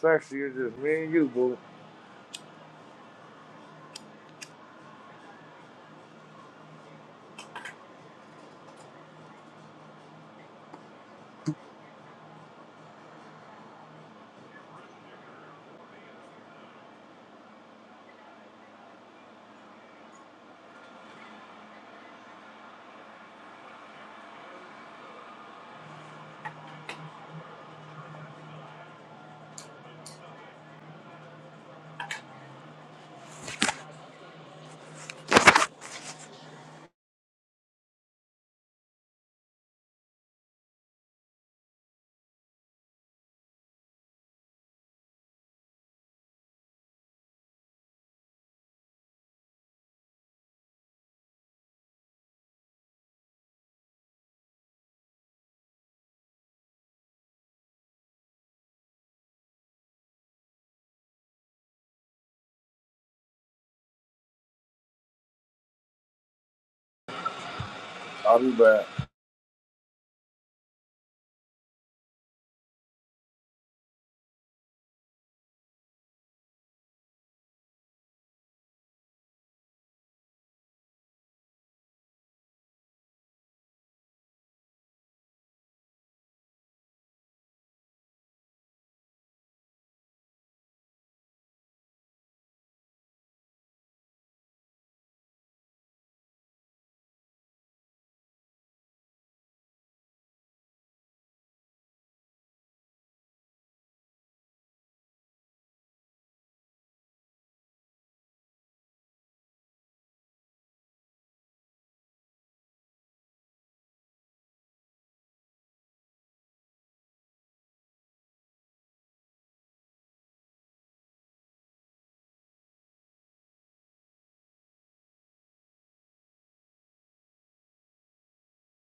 Sexy is just me and you, boo. I'll be back.